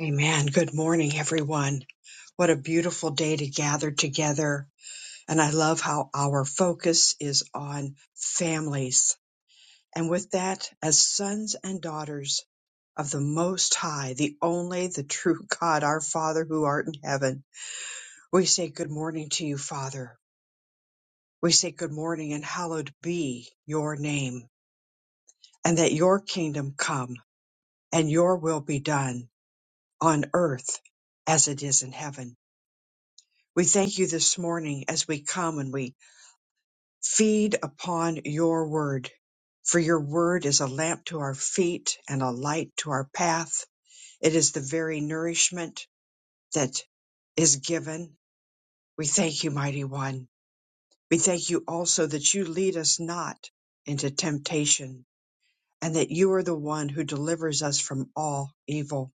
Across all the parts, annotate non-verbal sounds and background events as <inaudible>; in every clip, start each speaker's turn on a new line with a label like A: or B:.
A: Amen. Good morning, everyone. What a beautiful day to gather together. And I love how our focus is on families. And with that, as sons and daughters of the Most High, the only, the true <laughs> God, our Father who art in heaven, we say good morning to you, Father. We say good morning and hallowed be your name and that your kingdom come and your will be done on earth as it is in heaven. We thank you this morning as we come and we feed upon your word. For your word is a lamp to our feet and a light to our path. It is the very nourishment that is given. We thank you, mighty one. We thank you also that you lead us not into temptation and that you are the one who delivers us from all evil.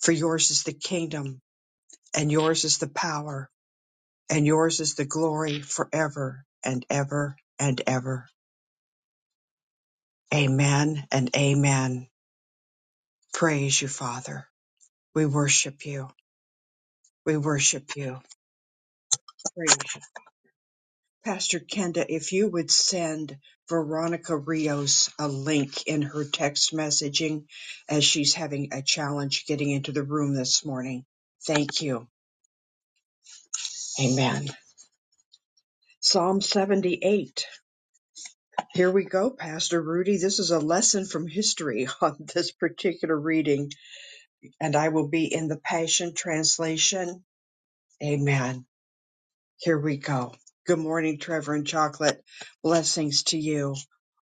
A: For yours is the kingdom and yours is the power and yours is the glory forever and ever and ever. Amen and amen. Praise you, Father. We worship you. We worship you. Praise you. Pastor Kenda, if you would send Veronica Rios a link in her text messaging as she's having a challenge getting into the room this morning. Thank you. Amen. Psalm 78. Here we go, Pastor Rudy. This is a lesson from history <laughs> on this particular reading and I will be in the Passion Translation. Amen. Here we go. Good morning, Trevor and Chocolate. Blessings to you.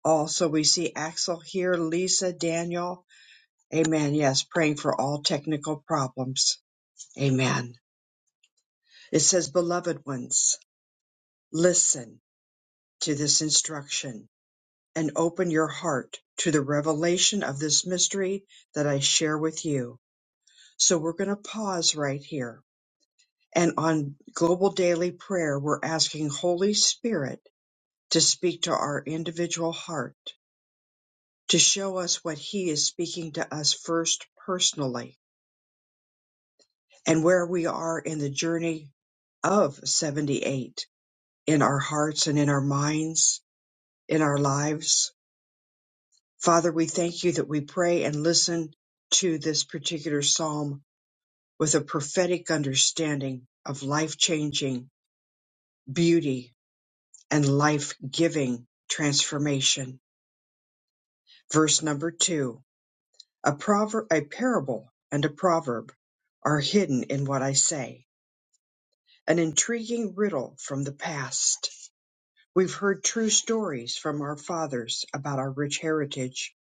A: Also, we see Axel here, Lisa, Daniel. Amen. Yes, praying for all technical problems. Amen. It says, Beloved ones, listen to this instruction and open your heart to the revelation of this mystery that I share with you. So we're going to pause right here And on Global Daily Prayer, we're asking Holy Spirit to speak to our individual heart, to show us what He is speaking to us first personally and where we are in the journey of 78 in our hearts and in our minds, in our lives. Father, we thank you that we pray and listen to this particular psalm with a prophetic understanding of life changing beauty and life-giving transformation. Verse number two, a proverb, a parable and a proverb are hidden in what I say, an intriguing riddle from the past. We've heard true stories from our fathers about our rich heritage.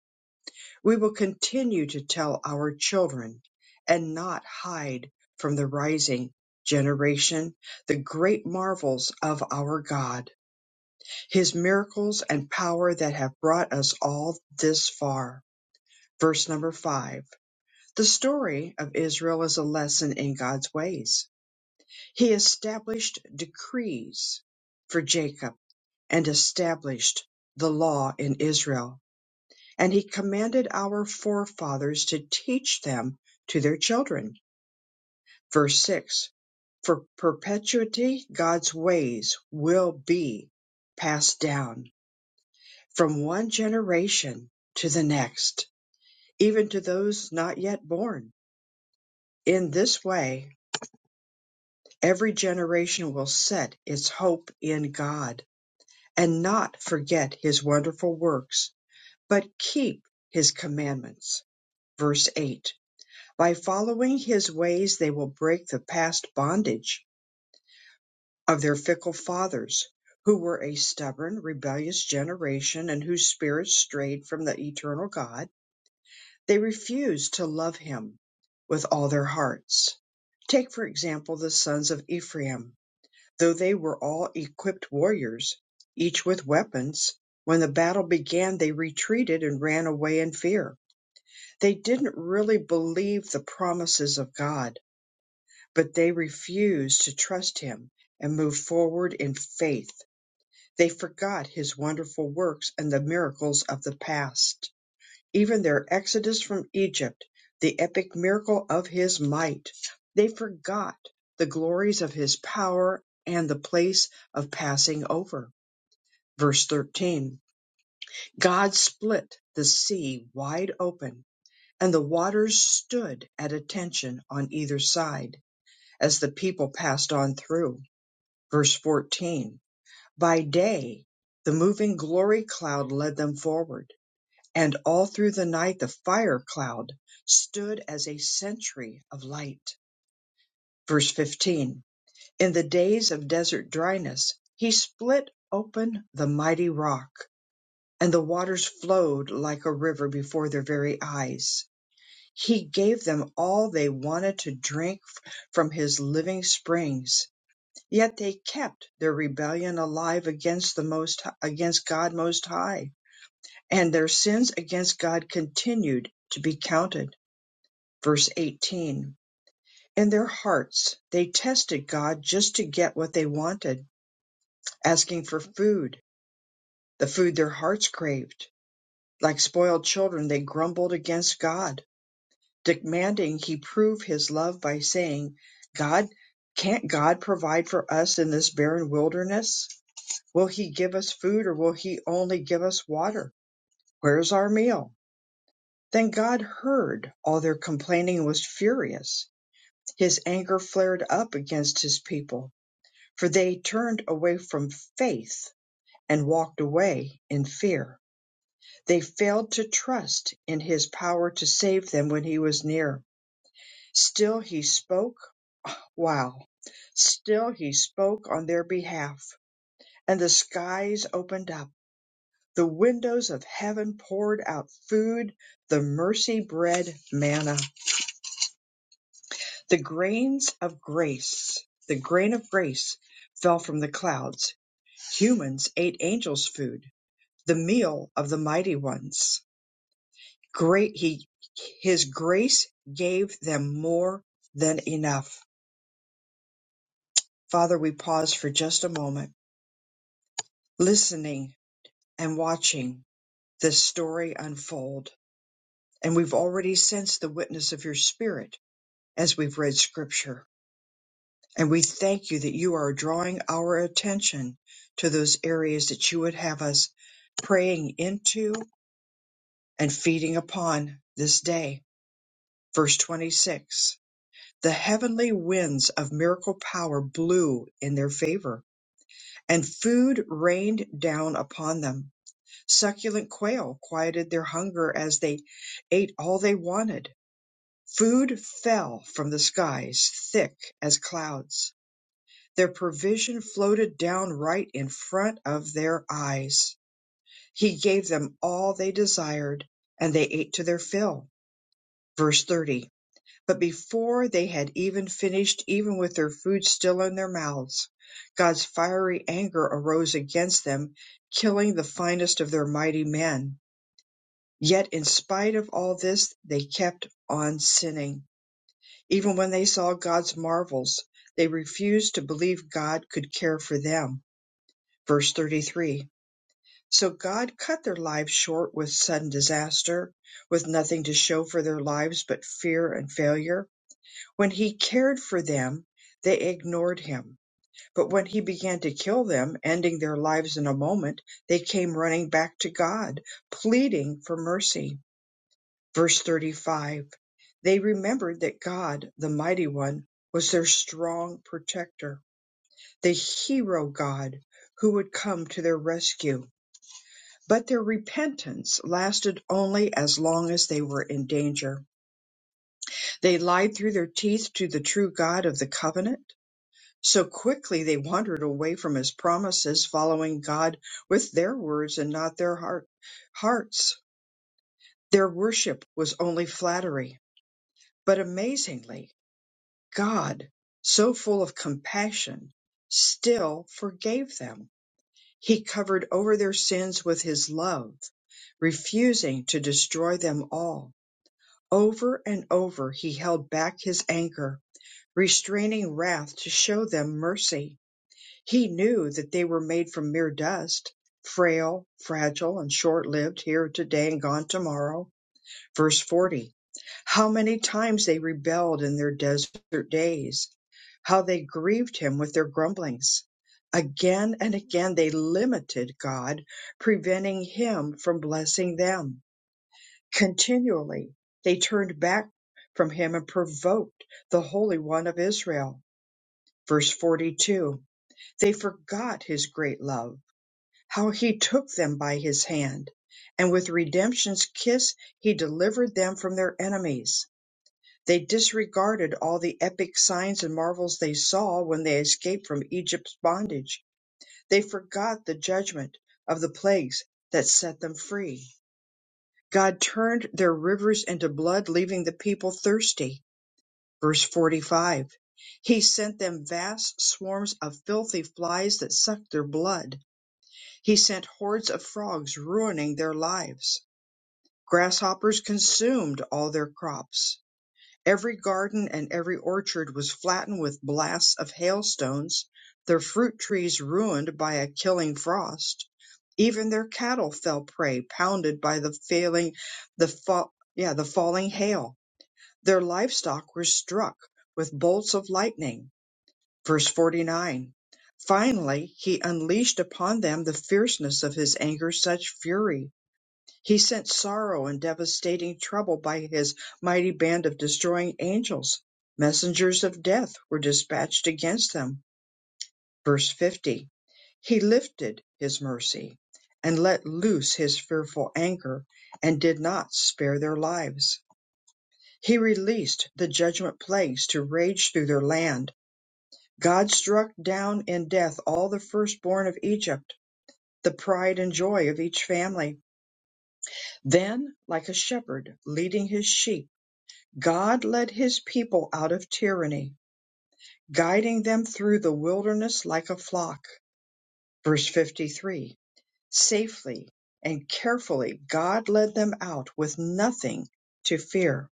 A: We will continue to tell our children and not hide from the rising generation the great marvels of our God. his miracles and power that have brought us all this far. Verse number five. The story of Israel is a lesson in God's ways. He established decrees for Jacob and established the law in Israel, and he commanded our forefathers to teach them to their children. Verse 6 For perpetuity, God's ways will be passed down from one generation to the next, even to those not yet born. In this way, every generation will set its hope in God and not forget his wonderful works, but keep his commandments. Verse 8 By following his ways, they will break the past bondage of their fickle fathers, who were a stubborn, rebellious generation and whose spirits strayed from the eternal God They refuse to love him with all their hearts. Take, for example, the sons of Ephraim. Though they were all equipped warriors, each with weapons, when the battle began, they retreated and ran away in fear. They didn't really believe the promises of God, but they refused to trust Him and move forward in faith. They forgot His wonderful works and the miracles of the past even their exodus from Egypt, the epic miracle of his might. They forgot the glories of his power and the place of passing over. Verse 13 God split the sea wide open, and the waters stood at attention on either side as the people passed on through. Verse 14 By day, the moving glory cloud led them forward and all through the night the fire cloud stood as a sentry of light. Verse 15 In the days of desert dryness, he split open the mighty rock, and the waters flowed like a river before their very eyes. He gave them all they wanted to drink from his living springs, yet they kept their rebellion alive against the most against God most high, and their sins against God continued to be counted verse 18. In their hearts, they tested God just to get what they wanted, asking for food, the food their hearts craved. Like spoiled children, they grumbled against God, demanding he prove his love by saying, God, can't God provide for us in this barren wilderness? Will he give us food or will he only give us water? Where's our meal? Then God heard all their complaining and was furious. His anger flared up against his people for they turned away from faith and walked away in fear. They failed to trust in his power to save them when he was near. Still he spoke. Wow. Still he spoke on their behalf, and the skies opened up. The windows of heaven poured out food, the mercy bread manna, the grains of grace. The grain of grace fell from the clouds. Humans ate angels' food the meal of the mighty ones. Great he his grace gave them more than enough. Father, we pause for just a moment, listening and watching this story unfold. And we've already sensed the witness of your spirit as we've read scripture. And we thank you that you are drawing our attention to those areas that you would have us praying into and feeding upon this day. Verse 26. The heavenly winds of miracle power blew in their favor, and food rained down upon them. Succulent quail quieted their hunger as they ate all they wanted. Food fell from the skies thick as clouds. Their provision floated down right in front of their eyes. He gave them all they desired, and they ate to their fill. Verse 30. But before they had even finished, even with their food still in their mouths, God's fiery anger arose against them, killing the finest of their mighty men. Yet in spite of all this, they kept on sinning. Even when they saw God's marvels, they refused to believe God could care for them. Verse 33. So God cut their lives short with sudden disaster, with nothing to show for their lives but fear and failure When he cared for them, they ignored him. But when he began to kill them, ending their lives in a moment, they came running back to God, pleading for mercy. Verse 35 They remembered that God, the Mighty One, was their strong protector, the hero God who would come to their rescue. But their repentance lasted only as long as they were in danger. They lied through their teeth to the true God of the covenant So quickly they wandered away from his promises, following God with their words and not their heart, hearts. Their worship was only flattery. But amazingly, God, so full of compassion, still forgave them. He covered over their sins with his love, refusing to destroy them all. Over and over he held back his anger, restraining wrath to show them mercy He knew that they were made from mere dust, frail, fragile, and short lived, here today and gone tomorrow. Verse 40 How many times they rebelled in their desert days, how they grieved him with their grumblings. Again and again they limited God, preventing him from blessing them. Continually they turned back from him and provoked the Holy One of Israel. Verse 42 they forgot his great love, how he took them by his hand, and with redemption's kiss he delivered them from their enemies. They disregarded all the epic signs and marvels they saw when they escaped from Egypt's bondage. They forgot the judgment of the plagues that set them free. God turned their rivers into blood, leaving the people thirsty. Verse 45. He sent them vast swarms of filthy flies that sucked their blood He sent hordes of frogs ruining their lives. Grasshoppers consumed all their crops. Every garden and every orchard was flattened with blasts of hailstones, their fruit trees ruined by a killing frost. Even their cattle fell prey, pounded by the failing, the fa- yeah, the falling hail. Their livestock were struck with bolts of lightning. Verse 49 Finally, he unleashed upon them the fierceness of his anger, such fury. He sent sorrow and devastating trouble by his mighty band of destroying angels. Messengers of death were dispatched against them. Verse 50 He lifted his mercy and let loose his fearful anger and did not spare their lives. He released the judgment plagues to rage through their land God struck down in death all the firstborn of Egypt, the pride and joy of each family. Then, like a shepherd leading his sheep, God led his people out of tyranny, guiding them through the wilderness like a flock. Verse 53 Safely and carefully, God led them out with nothing to fear.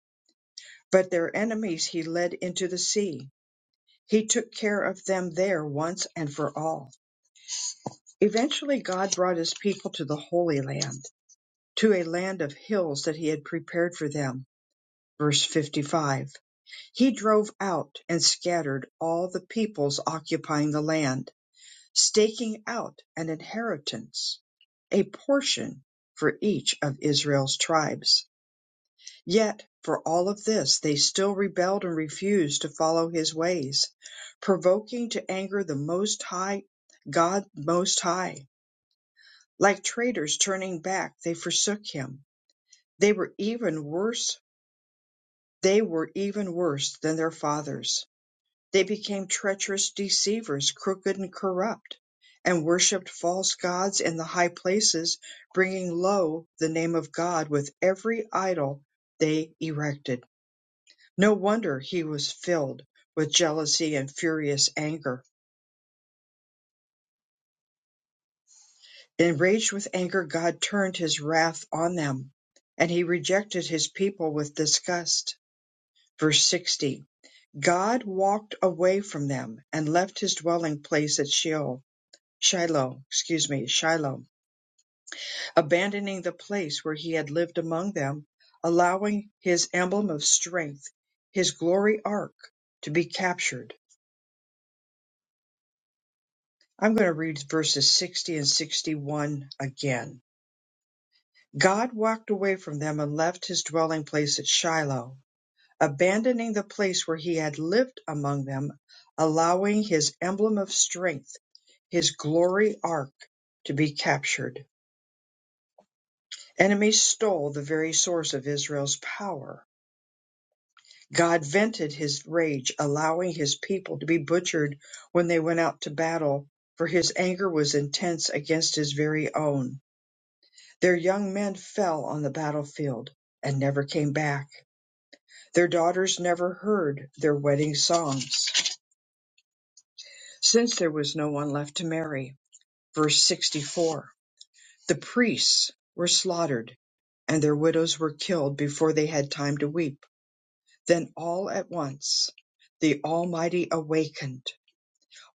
A: But their enemies he led into the sea. He took care of them there once and for all. Eventually God brought his people to the Holy Land, to a land of hills that he had prepared for them. Verse 55. He drove out and scattered all the peoples occupying the land, staking out an inheritance, a portion for each of Israel's tribes. Yet, for all of this, they still rebelled and refused to follow his ways, provoking to anger the Most High, God Most High. Like traitors turning back, they forsook him. They were even worse. They were even worse than their fathers. They became treacherous deceivers, crooked and corrupt, and worshipped false gods in the high places, bringing low the name of God with every idol they erected. No wonder he was filled with jealousy and furious anger. Enraged with anger, God turned his wrath on them, and he rejected his people with disgust. Verse 60 God walked away from them and left his dwelling place at Sheol, Shiloh, excuse me, Shiloh, abandoning the place where he had lived among them, allowing his emblem of strength, his glory ark, to be captured. I'm going to read verses 60 and 61 again. God walked away from them and left his dwelling place at Shiloh, abandoning the place where he had lived among them, allowing his emblem of strength, his glory ark, to be captured. Enemies stole the very source of Israel's power. God vented his rage, allowing his people to be butchered when they went out to battle, for his anger was intense against his very own. Their young men fell on the battlefield and never came back. Their daughters never heard their wedding songs since there was no one left to marry. Verse 64 The priests were slaughtered, and their widows were killed before they had time to weep. Then all at once the Almighty awakened.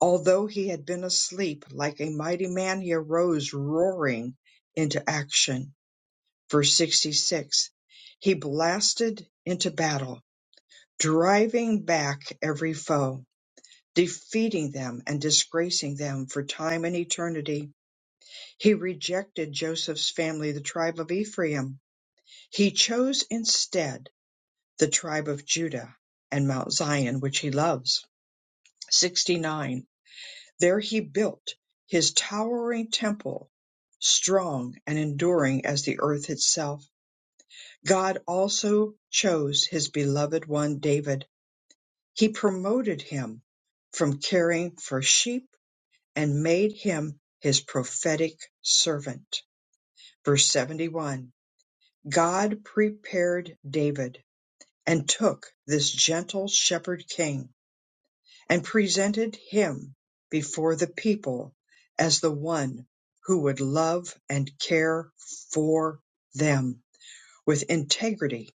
A: Although he had been asleep like a mighty man, he arose roaring into action. Verse 66 He blasted into battle, driving back every foe, defeating them and disgracing them for time and eternity He rejected Joseph's family, the tribe of Ephraim. He chose instead the tribe of Judah and Mount Zion, which he loves. 69. There he built his towering temple, strong and enduring as the earth itself. God also chose his beloved one, David. He promoted him from caring for sheep and made him his prophetic servant. Verse 71. God prepared David and took this gentle shepherd king and presented him before the people as the one who would love and care for them with integrity,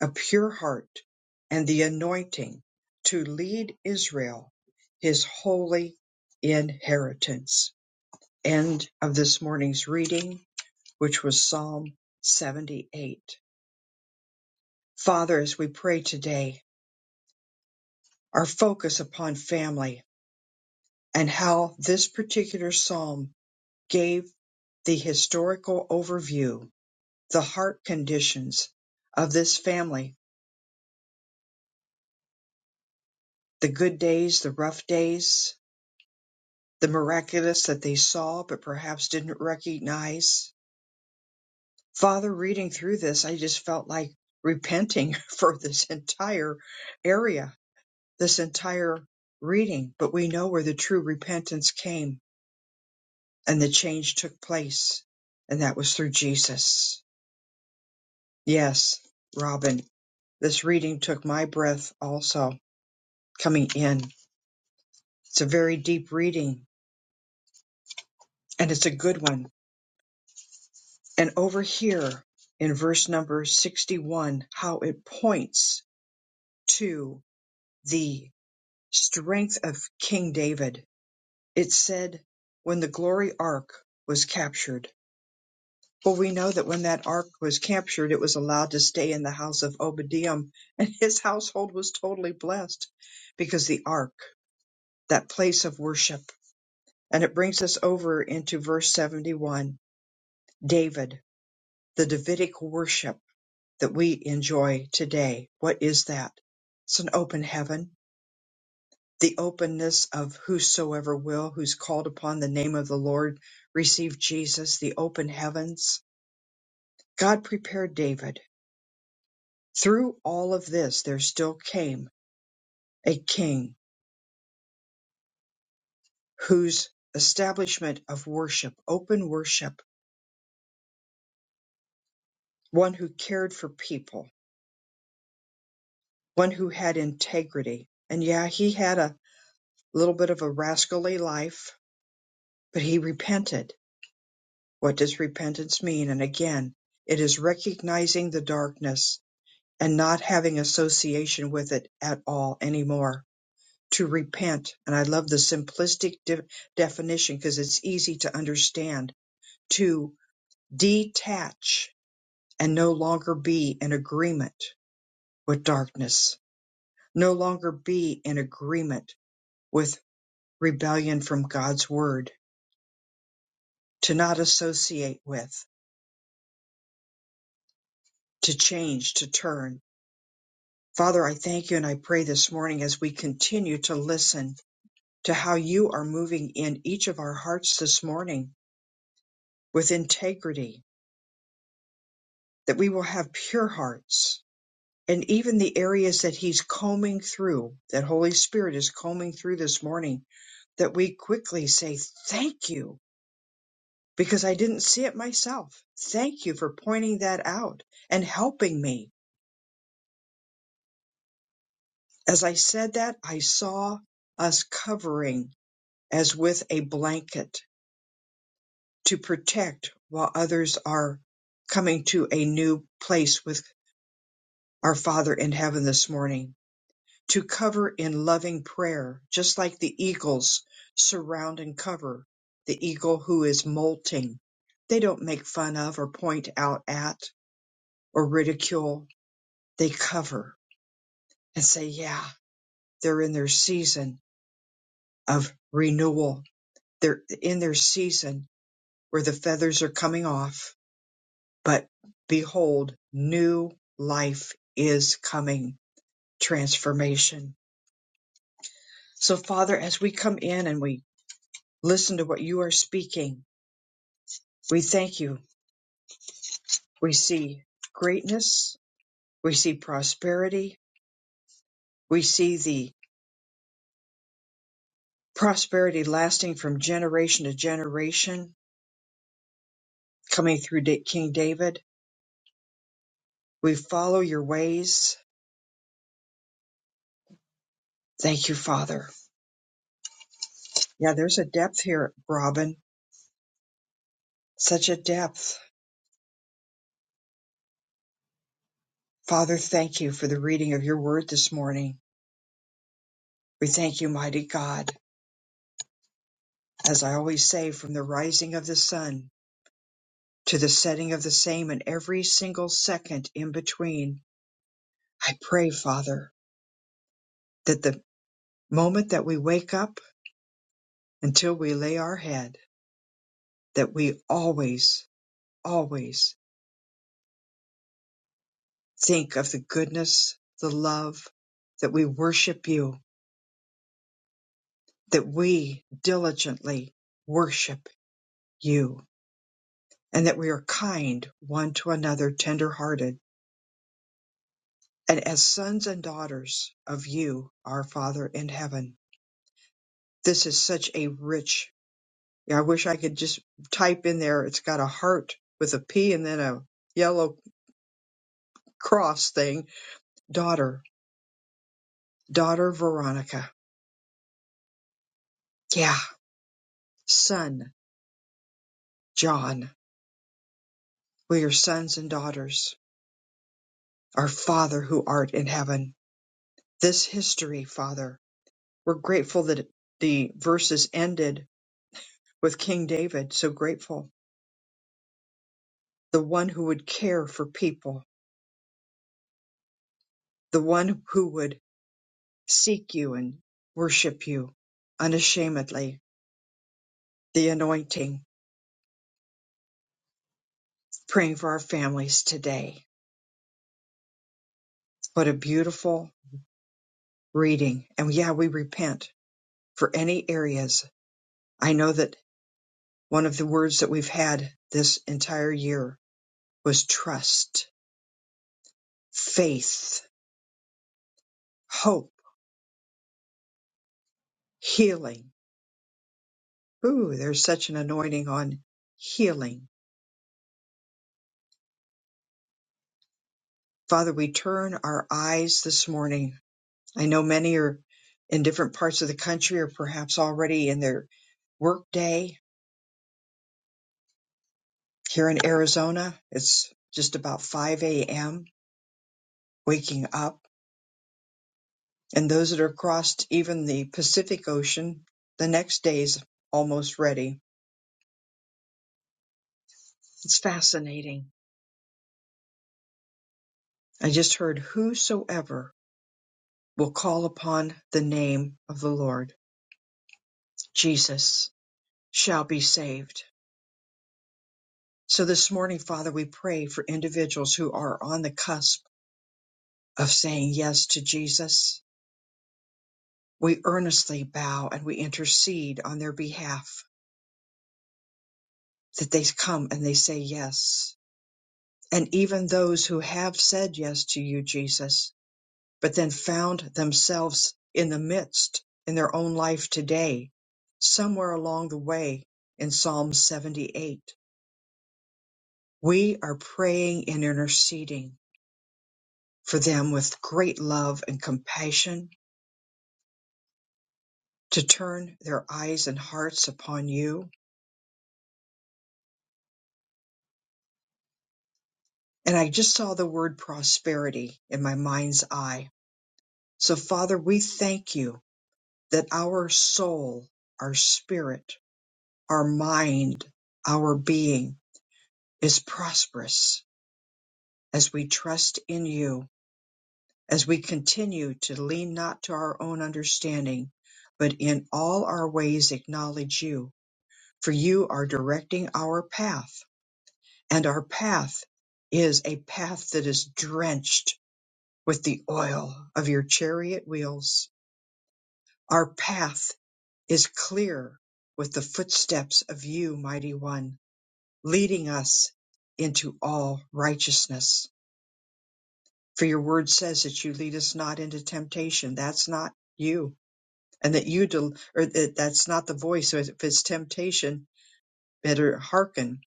A: a pure heart, and the anointing to lead Israel, his holy inheritance. End of this morning's reading, which was Psalm 78. Father, as we pray today, our focus upon family and how this particular psalm gave the historical overview, the heart conditions of this family, the good days, the rough days, the miraculous that they saw but perhaps didn't recognize. Father, reading through this, I just felt like repenting <laughs> for this entire area, this entire reading, but we know where the true repentance came and the change took place, and that was through Jesus. Yes, Robin, this reading took my breath also coming in. It's a very deep reading, and it's a good one. And over here in verse number 61, how it points to the strength of King David. It said, When the glory ark was captured, Well, we know that when that ark was captured, it was allowed to stay in the house of Obadiah, and his household was totally blessed because the ark, that place of worship. And it brings us over into verse 71 David, the Davidic worship that we enjoy today. What is that? It's an open heaven, the openness of whosoever will, who's called upon the name of the Lord, receive Jesus, the open heavens. God prepared David Through all of this, there still came a king whose establishment of worship, open worship, one who cared for people, one who had integrity. And yeah, he had a little bit of a rascally life, but he repented. What does repentance mean? And again, it is recognizing the darkness and not having association with it at all anymore. To repent. And I love the simplistic de- definition because it's easy to understand to detach and no longer be in agreement with darkness, no longer be in agreement with rebellion from God's word, to not associate with, to change, to turn. Father, I thank you and I pray this morning as we continue to listen to how you are moving in each of our hearts this morning with integrity, that we will have pure hearts, and even the areas that he's combing through, that Holy Spirit is combing through this morning, that we quickly say, Thank you, because I didn't see it myself. Thank you for pointing that out and helping me. As I said that, I saw us covering as with a blanket to protect while others are coming to a new place with our Father in heaven this morning to cover in loving prayer, just like the eagles surround and cover the eagle who is molting. They don't make fun of or point out at or ridicule. They cover and say, yeah, they're in their season of renewal. They're in their season where the feathers are coming off. But behold, new life is coming, transformation. So Father, as we come in and we listen to what you are speaking, We thank you. We see greatness. We see prosperity. We see the prosperity lasting from generation to generation coming through Da- King David. We follow your ways. Thank you, Father. Yeah, there's a depth here, Robin. Such a depth. Father, thank you for the reading of your word this morning. We thank you, mighty God. As I always say, from the rising of the sun to the setting of the same and every single second in between, I pray, Father, that the moment that we wake up until we lay our head, that we always, always think of the goodness, the love, that we worship you, that we diligently worship you, and that we are kind one to another, tender-hearted, and as sons and daughters of you, our Father in heaven. This is such a rich Yeah, I wish I could just type in there. It's got a heart with a P and then a yellow cross thing. Daughter, daughter Veronica. Yeah, son John. We are sons and daughters. Our Father who art in heaven. This history, Father. We're grateful that the verses ended with King David. So grateful. The one who would care for people, the one who would seek you and worship you unashamedly. The anointing. praying for our families today. What a beautiful reading. And yeah, we repent for any areas. I know that one of the words that we've had this entire year was trust, faith, hope, healing. Ooh, there's such an anointing on healing. Father, we turn our eyes this morning. I know many are in different parts of the country or perhaps already in their work day. Here in Arizona, it's just about 5 a.m waking up, and those that are crossed even the Pacific Ocean, the next day's almost ready. It's fascinating. I just heard whosoever will call upon the name of the Lord, Jesus, shall be saved. So this morning, Father, we pray for individuals who are on the cusp of saying yes to Jesus. We earnestly bow and we intercede on their behalf that they come and they say yes and even those who have said yes to you, Jesus, but then found themselves in the midst in their own life today, somewhere along the way in Psalm 78. We are praying and interceding for them with great love and compassion to turn their eyes and hearts upon you. And I just saw the word prosperity in my mind's eye. So, Father, we thank you that our soul, our spirit, our mind, our being is prosperous as we trust in you, as we continue to lean not to our own understanding, but in all our ways acknowledge you, for you are directing our path, and our path is a path that is drenched with the oil of your chariot wheels. Our path is clear with the footsteps of you, mighty one leading us into all righteousness. For your word says that you lead us not into temptation. That's not you. And that you, del- or that that's not the voice. So if it's temptation, better hearken.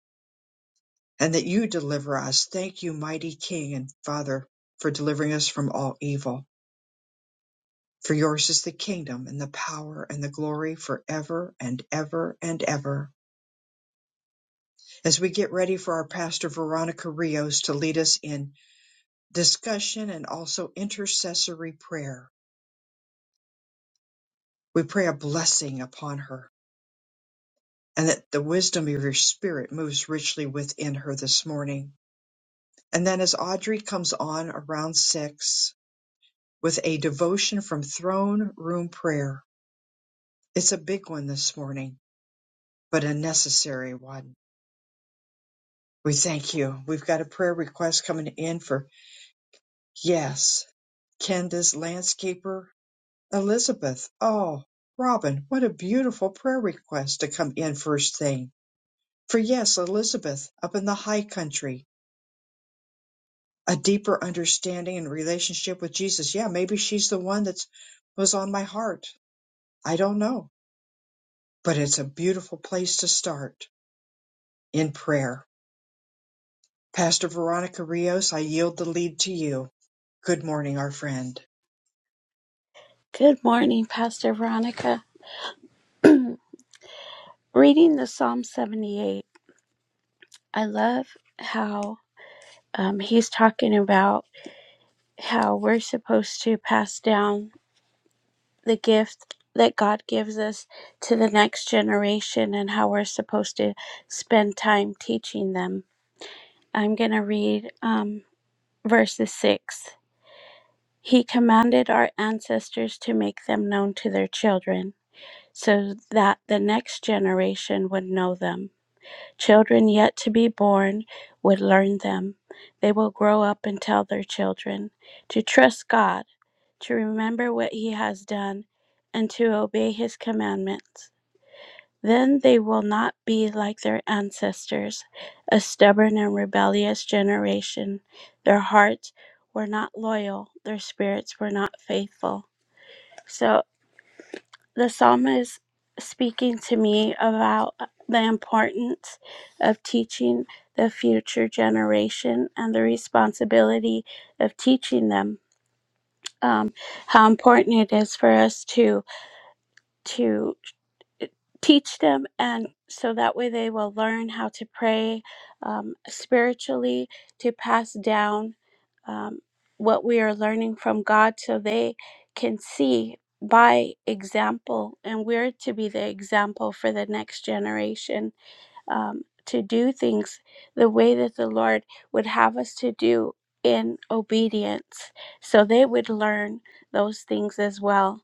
A: And that you deliver us. Thank you, mighty King and Father, for delivering us from all evil. For yours is the kingdom and the power and the glory forever and ever and ever. As we get ready for our pastor Veronica Rios to lead us in discussion and also intercessory prayer. We pray a blessing upon her and that the wisdom of your spirit moves richly within her this morning. And then as Audrey comes on around six with a devotion from throne room prayer, it's a big one this morning, but a necessary one. We thank you. We've got a prayer request coming in for yes, Kenda's landscaper Elizabeth, oh, Robin, what a beautiful prayer request to come in first thing. For yes, Elizabeth up in the high country, a deeper understanding and relationship with Jesus. Yeah, maybe she's the one that was on my heart. I don't know, but it's a beautiful place to start in prayer. Pastor Veronica Rios, I yield the lead to you. Good morning, our friend.
B: Good morning, Pastor Veronica. Reading the Psalm 78, I love how um, he's talking about how we're supposed to pass down the gift that God gives us to the next generation and how we're supposed to spend time teaching them. I'm going to read um, verses 6. He commanded our ancestors to make them known to their children so that the next generation would know them. Children yet to be born would learn them. They will grow up and tell their children to trust God, to remember what He has done, and to obey His commandments. Then they will not be like their ancestors, a stubborn and rebellious generation. Their hearts were not loyal, their spirits were not faithful. So the psalm is speaking to me about the importance of teaching the future generation and the responsibility of teaching them um, how important it is for us to to teach them and so that way they will learn how to pray um, spiritually to pass down um, what we are learning from god so they can see by example and we're to be the example for the next generation um, to do things the way that the Lord would have us to do in obedience. So they would learn those things as well.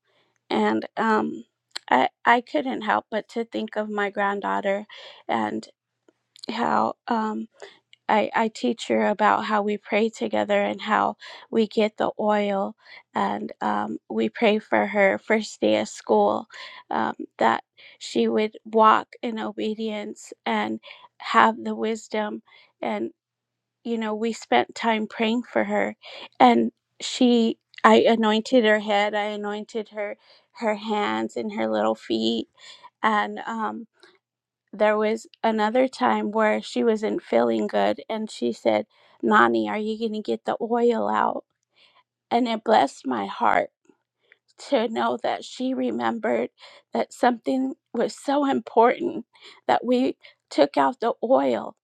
B: And um, I, I couldn't help but to think of my granddaughter and how. um, I, I teach her about how we pray together and how we get the oil and um, we pray for her first day of school um, that she would walk in obedience and have the wisdom and you know we spent time praying for her and she i anointed her head i anointed her her hands and her little feet and um there was another time where she wasn't feeling good and she said, Nani, are you going to get the oil out? And it blessed my heart to know that she remembered that something was so important that we took out the oil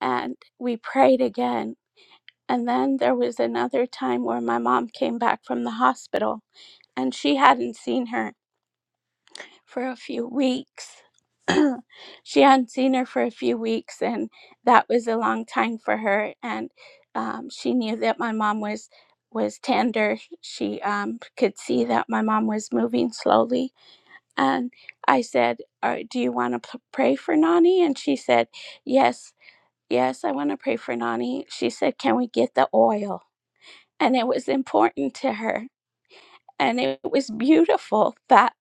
B: and we prayed again. And then there was another time where my mom came back from the hospital and she hadn't seen her for a few weeks. <clears throat> she hadn't seen her for a few weeks, and that was a long time for her. And um, she knew that my mom was was tender. She um, could see that my mom was moving slowly. And I said, "Are- "Do you want to p- pray for Nani?" And she said, "Yes, yes, I want to pray for Nani." She said, "Can we get the oil?" And it was important to her, and it was beautiful that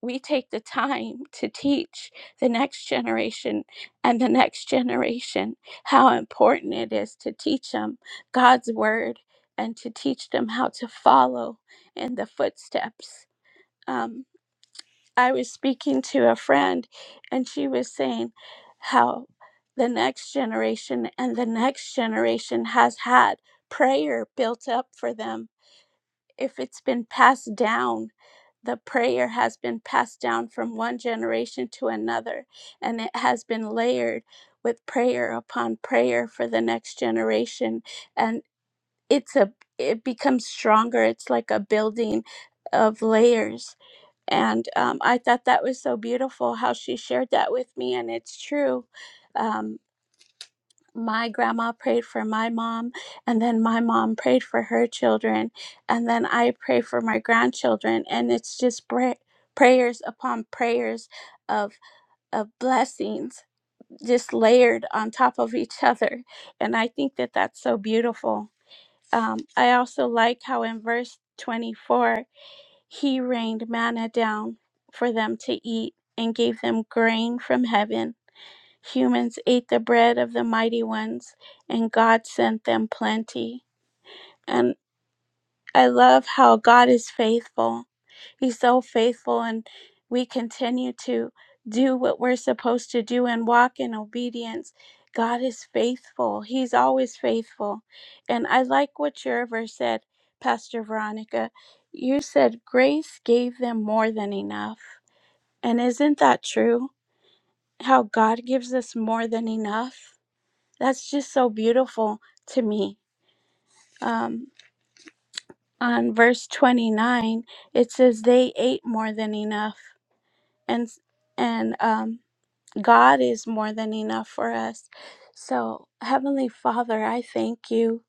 B: we take the time to teach the next generation and the next generation how important it is to teach them God's word and to teach them how to follow in the footsteps. Um, I was speaking to a friend, and she was saying how the next generation and the next generation has had prayer built up for them if it's been passed down the prayer has been passed down from one generation to another and it has been layered with prayer upon prayer for the next generation and it's a it becomes stronger it's like a building of layers and um, i thought that was so beautiful how she shared that with me and it's true Um, my grandma prayed for my mom, and then my mom prayed for her children, and then I pray for my grandchildren, and it's just pray- prayers upon prayers of of blessings just layered on top of each other, and I think that that's so beautiful. Um, I also like how in verse twenty four he rained manna down for them to eat and gave them grain from heaven Humans ate the bread of the mighty ones, and God sent them plenty. And I love how God is faithful. He's so faithful, and we continue to do what we're supposed to do and walk in obedience. God is faithful. He's always faithful. And I like what your verse said, Pastor Veronica. You said grace gave them more than enough. And isn't that true? How God gives us more than enough? that's just so beautiful to me. Um, on verse 29, it says they ate more than enough, and and um, God is more than enough for us. So, Heavenly Father, I thank you.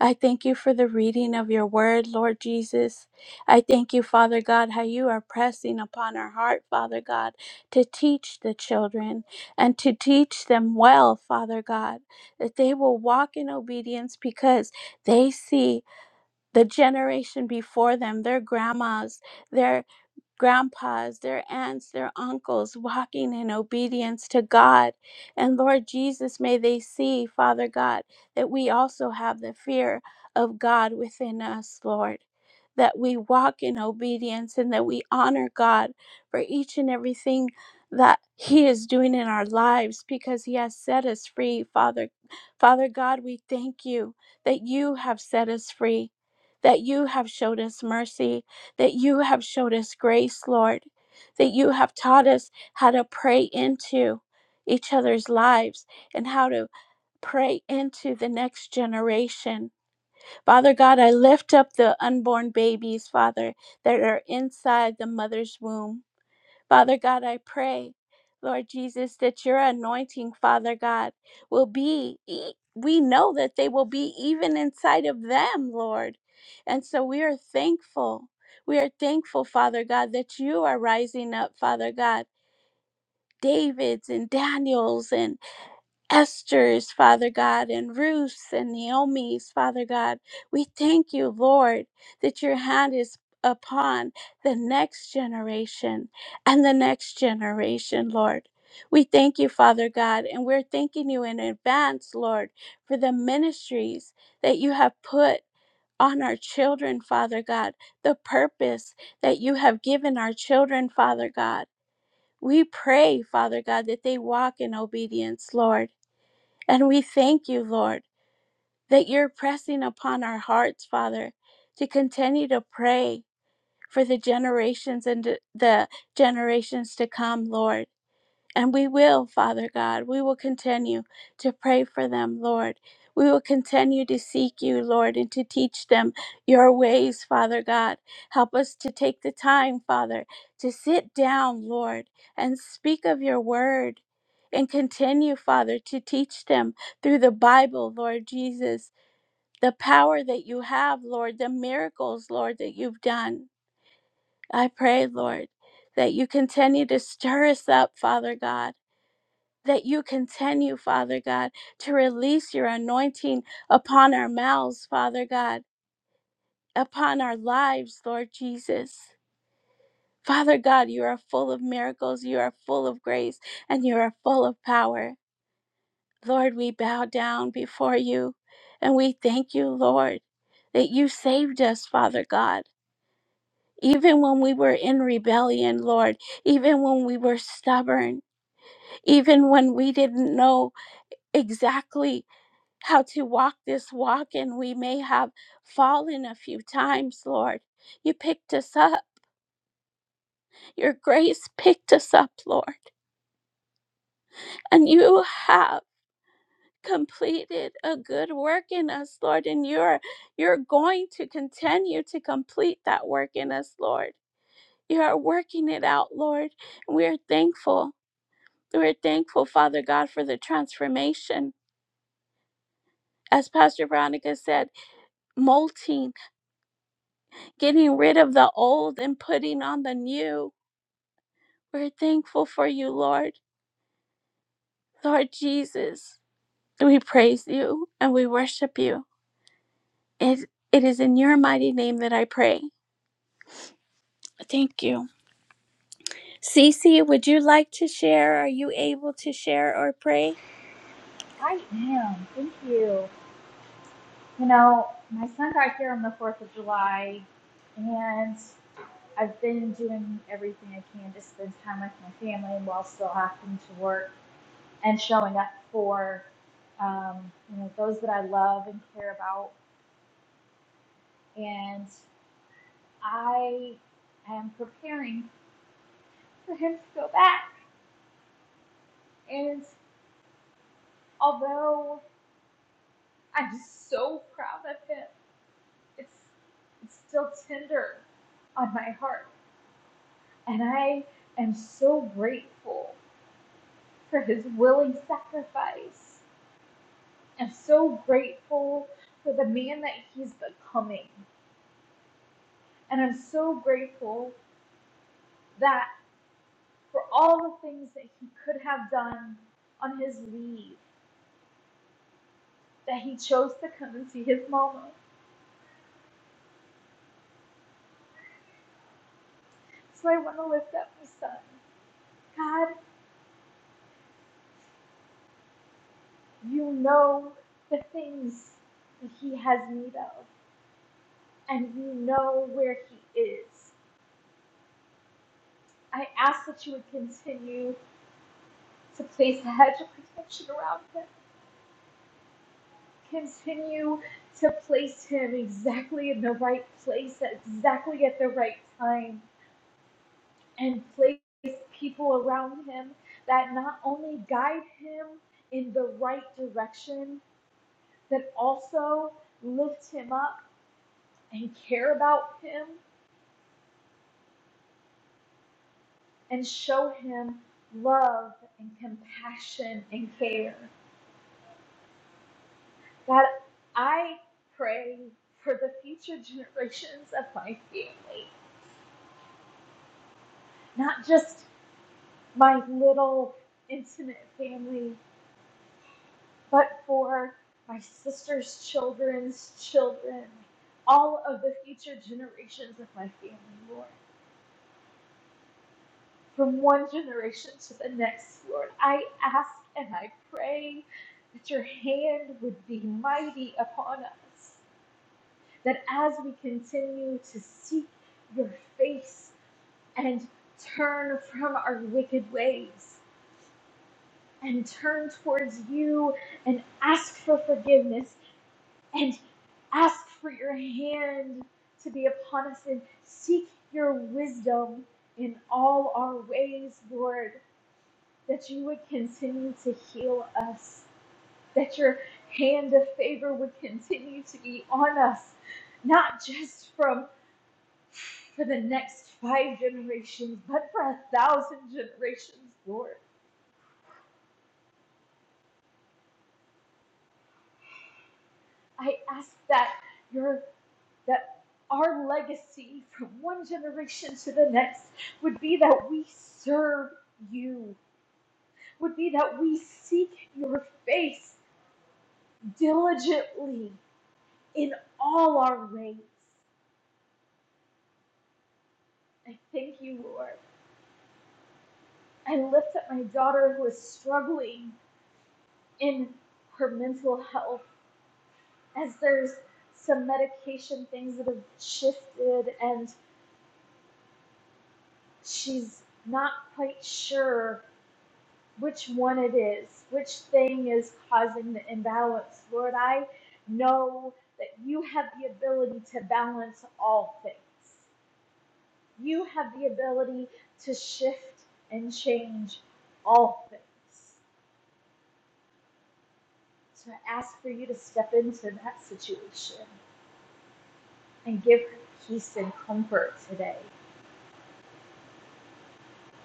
B: I thank you for the reading of your word, Lord Jesus. I thank you, Father God, how you are pressing upon our heart, Father God, to teach the children and to teach them well, Father God, that they will walk in obedience because they see the generation before them, their grandmas, their grandpas, their aunts, their uncles walking in obedience to God. And Lord Jesus, may they see, Father God, that we also have the fear of God within us, Lord. That we walk in obedience and that we honor God for each and everything that He is doing in our lives because He has set us free, Father. Father God, we thank you that you have set us free, that you have showed us mercy, that you have showed us grace, Lord, that you have taught us how to pray into each other's lives and how to pray into the next generation. Father God, I lift up the unborn babies, Father, that are inside the mother's womb. Father God, I pray, Lord Jesus, that your anointing, Father God, will be, e- we know that they will be even inside of them, Lord. And so we are thankful. We are thankful, Father God, that you are rising up, Father God, David's and Daniel's and Esther's, Father God, and Ruth's and Naomi's, Father God. We thank you, Lord, that your hand is upon the next generation and the next generation, Lord. We thank you, Father God, and we're thanking you in advance, Lord, for the ministries that you have put on our children, Father God, the purpose that you have given our children, Father God. We pray, Father God, that they walk in obedience, Lord and we thank you, Lord, that you're pressing upon our hearts, Father, to continue to pray for the generations and the generations to come, Lord. And we will, Father God, we will continue to pray for them, Lord. We will continue to seek you, Lord, and to teach them your ways, Father God. Help us to take the time, Father, to sit down, Lord, and speak of your word. And continue, Father, to teach them through the Bible, Lord Jesus, the power that you have, Lord, the miracles, Lord, that you've done. I pray, Lord, that you continue to stir us up, Father God that you continue, Father God, to release your anointing upon our mouths, Father God, upon our lives, Lord Jesus. Father God, you are full of miracles, you are full of grace, and you are full of power. Lord, we bow down before you and we thank you, Lord, that you saved us, Father God. Even when we were in rebellion, Lord, even when we were stubborn, even when we didn't know exactly how to walk this walk, and we may have fallen a few times, Lord. You picked us up. Your grace picked us up, Lord. And you have completed a good work in us, Lord. And you're you're going to continue to complete that work in us, Lord. You are working it out, Lord. we are thankful. We're thankful, Father God, for the transformation. As Pastor Veronica said, molting, getting rid of the old and putting on the new We're thankful for you, Lord. Lord Jesus, we praise you and we worship you. It, it is in your mighty name that I pray. Thank you. Cece, would you like to share? Are you able to share or pray?
C: I am. Thank you. You know, my son got here on the 4th of July, and I've been doing everything I can to spend time with my family while still having to work and showing up for, um, you know, those that I love and care about. And I am preparing for him to go back. And although I'm so proud of him, it's, it's still tender on my heart. And I am so grateful for his willing sacrifice. I'm so grateful for the man that he's becoming. And I'm so grateful that for all the things that he could have done on his leave, that he chose to come and see his mama. So I want to lift up my son. God, you know the things that he has need of, and you know where he is. I ask that you would continue to place a hedge of protection around him. Continue to place him exactly in the right place, exactly at the right time, and place people around him that not only guide him in the right direction, but also lift him up and care about him and show him love and compassion and care. God, I pray for the future generations of my family, not just my little intimate family, but for my sister's children's children, all of the future generations of my family, Lord. From one generation to the next, Lord, I ask and I pray that your hand would be mighty upon us that as we continue to seek your face and turn from our wicked ways and turn towards you and ask for forgiveness and ask for your hand to be upon us and seek your wisdom in all our ways, Lord, that you would continue to heal us, that your hand of favor would continue to be on us, not just from for the next five generations, but for a thousand generations, Lord. I ask that your that our legacy from one generation to the next would be that we serve you, would be that we seek your face diligently in all our ways. I thank you, Lord. I lift up my daughter who is struggling in her mental health. as there's some medication things that have shifted and she's not quite sure which one it is, which thing is causing the imbalance. Lord, I know that you have the ability to balance all things. You have the ability to shift and change all things. So I ask for you to step into that situation and give her peace and comfort today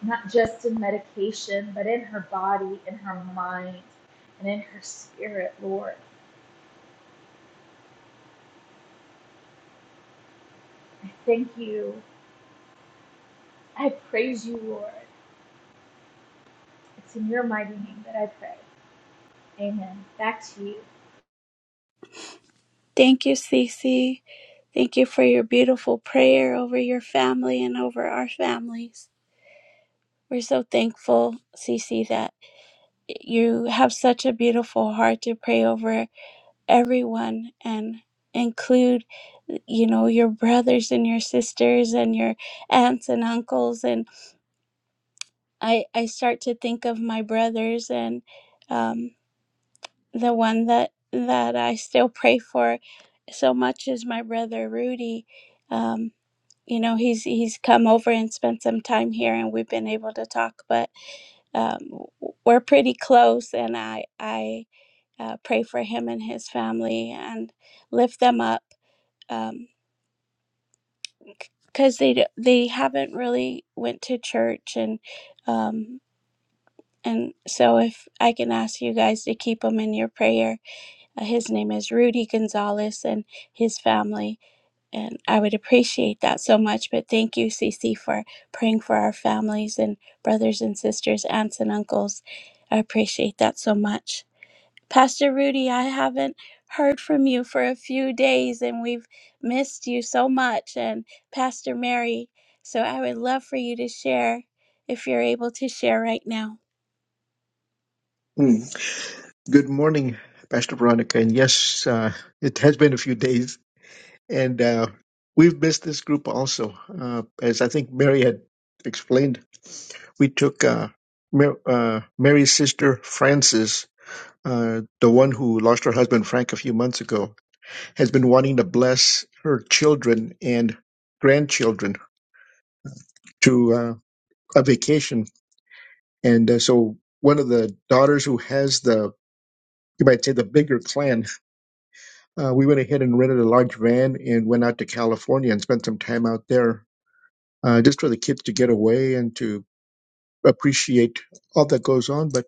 C: not just in medication, but in her body, in her mind, and in her spirit, Lord. I thank you. I praise you, Lord. It's in your mighty name that I pray. Amen. Back to you.
B: Thank you, Cece. Thank you for your beautiful prayer over your family and over our families. We're so thankful, Cece, that you have such a beautiful heart to pray over everyone and include you know your brothers and your sisters and your aunts and uncles and i i start to think of my brothers and um the one that that i still pray for so much is my brother rudy um you know he's he's come over and spent some time here and we've been able to talk but um, w- we're pretty close and i i uh, pray for him and his family and lift them up um because they d- they haven't really went to church and um and so if i can ask you guys to keep him in your prayer uh, his name is rudy gonzalez and his family and i would appreciate that so much but thank you cc for praying for our families and brothers and sisters aunts and uncles i appreciate that so much Pastor Rudy, I haven't heard from you for a few days and we've missed you so much, and Pastor Mary. So I would love for you to share if you're able to share right now.
D: Mm. Good morning, Pastor Veronica. And yes, uh, it has been a few days, and uh, we've missed this group also. Uh, as I think Mary had explained, we took uh, Mar- uh, Mary's sister Frances, uh, the one who lost her husband Frank a few months ago, has been wanting to bless her children and grandchildren to uh, a vacation, and uh, so one of the daughters who has the you might say the bigger clan Uh, we went ahead and rented a large van and went out to California and spent some time out there uh, just for the kids to get away and to appreciate all that goes on. But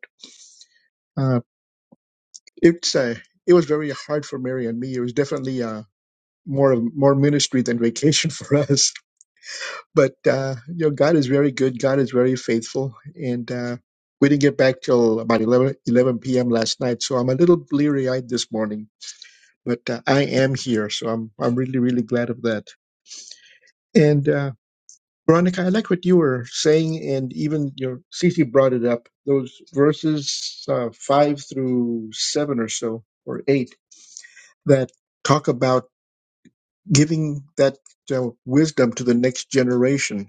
D: uh, it's uh, it was very hard for Mary and me. It was definitely uh, more of- more ministry than vacation <laughs> for us. But uh, you know, God is very good. God is very faithful, and uh, we didn't get back till about 11, p.m. last night. So I'm a little bleary eyed this morning. But uh, I am here, so I'm I'm really really glad of that. And uh, Veronica, I like what you were saying, and even your Cece brought it up. Those verses uh, five through seven or so, or eight, that talk about giving that uh, wisdom to the next generation.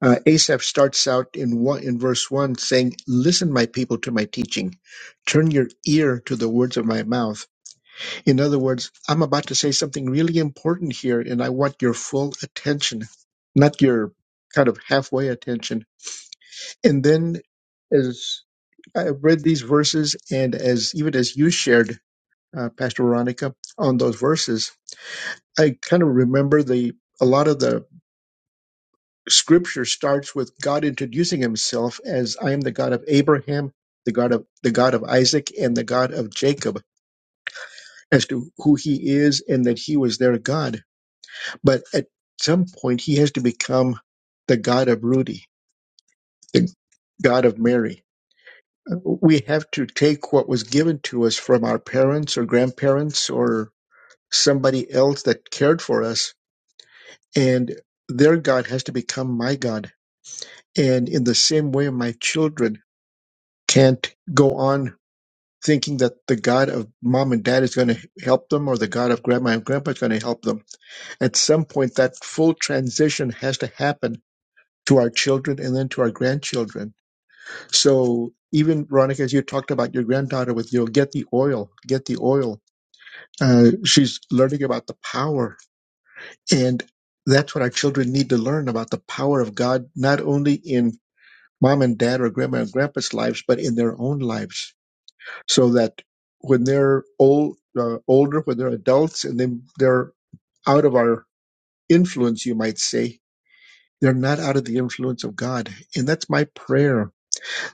D: Uh, Asaph starts out in one in verse one saying, "Listen, my people, to my teaching. Turn your ear to the words of my mouth." In other words, I'm about to say something really important here, and I want your full attention, not your kind of halfway attention And then as I read these verses and as even as you shared, uh, Pastor Veronica, on those verses, I kind of remember the a lot of the scripture starts with God introducing himself as I am the God of Abraham, the God of the God of Isaac and the God of Jacob as to who he is and that he was their God. But at some point he has to become the God of Rudy, the God of Mary we have to take what was given to us from our parents or grandparents or somebody else that cared for us and their god has to become my god and in the same way my children can't go on thinking that the god of mom and dad is going to help them or the god of grandma and grandpa is going to help them at some point that full transition has to happen to our children and then to our grandchildren so even veronica as you talked about your granddaughter with you know, get the oil get the oil Uh, she's learning about the power. And that's what our children need to learn about the power of God, not only in mom and dad or grandma and grandpa's lives, but in their own lives. So that when they're old, uh, older, when they're adults and then they're out of our influence, you might say, they're not out of the influence of God. And that's my prayer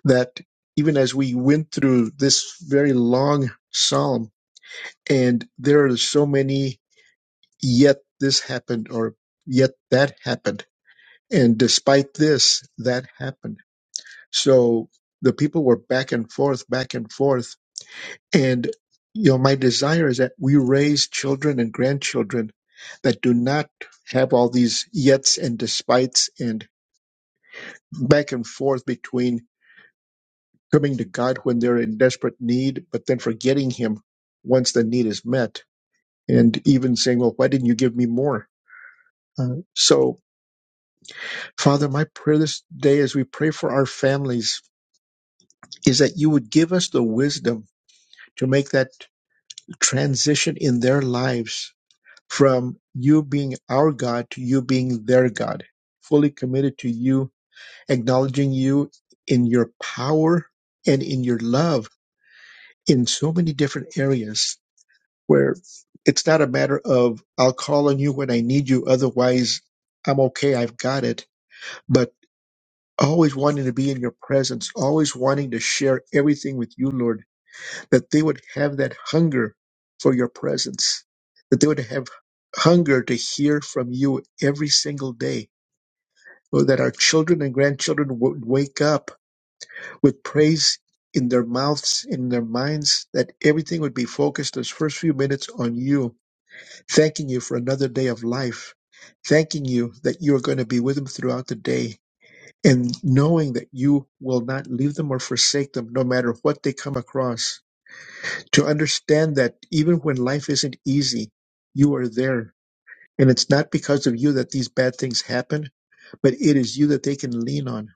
D: that even as we went through this very long psalm, and there are so many Yet this happened, or yet that happened. And despite this, that happened. So the people were back and forth, back and forth. And, you know, my desire is that we raise children and grandchildren that do not have all these yets and despites and back and forth between coming to God when they're in desperate need, but then forgetting Him once the need is met. And even saying, well, why didn't you give me more? Uh, so Father, my prayer this day as we pray for our families is that you would give us the wisdom to make that transition in their lives from you being our God to you being their God, fully committed to you, acknowledging you in your power and in your love in so many different areas where it's not a matter of I'll call on you when I need you, otherwise I'm okay, I've got it But always wanting to be in your presence, always wanting to share everything with you, Lord, that they would have that hunger for your presence, that they would have hunger to hear from you every single day, or that our children and grandchildren would wake up with praise in their mouths, in their minds, that everything would be focused those first few minutes on you, thanking you for another day of life, thanking you that you are going to be with them throughout the day and knowing that you will not leave them or forsake them no matter what they come across. To understand that even when life isn't easy, you are there. And it's not because of you that these bad things happen, but it is you that they can lean on.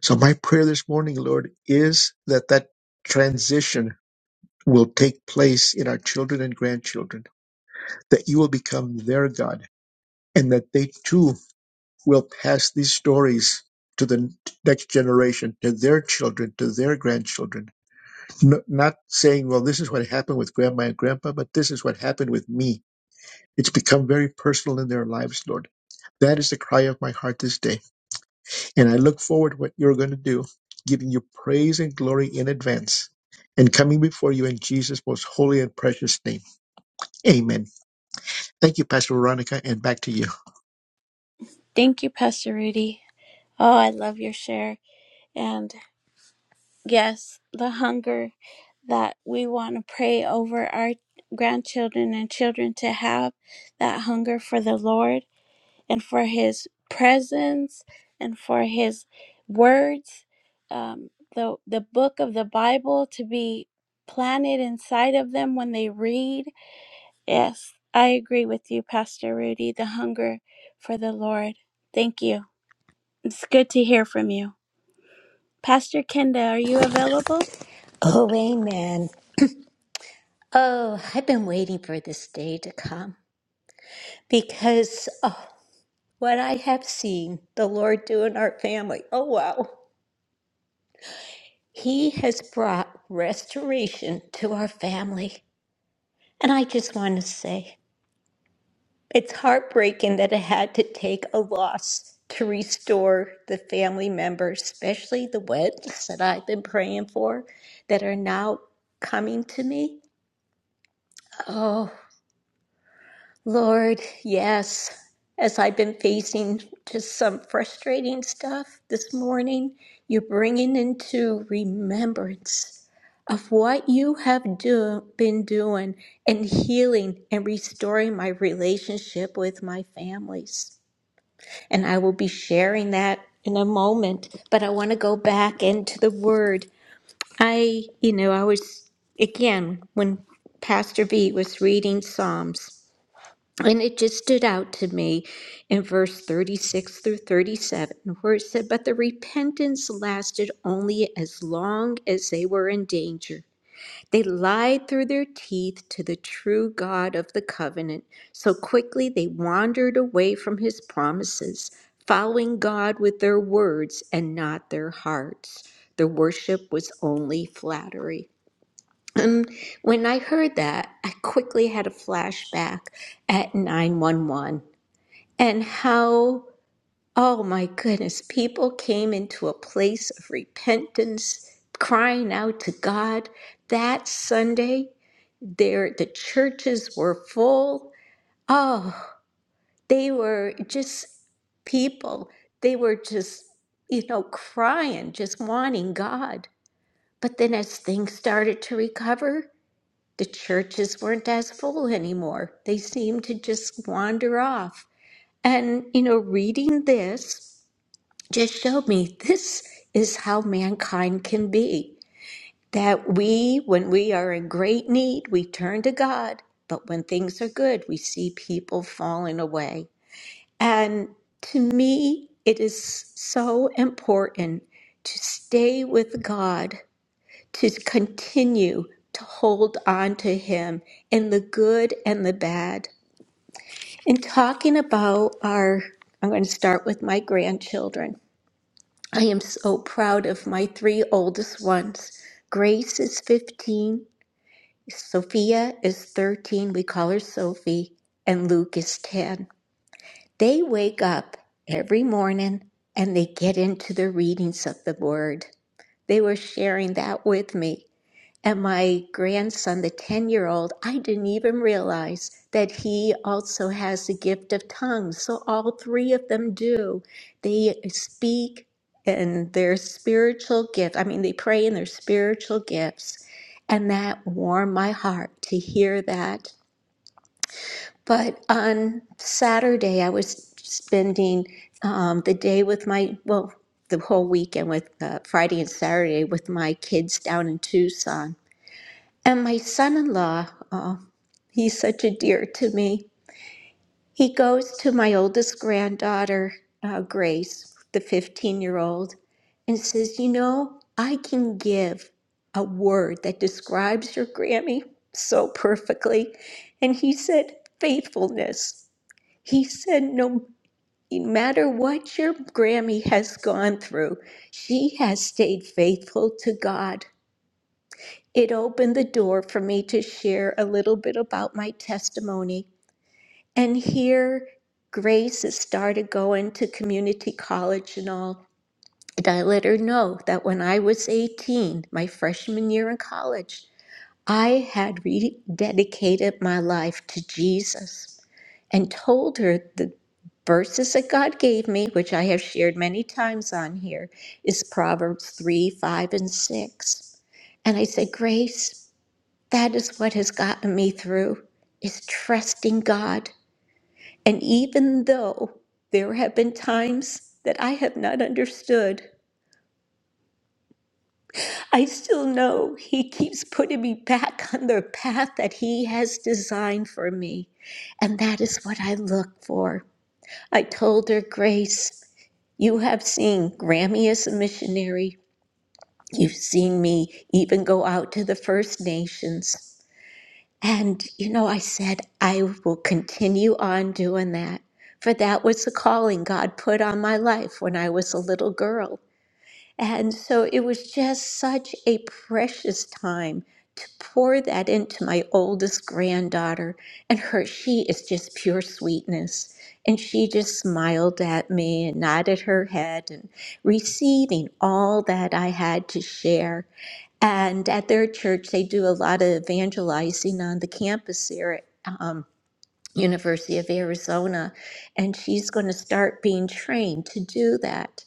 D: So my prayer this morning, Lord, is that that transition will take place in our children and grandchildren, that you will become their God and that they too will pass these stories to the next generation, to their children, to their grandchildren. N- not saying, well, this is what happened with grandma and grandpa, but this is what happened with me. It's become very personal in their lives, Lord. That is the cry of my heart this day. And I look forward to what you're going to do, giving you praise and glory in advance and coming before you in Jesus' most holy and precious name. Amen. Thank you, Pastor Veronica, and back to you.
B: Thank you, Pastor Rudy. Oh, I love your share. And yes, the hunger that we want to pray over our grandchildren and children to have that hunger for the Lord and for his presence and for his words um, the the book of the bible to be planted inside of them when they read yes i agree with you pastor rudy the hunger for the lord thank you it's good to hear from you pastor kenda are you available
E: Oh, amen. Oh, I've been waiting for this day to come because oh, what I have seen the Lord do in our family. Oh, wow. He has brought restoration to our family. And I just want to say it's heartbreaking that it had to take a loss to restore the family members, especially the ones that I've been praying for that are now coming to me. Oh. Lord, yes, as I've been facing just some frustrating stuff this morning, you're bringing into remembrance of what you have do- been doing and healing and restoring my relationship with my families. And I will be sharing that in a moment, but I want to go back into the word. I, you know, I was, again, when Pastor B was reading Psalms. And it just stood out to me in verse 36 through 37, where it said, But the repentance lasted only as long as they were in danger. They lied through their teeth to the true God of the covenant. So quickly they wandered away from his promises, following God with their words and not their hearts. Their worship was only flattery. Um, when I heard that, I quickly had a flashback at 911 and how, oh my goodness, people came into a place of repentance, crying out to God. That Sunday, there the churches were full. Oh, they were just people. They were just, you know, crying, just wanting God. But then as things started to recover, the churches weren't as full anymore. They seemed to just wander off. And, you know, reading this just showed me this is how mankind can be. That we, when we are in great need, we turn to God. But when things are good, we see people falling away. And to me, it is so important to stay with God to continue to hold on to him in the good and the bad. In talking about our, I'm going to start with my grandchildren. I am so proud of my three oldest ones. Grace is 15, Sophia is 13, we call her Sophie, and Luke is 10. They wake up every morning and they get into the readings of the word. They were sharing that with me And my grandson, the 10 year old, I didn't even realize that he also has the gift of tongues. So all three of them do. They speak in their spiritual gift. I mean, they pray in their spiritual gifts. And that warmed my heart to hear that. But on Saturday, I was spending um, the day with my, well, the whole weekend with uh, Friday and Saturday with my kids down in Tucson and my son in law, oh, he's such a dear to me. He goes to my oldest granddaughter, uh, Grace, the 15 year old, and says, You know, I can give a word that describes your Grammy so perfectly. And he said, Faithfulness. He said, No matter what your Grammy has gone through, she has stayed faithful to God. It opened the door for me to share a little bit about my testimony. And here, Grace has started going to community college and all. And I let her know that when I was 18, my freshman year in college, I had rededicated my life to Jesus and told her the verses that God gave me, which I have shared many times on here, is Proverbs 3, 5, and 6. And I said, Grace, that is what has gotten me through is trusting God. And even though there have been times that I have not understood, I still know he keeps putting me back <laughs> on the path that he has designed for me. And that is what I look for. I told her, Grace, you have seen Grammy as a missionary. You've seen me even go out to the First Nations. And, you know, I said, I will continue on doing that. For that was the calling God put on my life when I was a little girl. And so it was just such a precious time to pour that into my oldest granddaughter. And her, she is just pure sweetness. And she just smiled at me and nodded her head and receiving all that I had to share. And at their church, they do a lot of evangelizing on the campus here at um, University of Arizona. And she's going to start being trained to do that.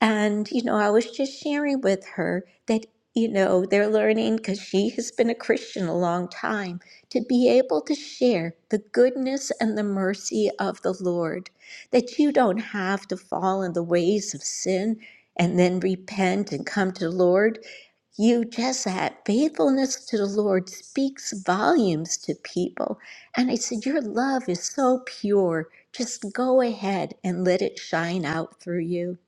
E: And, you know, I was just sharing with her that, you know, they're learning because she has been a Christian a long time to be able to share the goodness and the mercy of the Lord, that you don't have to fall in the ways of sin and then repent and come to the Lord you just that faithfulness to the Lord speaks volumes to people. And I said, Your love is so pure. Just go ahead and let it shine out through you.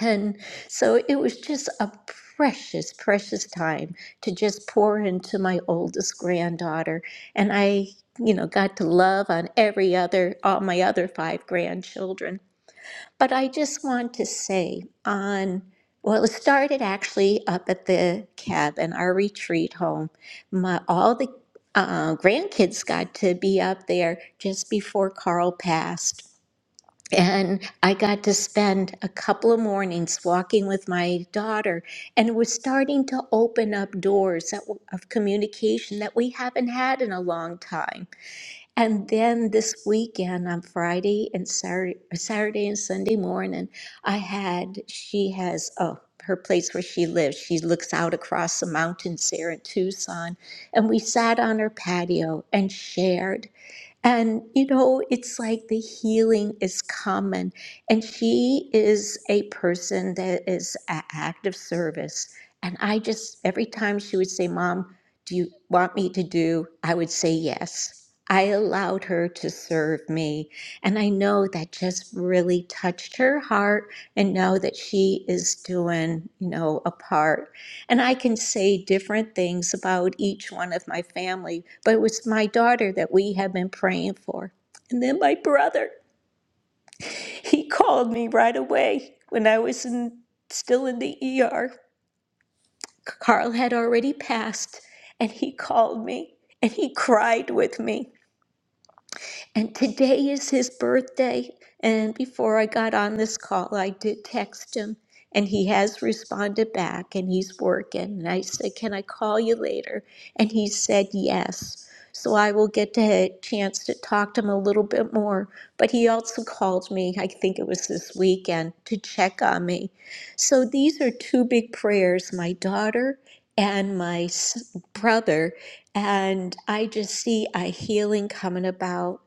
E: And so it was just a precious, precious time to just pour into my oldest granddaughter. And I, you know, got to love on every other, all my other five grandchildren. But I just want to say on, well, it started actually up at the cabin, our retreat home. My, all the uh, grandkids got to be up there just before Carl passed. And I got to spend a couple of mornings walking with my daughter, and it was starting to open up doors that, of communication that we haven't had in a long time. And then this weekend on Friday and Saturday, Saturday and Sunday morning, I had, she has, oh, her place where she lives, she looks out across the mountains there in Tucson. And we sat on her patio and shared. And, you know, it's like the healing is common. And she is a person that is an act of service. And I just, every time she would say, Mom, do you want me to do? I would say yes. I allowed her to serve me. And I know that just really touched her heart and know that she is doing, you know, a part. And I can say different things about each one of my family, but it was my daughter that we had been praying for. And then my brother, <laughs> he called me right away when I was in, still in the ER. Carl had already passed, and he called me and he cried with me. And today is his birthday. And before I got on this call, I did text him, and he has responded back and he's working. And I said, Can I call you later? And he said, Yes. So I will get to a chance to talk to him a little bit more. But he also called me, I think it was this weekend, to check on me. So these are two big prayers my daughter and my s- brother. And I just see a healing coming about.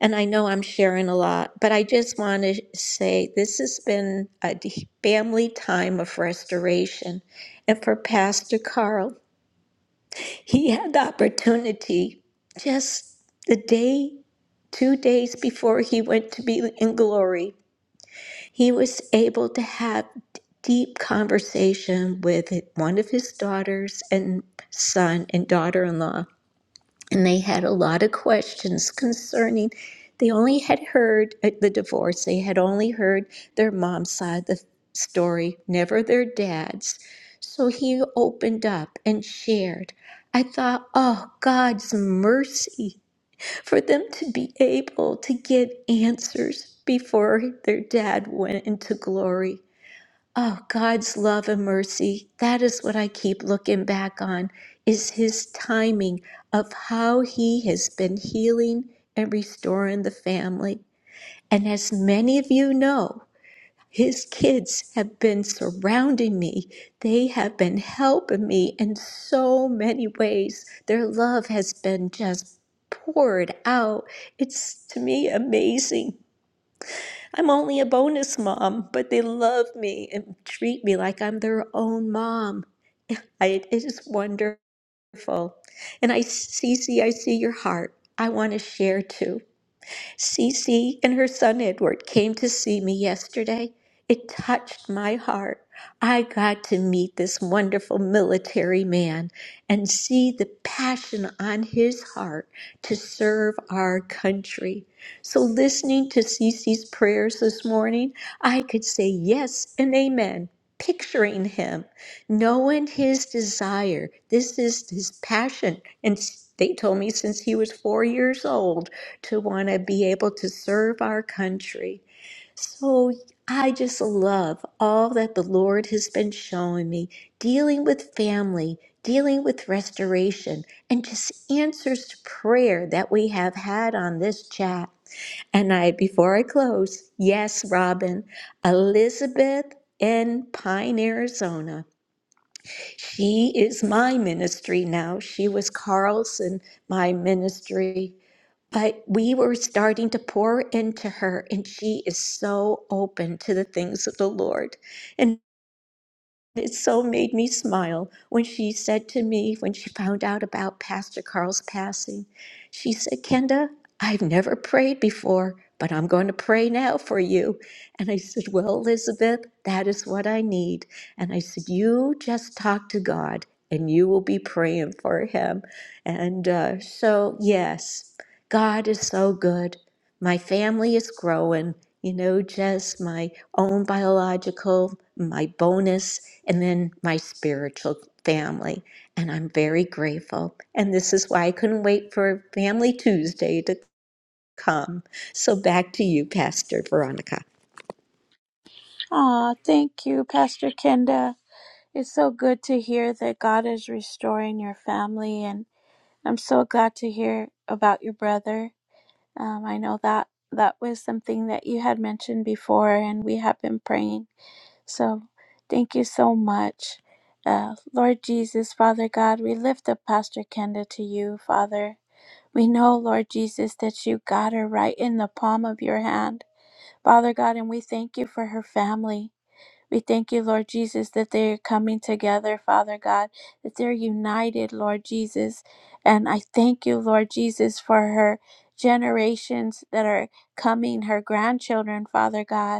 E: And I know I'm sharing a lot, but I just want to say this has been a d- family time of restoration. And for Pastor Carl, he had the opportunity just the day, two days before he went to be in glory, he was able to have d- deep conversation with one of his daughters and son and daughter-in-law and they had a lot of questions concerning they only had heard at the divorce they had only heard their mom's side of the story never their dad's so he opened up and shared i thought oh god's mercy for them to be able to get answers before their dad went into glory Oh, God's love and mercy, that is what I keep looking back on, is his timing of how he has been healing and restoring the family. And as many of you know, his kids have been surrounding me. They have been helping me in so many ways. Their love has been just poured out. It's to me amazing. I'm only a bonus mom, but they love me and treat me like I'm their own mom. <laughs> I, it is wonderful. And I, Cece, I see your heart. I want to share too. Cece and her son Edward came to see me yesterday. It touched my heart. I got to meet this wonderful military man and see the passion on his heart to serve our country. So, listening to Cece's prayers this morning, I could say yes and amen, picturing him, knowing his desire. This is his passion. And they told me since he was four years old, to want to be able to serve our country. So I just love all that the Lord has been showing me, dealing with family, dealing with restoration, and just answers to prayer that we have had on this chat. And I, before I close, yes, Robin, Elizabeth in Pine, Arizona. She is my ministry now. She was Carlson, my ministry but we were starting to pour into her, and she is so open to the things of the Lord. It so made me smile when she said to me, when she found out about Pastor Carl's passing, she said, Kenda, I've never prayed before, but I'm going to pray now for you. And I said, Well, Elizabeth, that is what I need. And I said, You just talk to God and you will be praying for him. And uh, so, yes, God is so good. My family is growing you know, just my own biological, my bonus, and then my spiritual family. And I'm very grateful. And this is why I couldn't wait for Family Tuesday to come. So back to you, Pastor Veronica.
B: ah thank you pastor kenda it's so good to hear that god is restoring your family and i'm so glad to hear about your brother Um, I know that that was something that you had mentioned before, and we have been praying. So thank you so much. Uh, Lord Jesus, Father God, we lift up Pastor Kenda to you, Father. We know, Lord Jesus, that you got her right in the palm of your hand, Father God, and we thank you for her family. We thank you, Lord Jesus, that they are coming together, Father God, that they're united, Lord Jesus. And I thank you, Lord Jesus, for her generations that are coming, her grandchildren, Father God.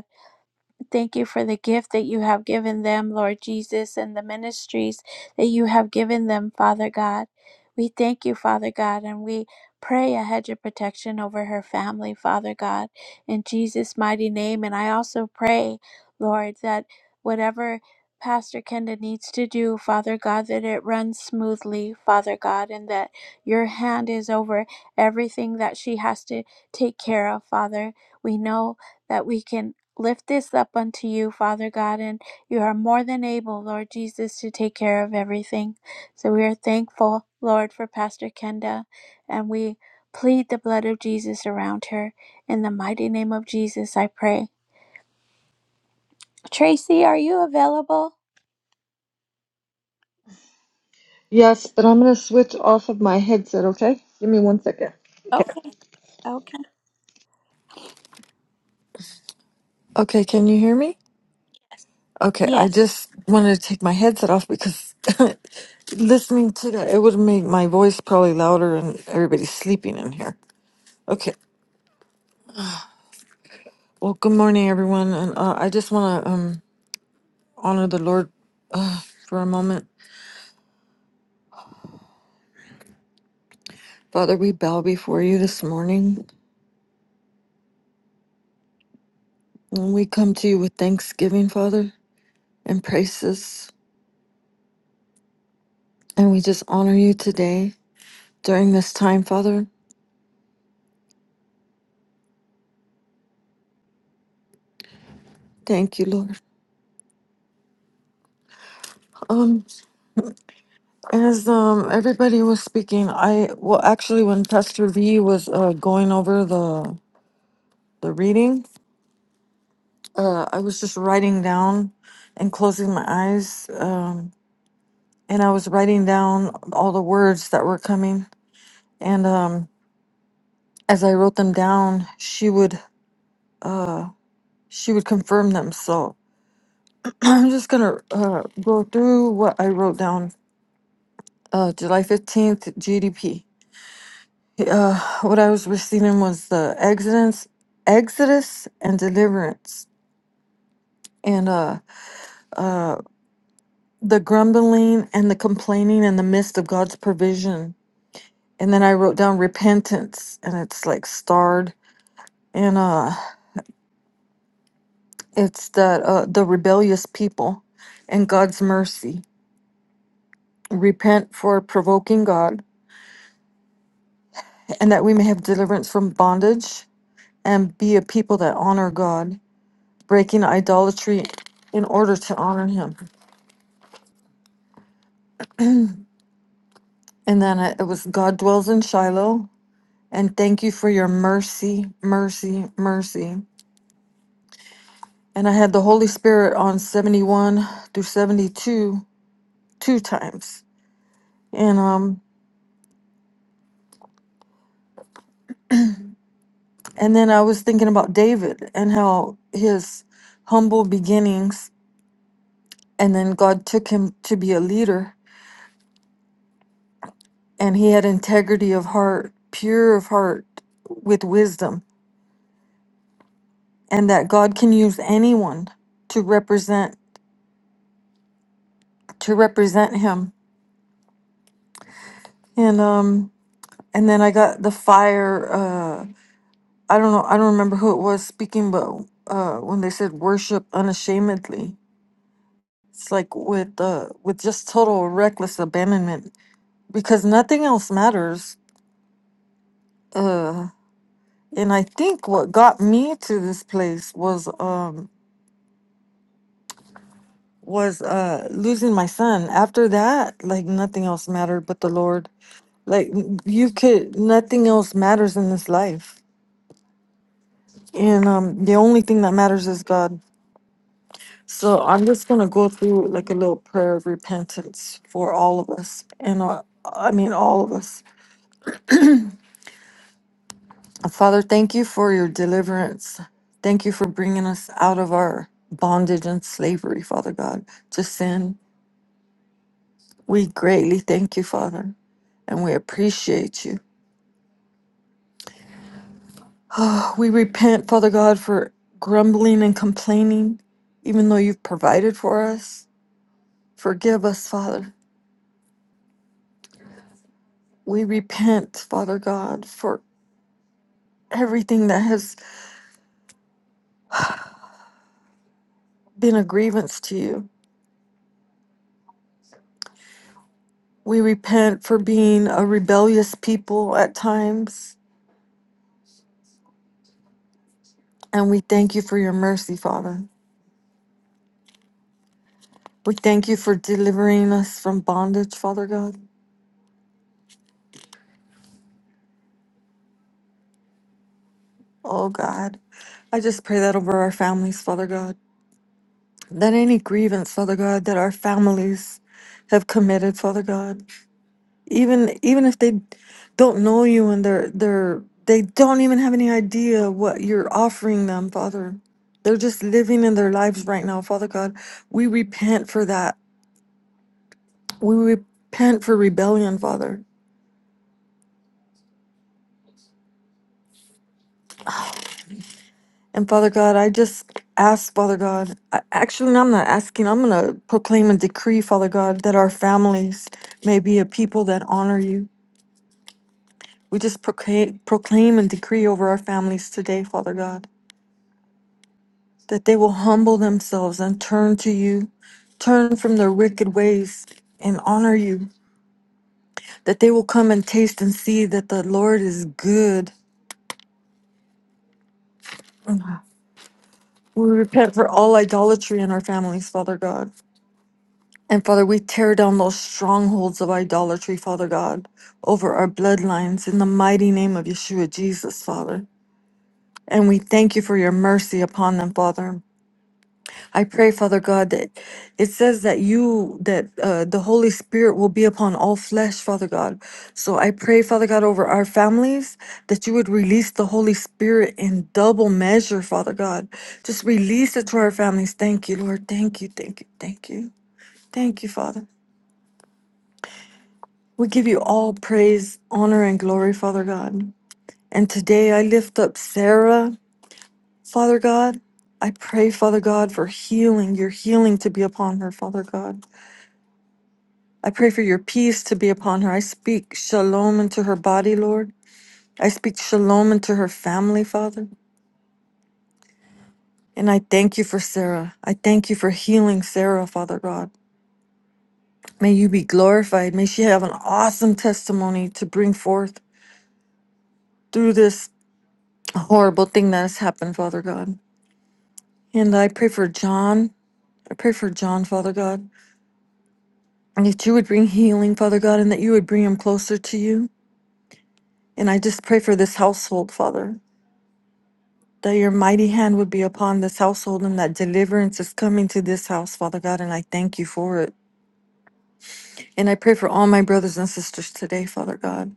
B: Thank you for the gift that you have given them, Lord Jesus, and the ministries that you have given them, Father God. We thank you, Father God, and we pray a hedge of protection over her family, Father God, in Jesus' mighty name. And I also pray, Lord, that whatever Pastor Kenda needs to do, Father God, that it runs smoothly, Father God, and that your hand is over everything that she has to take care of, Father. We know that we can lift this up unto you, Father God, and you are more than able, Lord Jesus, to take care of everything. So we are thankful, Lord, for Pastor Kenda, and we plead the blood of Jesus around her. In the mighty name of Jesus, I pray. Tracy, are you available?
F: Yes, but I'm going to switch off of my headset, okay? Give me one second. Okay.
B: Okay. Okay.
F: Okay, can you hear me? Okay, I
B: Yes.
F: just wanted to take my headset off because <laughs> listening to that, it would make my voice probably louder and everybody's sleeping in here. Okay, well, good morning, everyone. And uh, I just want to um, honor the Lord uh, for a moment. Father, we bow before you this morning. And we come to you with thanksgiving, Father, and praises. And we just honor you today during this time, Father. Thank you, Lord. Um, as um everybody was speaking, I well actually when Pastor V was uh going over the the reading, uh I was just writing down and closing my eyes. Um and I was writing down all the words that were coming. And um as I wrote them down, she would uh she would confirm them. So <clears throat> I'm just gonna uh go through what I wrote down. Uh July 15th, GDP. Uh, what I was receiving was the Exodus, Exodus and deliverance, and uh, uh, the grumbling and the complaining in the midst of God's provision. And then I wrote down repentance, and it's like starred, and uh, it's that uh, the rebellious people, and God's mercy. Repent for provoking God, and that we may have deliverance from bondage, and be a people that honor God, breaking idolatry in order to honor Him. And then it it was God dwells in Shiloh. And thank you for your mercy, mercy, mercy. And I had the Holy Spirit on 71 through 72 two times. And um and then I was thinking about David and how his humble beginnings and then God took him to be a leader and he had integrity of heart, pure of heart with wisdom and that God can use anyone to represent to represent him. And um And then I got the fire. Uh, I don't know. I don't remember who it was speaking, but uh, when they said worship unashamedly, it's like with uh, with just total reckless abandonment because nothing else matters. Uh, and I think what got me to this place was um, was uh, losing my son. After that, like nothing else mattered but the Lord. Like n- you could, nothing else matters in this life, and um, the only thing that matters is God. So I'm just going to go through like a little prayer of repentance for all of us. And uh, I mean, all of us. Father, thank you for your deliverance. Thank you for bringing us out of our bondage and slavery, Father God, to sin. We greatly thank you, Father, and we appreciate you. Oh, We repent, Father God, for grumbling and complaining, even though you've provided for us. Forgive us, Father. We repent, Father God, for everything that has been a grievance to you. We repent for being a rebellious people at times, and we thank you for your mercy, Father. We thank you for delivering us from bondage, Father God. Oh God, I just pray that over our families, Father God. That any grievance, Father God, that our families have committed, Father God. even even if they don't know you and they're they're they don't even have any idea what you're offering them father they're just living in their lives right now father god we repent for that we repent for rebellion father and father god i just ask father god I, actually i'm not asking i'm going to proclaim a decree father god that our families may be a people that honor you we just proclaim, proclaim and decree over our families today father god that they will humble themselves and turn to you, turn from their wicked ways and honor you, that they will come and taste and see that the Lord is good. We repent for all idolatry in our families, Father God. And Father, we tear down those strongholds of idolatry, Father God, over our bloodlines in the mighty name of Yeshua Jesus, Father. And we thank you for your mercy upon them, Father. I pray, Father God, that it says that you, that uh, the Holy Spirit will be upon all flesh, Father God. So I pray, Father God, over our families that you would release the Holy Spirit in double measure, Father God. Just release it to our families. Thank you, Lord. Thank you, thank you, thank you. Thank you, Father. We give you all praise, honor, and glory, Father God. And today I lift up Sarah, Father God. I pray, Father God, for healing, your healing to be upon her, Father God. I pray for your peace to be upon her. I speak shalom into her body, Lord. I speak shalom into her family, Father. And I thank you for Sarah. I thank you for healing Sarah, Father God. May you be glorified. May she have an awesome testimony to bring forth through this horrible thing that has happened, Father God. And I pray for John. I pray for John, Father God, and that you would bring healing, Father God, and that you would bring him closer to you. And I just pray for this household, Father. that your mighty hand would be upon this household and that deliverance is coming to this house, Father God, and I thank you for it. And I pray for all my brothers and sisters today, Father God,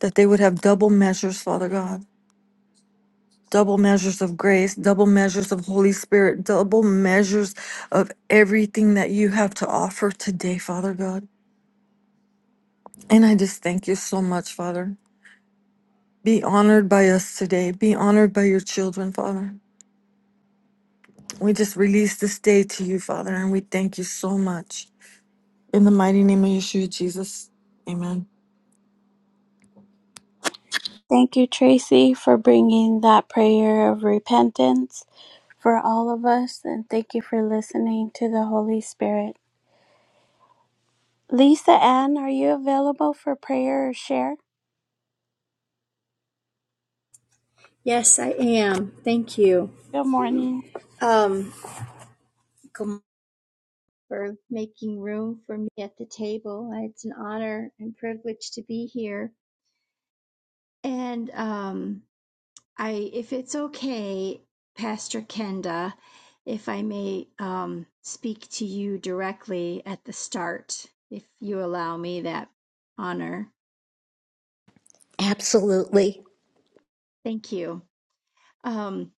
F: that they would have double measures, Father God. Double measures of grace, double measures of Holy Spirit, double measures of everything that you have to offer today, Father God. And I just thank you so much, Father. Be honored by us today. Be honored by your children, Father. We just release this day to you, Father, and we thank you so much. In the mighty name of Yeshua Jesus, amen.
B: Thank you, Tracy, for bringing that prayer of repentance for all of us, and thank you for listening to the Holy Spirit. Lisa Ann, are you available for prayer or share?
G: Yes, I am. Thank you.
B: Good morning.
G: Um, for making room for me at the table. It's an honor and privilege to be here. And um, I, if it's okay, Pastor Kenda, if I may um, speak to you directly at the start, if you allow me that honor.
E: Absolutely.
G: Thank you. Um,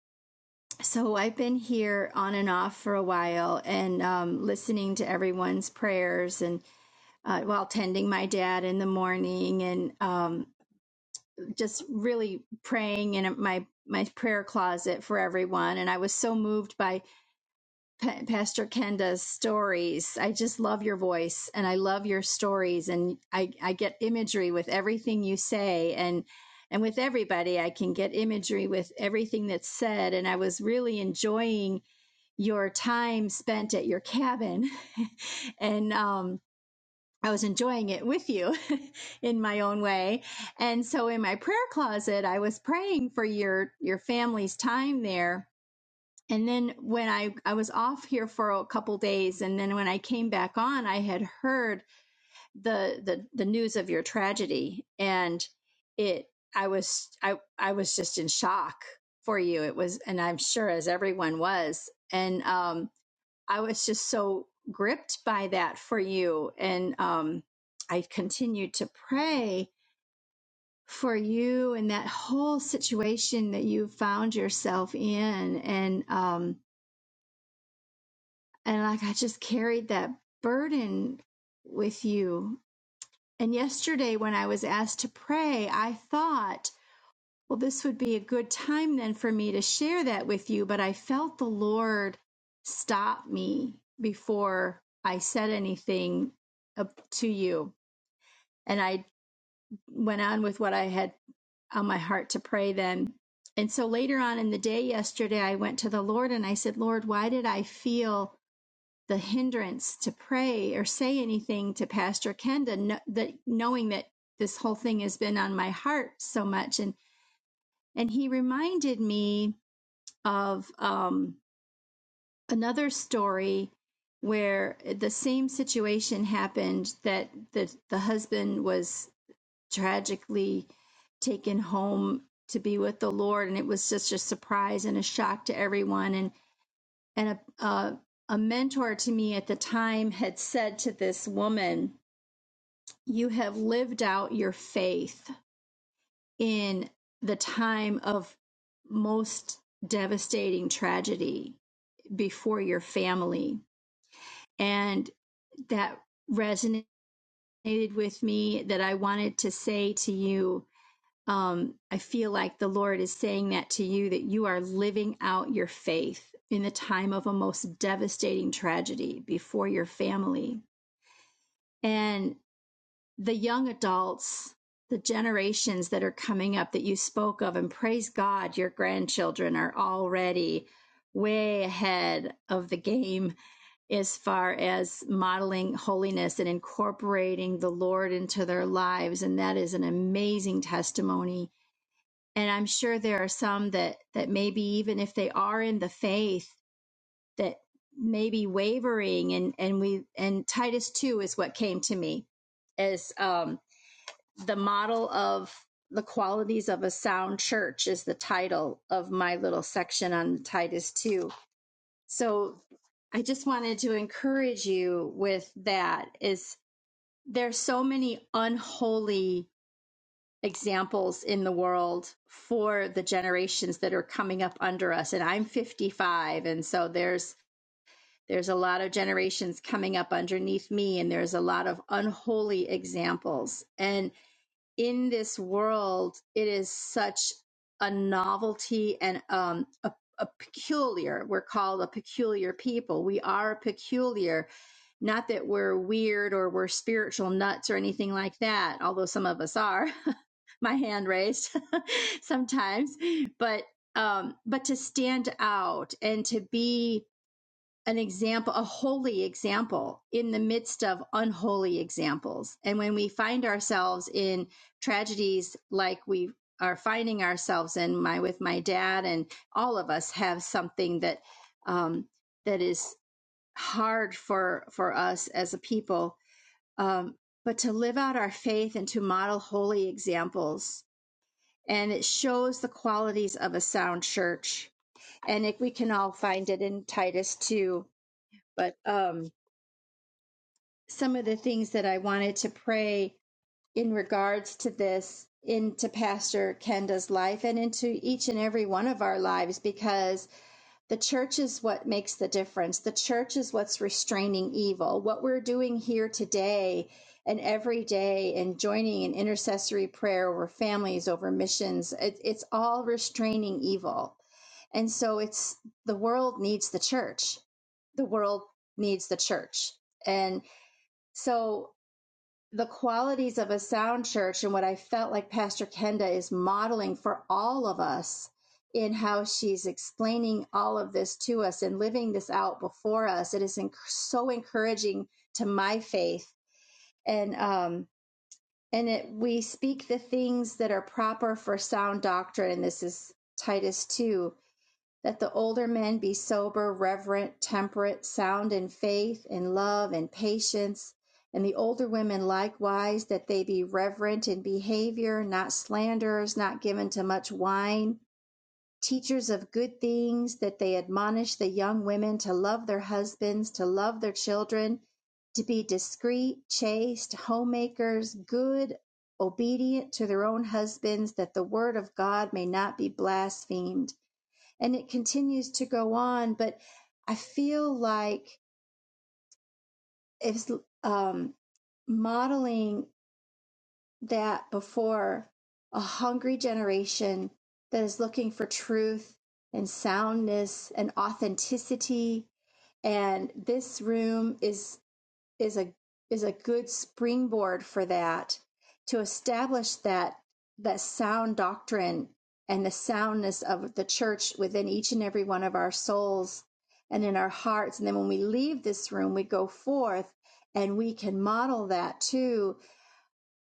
G: so I've been here on and off for a while and um, listening to everyone's prayers and uh, while tending my dad in the morning and um, just really praying in my my prayer closet for everyone. And I was so moved by Pa- Pastor Kenda's stories. I just love your voice and I love your stories, and I I get imagery with everything you say and. And with everybody, I can get imagery with everything that's said. And I was really enjoying your time spent at your cabin <laughs> and um, I was enjoying it with you <laughs> in my own way. And so in my prayer closet, I was praying for your your family's time there. And then when I I was off here for a couple days and then when I came back on, I had heard the the the news of your tragedy and it I was I I was just in shock for you. It was and I'm sure as everyone was. And um I was just so gripped by that for you. And um, I continued to pray for you and that whole situation that you found yourself in. And, um, and like I just carried that burden with you. And yesterday, when I was asked to pray, I thought, well, this would be a good time then for me to share that with you. But I felt the Lord stop me before I said anything to you. And I went on with what I had on my heart to pray then. And so later on in the day yesterday, I went to the Lord and I said, Lord, why did I feel the hindrance to pray or say anything to Pastor Kenda, that knowing that this whole thing has been on my heart so much? And and he reminded me of um, another story where the same situation happened that the, the husband was tragically taken home to be with the Lord, and it was just a surprise and a shock to everyone. And and a a, a mentor to me at the time had said to this woman, "You have lived out your faith in the time of most devastating tragedy before your family And that resonated with me that I wanted to say to you. Um, I feel like the Lord is saying that to you that you are living out your faith in the time of a most devastating tragedy before your family. And the young adults, the generations that are coming up that you spoke of, and praise God, your grandchildren are already way ahead of the game as far as modeling holiness and incorporating the Lord into their lives. And that is an amazing testimony. And I'm sure there are some that, that maybe even if they are in the faith, that maybe wavering and, and we and Titus 2 is what came to me as um, the model of the qualities of a sound church is the title of my little section on Titus 2 so I just wanted to encourage you with that is there's so many unholy examples in the world for the generations that are coming up under us and I'm 55 and so there's there's a lot of generations coming up underneath me and there's a lot of unholy examples And in this world, it is such a novelty and um, a, a peculiar. We're called a peculiar people. We are peculiar. Not that we're weird or we're spiritual nuts or anything like that, although some of us are. <laughs> My hand raised <laughs> sometimes, but um, but to stand out and to be an example, a holy example in the midst of unholy examples. And when we find ourselves in tragedies like we are finding ourselves in my with my dad and all of us have something that um, that is hard for for us as a people um, but to live out our faith and to model holy examples and it shows the qualities of a sound church and it, we can all find it in titus 2 but um some of the things that I wanted to pray in regards to this into Pastor Kenda's life and into each and every one of our lives because the church is what makes the difference. The church is what's restraining evil. What we're doing here today and every day and joining in intercessory prayer over families, over missions, it, it's all restraining evil. And so it's the world needs the church. The world needs the church. And so the qualities of a sound church and what I felt like Pastor Kenda is modeling for all of us in how she's explaining all of this to us and living this out before us. It is enc- so encouraging to my faith, and um, and it we speak the things that are proper for sound doctrine. And this is Titus two that the older men be sober, reverent, temperate, sound in faith, in love, and patience, and the older women likewise, that they be reverent in behavior, not slanderers, not given to much wine, teachers of good things, that they admonish the young women to love their husbands, to love their children, to be discreet, chaste, homemakers, good, obedient to their own husbands, that the word of God may not be blasphemed and it continues to go on. But I feel like it's um, modeling that before a hungry generation that is looking for truth and soundness and authenticity. And this room is is a is a good springboard for that to establish that that sound doctrine and the soundness of the church within each and every one of our souls and in our hearts and then when we leave this room we go forth and we can model that to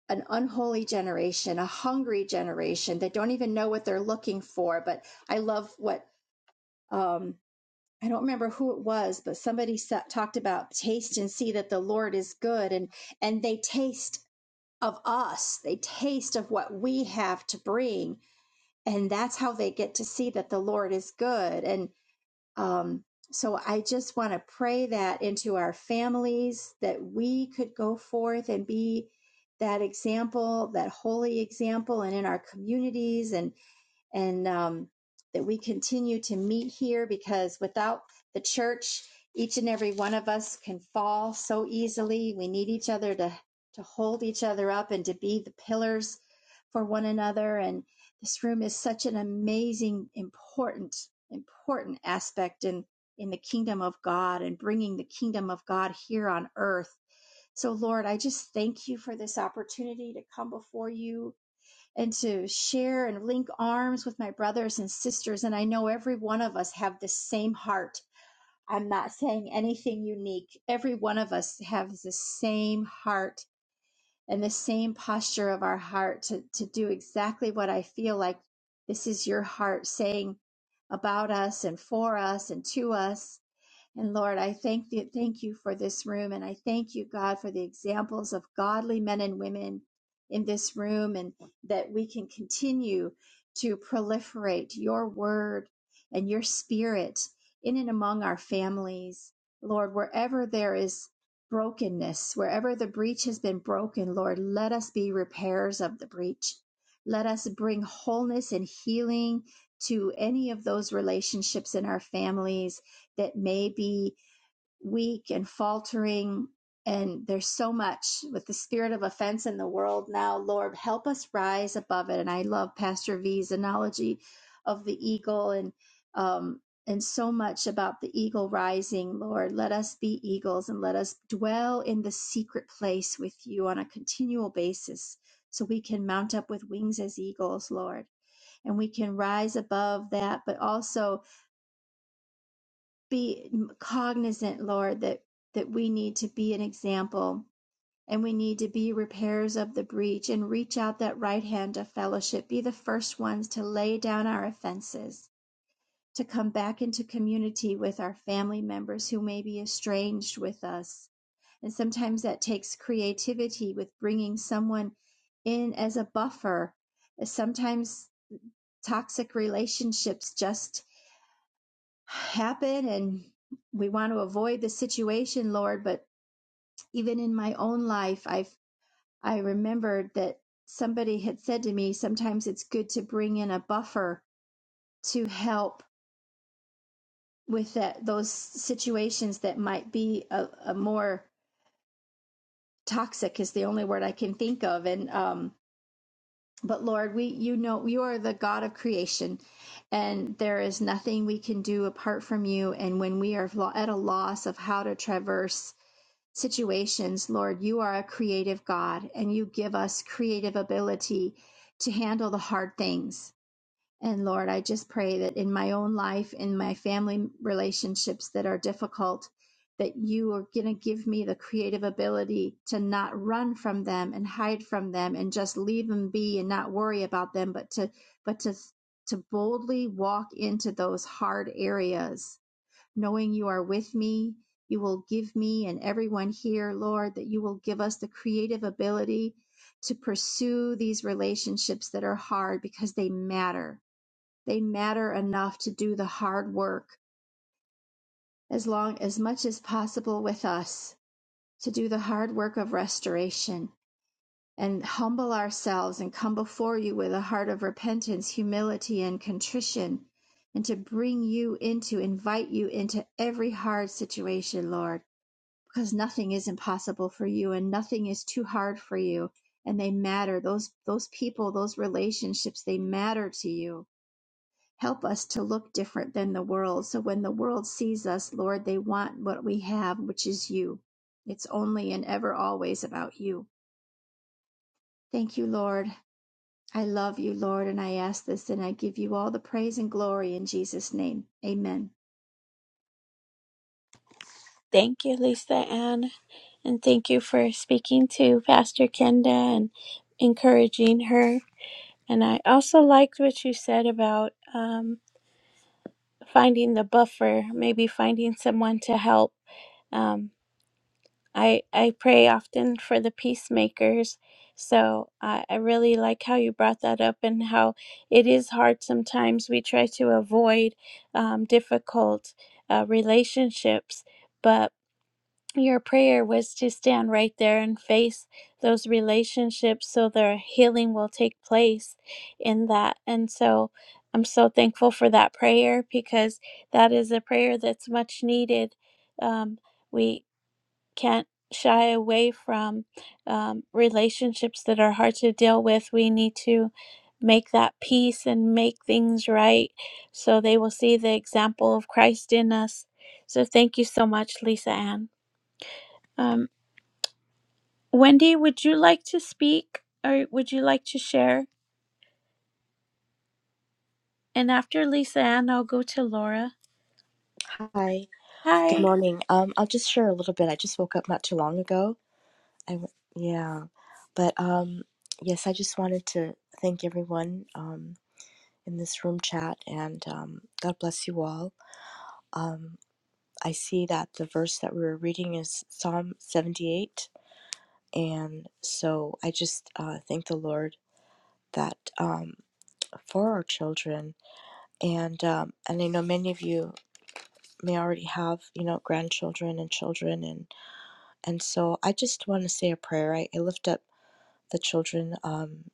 G: an unholy generation a hungry generation that don't even know what they're looking for but i love what um, I don't remember who it was, but somebody sa- talked about taste and see that the Lord is good, and and they taste of us, they taste of what we have to bring, and that's how they get to see that the Lord is good. And um, so I just want to pray that into our families that we could go forth and be that example, that holy example, and in our communities and and um, that we continue to meet here because without the church, each and every one of us can fall so easily. We need each other to, to hold each other up and to be the pillars for one another. And this room is such an amazing, important, important aspect in, in the kingdom of God and bringing the kingdom of God here on earth. So, Lord, I just thank you for this opportunity to come before you and to share and link arms with my brothers and sisters. And I know every one of us have the same heart. I'm not saying anything unique. Every one of us have the same heart and the same posture of our heart to, to do exactly what I feel like this is your heart saying about us and for us and to us and Lord, I thank you, thank you for this room. And I thank you, God, for the examples of godly men and women in this room and that we can continue to proliferate your word and your spirit in and among our families. Lord, wherever there is brokenness, wherever the breach has been broken, Lord, let us be repairs of the breach. Let us bring wholeness and healing to any of those relationships in our families that may be weak and faltering. And there's so much with the spirit of offense in the world now. Lord, help us rise above it. And I love Pastor V's analogy of the eagle and um, and so much about the eagle rising. Lord, let us be eagles and let us dwell in the secret place with you on a continual basis, so we can mount up with wings as eagles, Lord, and we can rise above that, but also be cognizant, Lord, that, that we need to be an example and we need to be repairers of the breach and reach out that right hand of fellowship, be the first ones to lay down our offenses, to come back into community with our family members who may be estranged with us. And sometimes that takes creativity with bringing someone in as a buffer. Sometimes toxic relationships just happen and we want to avoid the situation lord but even in my own life i've i remembered that somebody had said to me sometimes it's good to bring in a buffer to help with that those situations that might be a, a more toxic is the only word i can think of and um but lord we you know you are the god of creation and there is nothing we can do apart from you and when we are lo- at a loss of how to traverse situations, Lord, you are a creative God and you give us creative ability to handle the hard things. And Lord, I just pray that in my own life, in my family relationships that are difficult, that you are going to give me the creative ability to not run from them and hide from them and just leave them be and not worry about them, but to, but to, to boldly walk into those hard areas knowing you are with me. You will give me and everyone here, Lord, that you will give us the creative ability to pursue these relationships that are hard because they matter. They matter enough to do the hard work as long, as much as possible with us, to do the hard work of restoration and humble ourselves and come before you with a heart of repentance, humility, and contrition and to bring you into, invite you into every hard situation, Lord. because nothing is impossible for you and nothing is too hard for you and they matter those those people those relationships they matter to you help us to look different than the world so when the world sees us lord they want what we have which is you it's only and ever always about you thank you lord i love you lord and i ask this and i give you all the praise and glory in jesus name amen
B: Thank you, Lisa Ann. And thank you for speaking to Pastor Kenda and encouraging her. And I also liked what you said about um, finding the buffer, maybe finding someone to help. Um, I I pray often for the peacemakers. So I, I really like how you brought that up and how it is hard sometimes. We try to avoid um, difficult uh, relationships, but your prayer was to stand right there and face those relationships so the healing will take place in that. And so I'm so thankful for that prayer because that is a prayer that's much needed. Um, we can't shy away from um, relationships that are hard to deal with. We need to make that peace and make things right so they will see the example of Christ in us. So thank you so much, Lisa Ann. Um, Wendy, would you like to speak or would you like to share? And after Lisa Ann, I'll go to Laura.
H: Hi, good
B: Hi.
H: morning. Um, I'll just share a little bit. I just woke up not too long ago. I w- yeah, but um, yes, I just wanted to thank everyone um in this room chat and um, God bless you all. Um, I see that the verse that we were reading is Psalm seventy-eight, and so I just uh, thank the Lord that um for our children and um and I know many of you may already have you know grandchildren and children and. And so I just want to say a prayer. I, I lift up the children, um,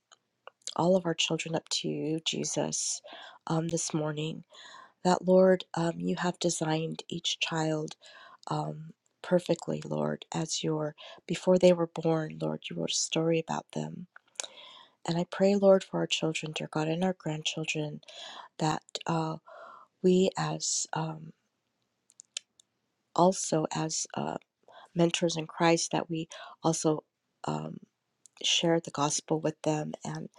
H: all of our children, up to you, Jesus, um, this morning. That, Lord, um, you have designed each child um, perfectly, Lord, as your, before they were born, Lord, you wrote a story about them. And I pray, Lord, for our children, dear God, and our grandchildren, that uh, we as um, also as uh, mentors in Christ that we also um. share the gospel with them and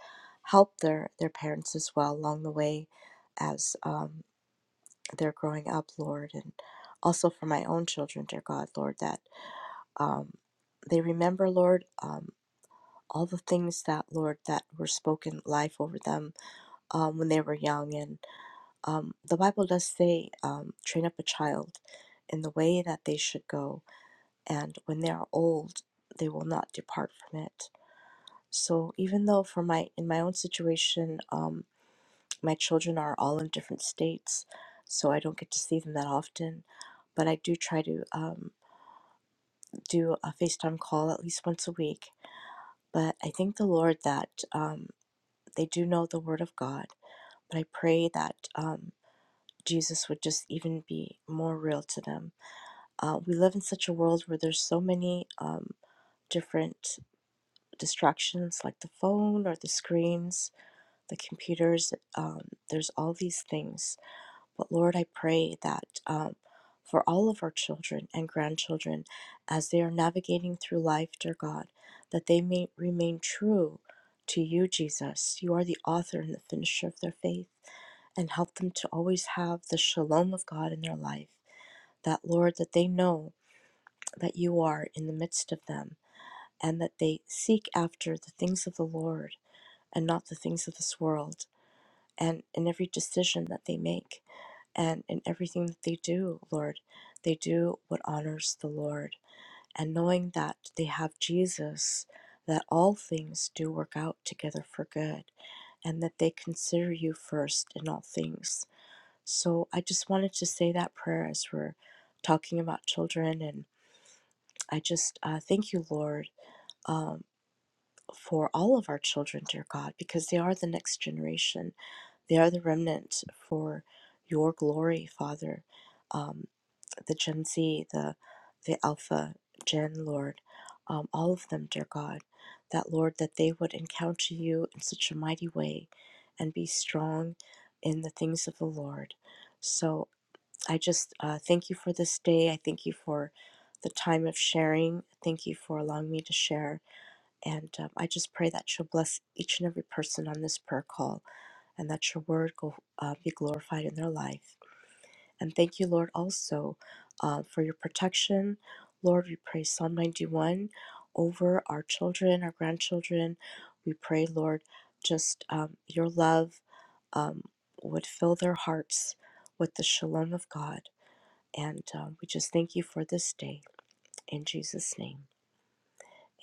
H: help their, their parents as well along the way as um, they're growing up, Lord. And also for my own children, dear God, Lord, that um, they remember, Lord, um, all the things that, Lord, that were spoken life over them um, when they were young. And um, the Bible does say, um, train up a child in the way that they should go, and when they are old, they will not depart from it. So even though for my in my own situation, um, my children are all in different states, so I don't get to see them that often, but I do try to um, do a FaceTime call at least once a week. But I thank the Lord that um, they do know the Word of God. But I pray that um, Jesus would just even be more real to them. Uh, we live in such a world where there's so many um, different distractions, like the phone or the screens the computers. Um, there's all these things. But Lord, I pray that um, for all of our children and grandchildren, as they are navigating through life, dear God, that they may remain true to you, Jesus. You are the author and the finisher of their faith and help them to always have the shalom of God in their life. That, Lord, that they know that you are in the midst of them and that they seek after the things of the Lord and not the things of this world and in every decision that they make and in everything that they do, Lord, they do what honors the Lord. And knowing that they have Jesus, that all things do work out together for good, and that they consider you first in all things. So I just wanted to say that prayer as we're talking about children. And I just uh, thank you, Lord, um, for all of our children, dear God, because they are the next generation they are the remnant for your glory, Father. Um, the Gen Z, the, the Alpha Gen, Lord, um, all of them, dear God, that, Lord, that they would encounter you in such a mighty way and be strong in the things of the Lord. So I just uh, thank you for this day. I thank you for the time of sharing. Thank you for allowing me to share. And um, I just pray that you'll bless each and every person on this prayer call and that your word go, uh, be glorified in their life. And thank you, Lord, also uh, for your protection. Lord, we pray Psalm 91 over our children, our grandchildren. We pray, Lord, just um, your love um, would fill their hearts with the shalom of God. And um, we just thank you for this day. In Jesus' name,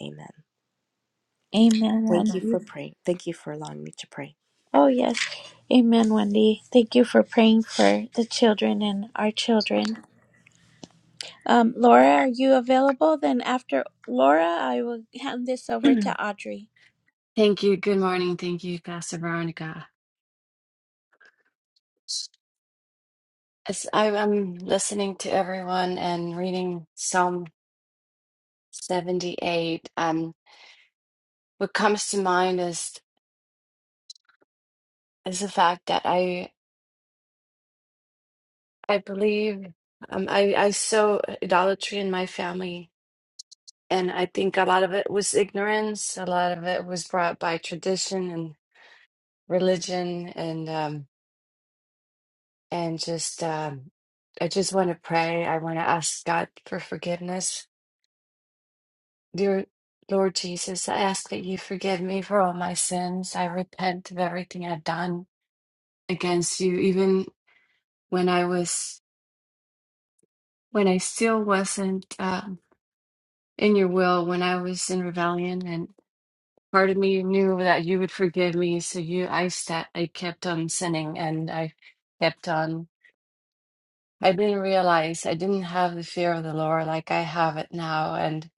H: amen.
B: Amen,
H: Thank you
B: Wendy.
H: for praying. Thank you for allowing me to pray.
B: Oh, yes. Amen, Wendy. Thank you for praying for the children and our children. Um, Laura, are you available? Then after Laura, I will hand this over
I: <clears throat>
B: to Audrey.
I: Thank you. Good morning. Thank you, Pastor Veronica. As I, I'm listening to everyone and reading Psalm 78. Um, what comes to mind is is the fact that I I believe um, I I saw idolatry in my family, and I think a lot of it was ignorance. A lot of it was brought by tradition and religion, and um, and just um, I just want to pray. I want to ask God for forgiveness Dear Lord Jesus, I ask that you forgive me for all my sins. I repent of everything I've done against you, even when I was, when I still wasn't um, in your will, when I was in rebellion. And part of me knew that you would forgive me, so you, I sta I kept on sinning, and I kept on. I didn't realize I didn't have the fear of the Lord like I have it now, and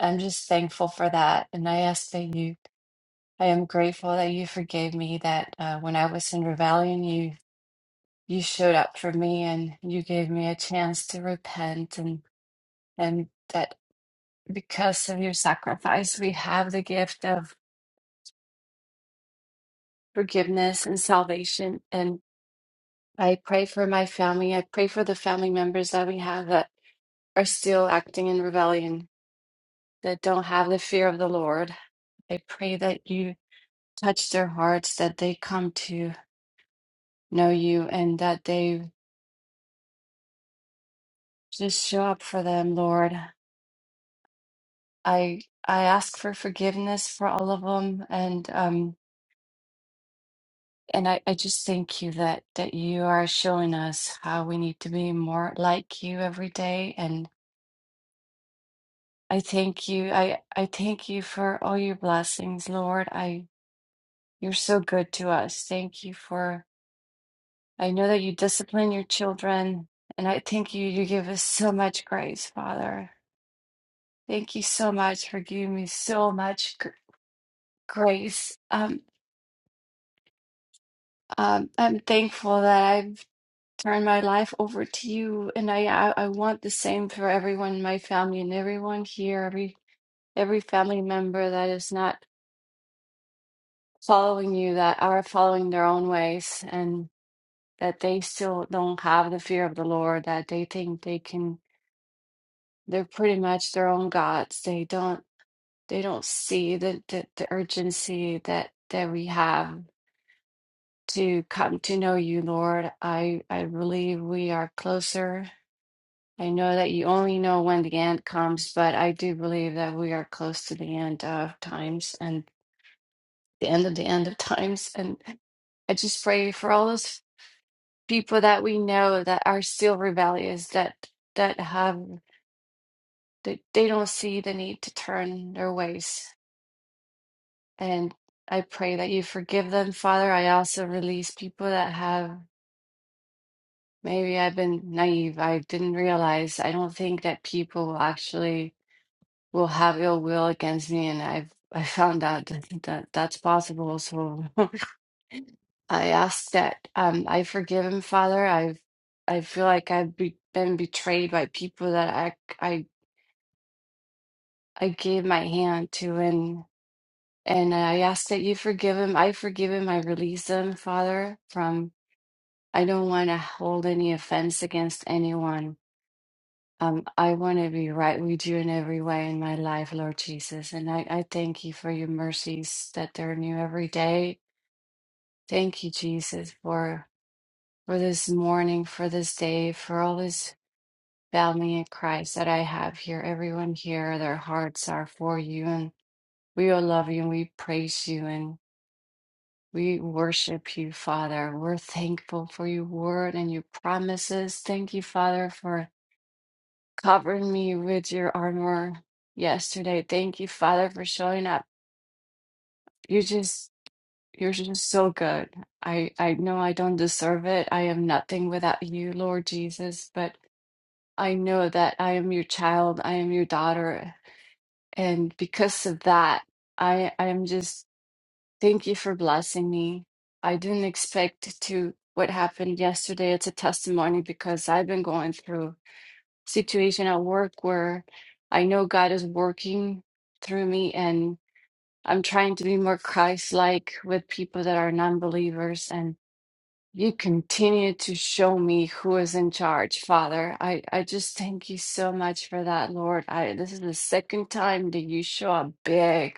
I: I'm just thankful for that. And I ask that you. I am grateful that you forgave me, that uh, when I was in rebellion, you you showed up for me and you gave me a chance to repent and and that because of your sacrifice, we have the gift of forgiveness and salvation. And I pray for my family. I pray for the family members that we have that are still acting in rebellion, that don't have the fear of the Lord. I pray that you touch their hearts, that they come to know you, and that they Just show up for them, Lord. I I ask for forgiveness for all of them, and um and I, I just thank you that that you are showing us how we need to be more like you every day. And I thank you. I I thank you for all your blessings, Lord. I you're so good to us. Thank you for I know that you discipline your children, and I thank you. You give us so much grace, Father. Thank you so much for giving me so much gr- grace. Um Um, I'm thankful that I've turned my life over to you, and I, I I want the same for everyone in my family and everyone here, every every family member that is not following you, that are following their own ways, and that they still don't have the fear of the Lord, that they think they can, they're pretty much their own gods. They don't they don't see the the, the urgency that that we have to come to know you, Lord. I I believe we are closer. I know that you only know when the end comes, but I do believe that we are close to the end of times and the end of the end of times. And I just pray for all those people that we know that are still rebellious, that that have that they don't see the need to turn their ways. And I pray that you forgive them, Father. I also release people that have maybe I've been naive. I didn't realize. I don't think that people actually. will have ill will against me and i've i found out that, that that's possible so <laughs> i ask that um i forgive him father i've i feel like i've be, been betrayed by people that i i i gave my hand to and and i ask that you forgive him i forgive him i release him father from i don't want to hold any offense against anyone Um, I want to be right with you in every way in my life, Lord Jesus. And I, I thank you for your mercies that they're new every day. Thank you, Jesus, for for this morning, for this day, for all this family in Christ that I have here. Everyone here, their hearts are for you, and we all love you and we praise you and we worship you, Father. We're thankful for your word and your promises. Thank you, Father, for covered me with your armor yesterday. Thank you, Father, for showing up. You just you're just so good. I I know I don't deserve it. I am nothing without you, Lord Jesus, but I know that I am your child. I am your daughter, and because of that, I I am just thank you for blessing me. I didn't expect to what happened yesterday. It's a testimony because I've been going through situation at work where I know God is working through me and I'm trying to be more Christ like with people that are non believers. And you continue to show me who is in charge, Father. I, I just thank you so much for that, Lord. I, this is the second time that you show up big,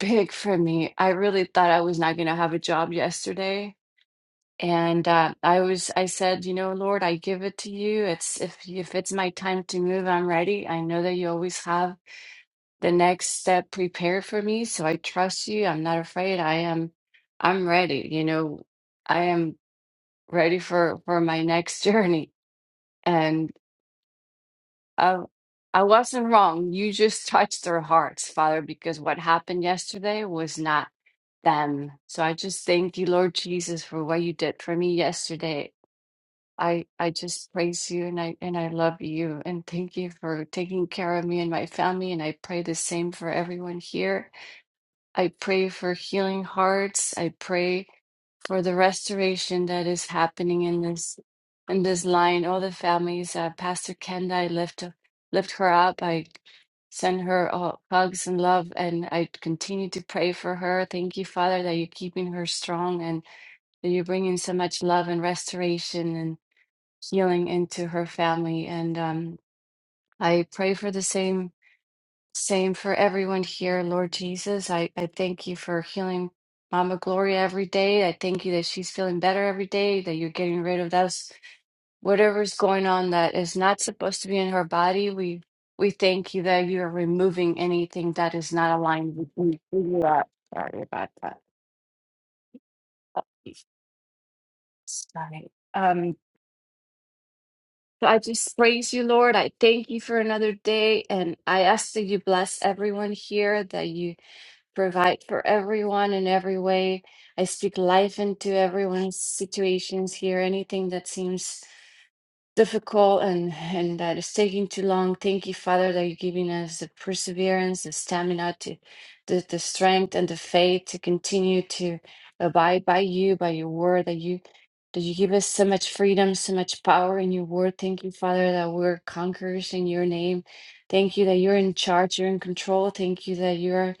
I: big for me. I really thought I was not going to have a job yesterday and uh, I was, I said, you know, Lord, I give it to you. It's if if it's my time to move, I'm ready. I know that you always have the next step prepared for me, so I trust you. I'm not afraid. I am, I'm ready. You know, I am ready for for my next <laughs> journey. And I, I wasn't wrong. You just touched their hearts, Father, because what happened yesterday was not them. So I just thank you, Lord Jesus, for what you did for me yesterday I I just praise you and I and I love you and thank you for taking care of me and my family and I pray the same for everyone here. I pray for healing hearts. I pray for the restoration that is happening in this in this line. All the families, uh, Pastor Kenda, I lift lift her up. I send her uh, hugs and love and I continue to pray for her. Thank you, Father, that you're keeping her strong and that you're bringing so much love and restoration healing into her family. And um, I pray for the same same for everyone here, Lord Jesus. I, I thank you for healing Mama Gloria every day. I thank you that she's feeling better every day, that you're getting rid of those whatever's going on that is not supposed to be in her body. We we thank you that you are removing anything that is not aligned with you. who you are. Sorry about that. Sorry. Um, So I just praise you, Lord. I thank you for another day. And I ask that you bless everyone here, that you provide for everyone in every way. I speak life into everyone's situations here, anything that seems difficult and and that it's taking too long. Thank you, Father, that you're giving us the perseverance, the stamina to the, the strength and the faith to continue to abide by you, by your word, that you that you give us so much freedom, so much power in your word. Thank you, Father, that we're conquerors in your name. Thank you that you're in charge, you're in control. Thank you that you're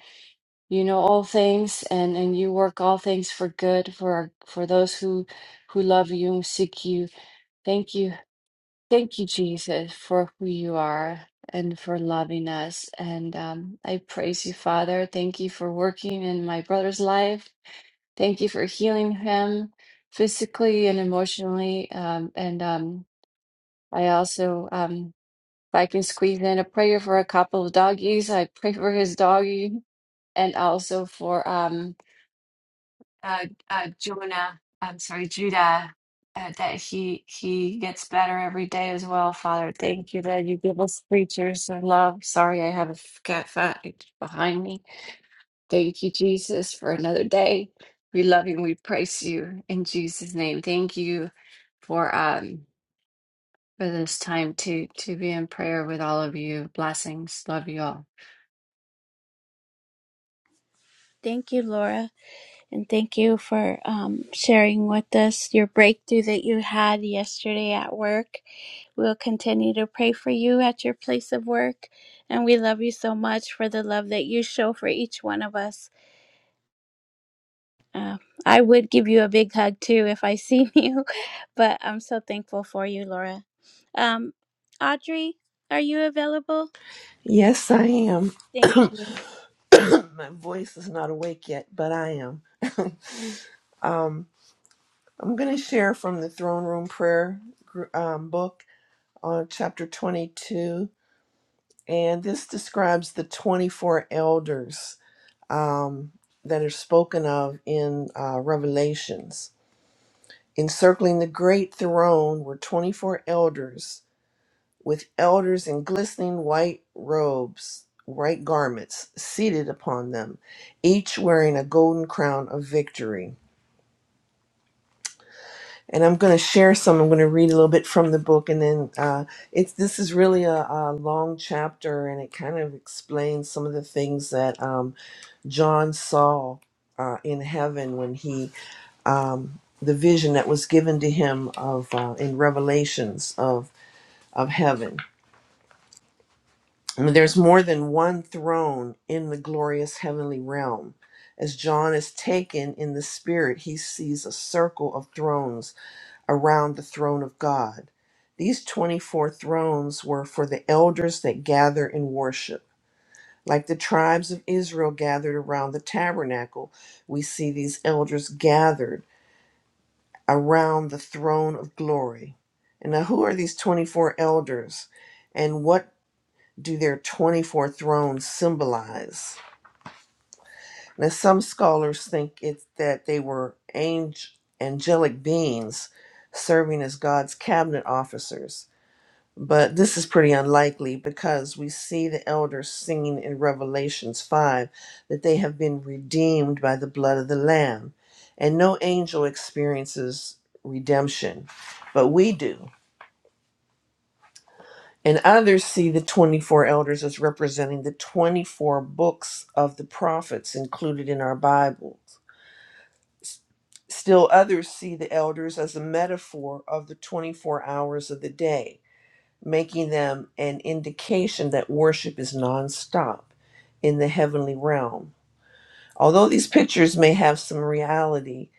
I: you know all things and and you work all things for good for our, for those who who love you and seek you. Thank you Thank you, Jesus, for who you are and for loving us. And um, I praise you, Father. Thank you for working in my brother's life. Thank you for healing him physically and emotionally. Um, and um, I also, um, if I can squeeze in a prayer for a couple of doggies, I pray for his doggie and also for um, uh, uh, Jonah, I'm sorry, Judah, uh, that he he gets better every day as well. Father, thank you that you give us preachers of love. Sorry, I have a f- cat fight behind me. Thank you, Jesus, for another day. We love you and we praise you in Jesus' name. Thank you for um for this time to to be in prayer with all of you. Blessings. Love you all.
B: Thank you, Laura, and thank you for um, sharing with us your breakthrough that you had yesterday at work. We'll continue to pray for you at your place of work, and we love you so much for the love that you show for each one of us. Uh, I would give you a big hug too if I seen <laughs> you, but I'm so thankful for you, Laura. Um, Audrey, are you available?
J: Yes, I am.
B: Thank you.
J: <clears throat> My voice is not awake yet, but I am. I'm going to share from the Throne Room Prayer gr- um, book on chapter 22, and this describes the 24 elders um, that are spoken of in uh, Revelations. Encircling the great throne were 24 elders, with elders in glistening white robes, white garments, seated upon them, each wearing a golden crown of victory. and I'm going to share some. I'm going to read a little bit from the book, and then uh, it's this is really a, a long chapter, and it kind of explains some of the things that um, John saw uh, in heaven when he um, the vision that was given to him of uh, in Revelations of of heaven. And There's more than one throne in the glorious heavenly realm. As John is taken in the spirit, he sees a circle of thrones around the throne of God. These 24 thrones were for the elders that gather in worship. Like the tribes of Israel gathered around the tabernacle, we see these elders gathered around the throne of glory. And now, who are these 24 elders and what do their 24 thrones symbolize? Now, some scholars think it's that they were angel- angelic beings serving as God's cabinet officers But this is pretty unlikely because we see the elders singing in Revelations 5 that they have been redeemed by the blood of the Lamb. And no angel experiences redemption, but we do. And others see the 24 elders as representing the 24 books of the prophets included in our Bibles. S- Still, others see the elders as a metaphor of the 24 hours of the day making them an indication that worship is nonstop in the heavenly realm. Although these pictures may have some reality,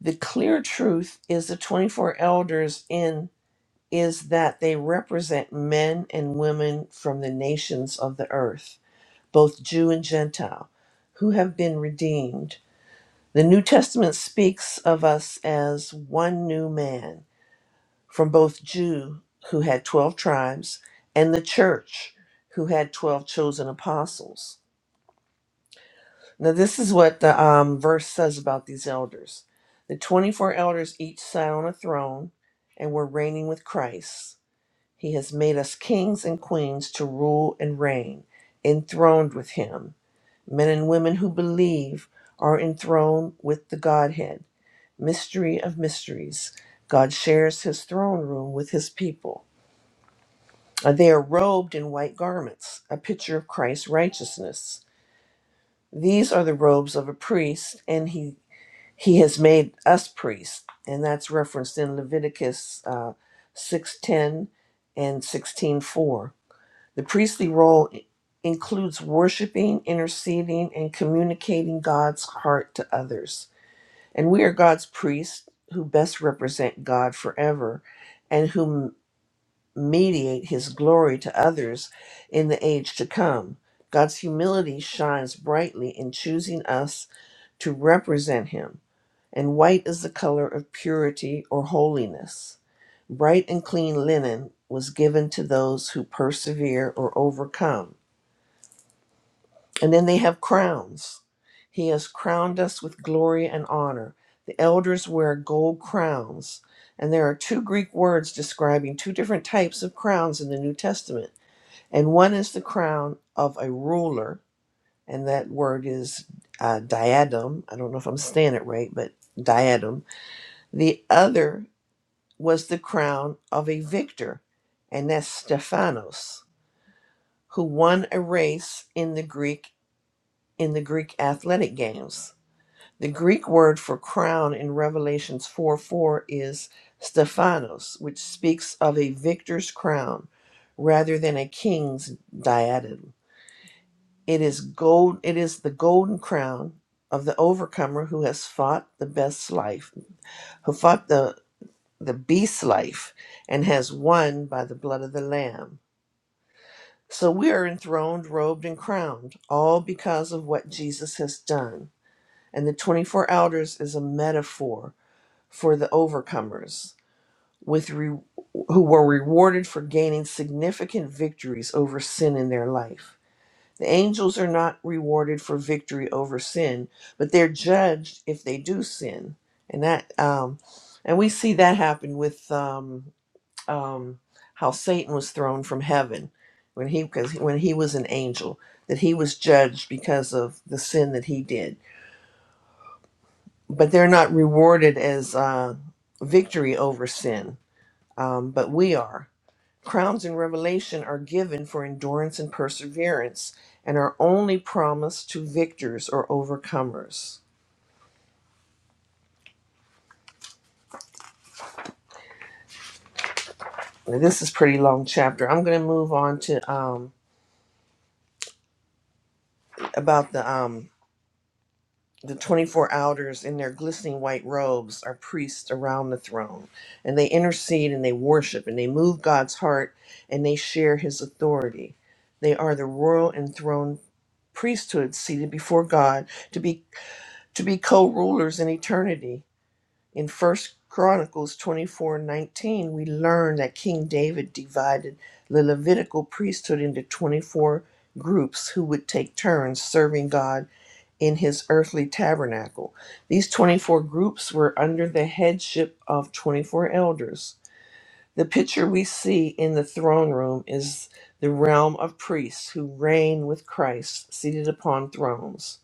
J: the clear truth is the 24 elders in is that they represent men and women from the nations of the earth, both Jew and Gentile, who have been redeemed. The New Testament speaks of us as one new man from both Jew, who had 12 tribes, and the church, who had 12 chosen apostles. Now, this is what the um, verse says about these elders. The 24 elders each sat on a throne and were reigning with Christ. He has made us kings and queens to rule and reign, enthroned with him. Men and women who believe are enthroned with the Godhead. Mystery of mysteries. God shares his throne room with his people. Uh, They are robed in white garments, a picture of Christ's righteousness. These are the robes of a priest, and he he has made us priests, and that's referenced in Leviticus uh, six ten and sixteen four. The priestly role i- includes worshiping, interceding, and communicating God's heart to others, and we are God's priests who best represent God forever, and whom mediate his glory to others in the age to come. God's humility shines brightly in choosing us to represent him, and white is the color of purity or holiness. Bright and clean linen was given to those who persevere or overcome and then they have crowns. He has crowned us with glory and honor. The elders wear gold crowns. And there are two Greek words describing two different types of crowns in the New Testament. And one is the crown of a ruler, and that word is uh, diadem. I don't know if I'm saying it right, but diadem. The other was the crown of a victor, and that's Stephanos, who won a race in the Greek in the Greek athletic games. The Greek word for crown in Revelations 4 4 is Stephanos, which speaks of a victor's crown rather than a king's diadem. It is gold it is the golden crown of the overcomer who has fought the best life, who fought the, the beast's life and has won by the blood of the Lamb. So we are enthroned, robed, and crowned, all because of what Jesus has done. And the 24 elders is a metaphor for the overcomers with re- who were rewarded for gaining significant victories over sin in their life. The angels are not rewarded for victory over sin, but they're judged if they do sin, and that um, and we see that happen with um, um, how Satan was thrown from heaven when he because when he was an angel that he was judged because of the sin that he did, but they're not rewarded as uh, victory over sin um, but we are. Crowns in Revelation are given for endurance and perseverance and are only promised to victors or overcomers. Now, this is pretty long chapter. I'm going to move on to um, about the um, the 24 elders in their glistening white robes are priests around the throne and they intercede and they worship and they move God's heart and they share his authority. They are the royal enthroned priesthood seated before God to be. to be co-rulers in eternity. In First Chronicles 24 19, we learn that King David divided the Levitical priesthood into 24 groups who would take turns serving God in his earthly tabernacle. These 24 groups were under the headship of 24 elders. The picture we see in the throne room is the realm of priests who reign with Christ seated upon thrones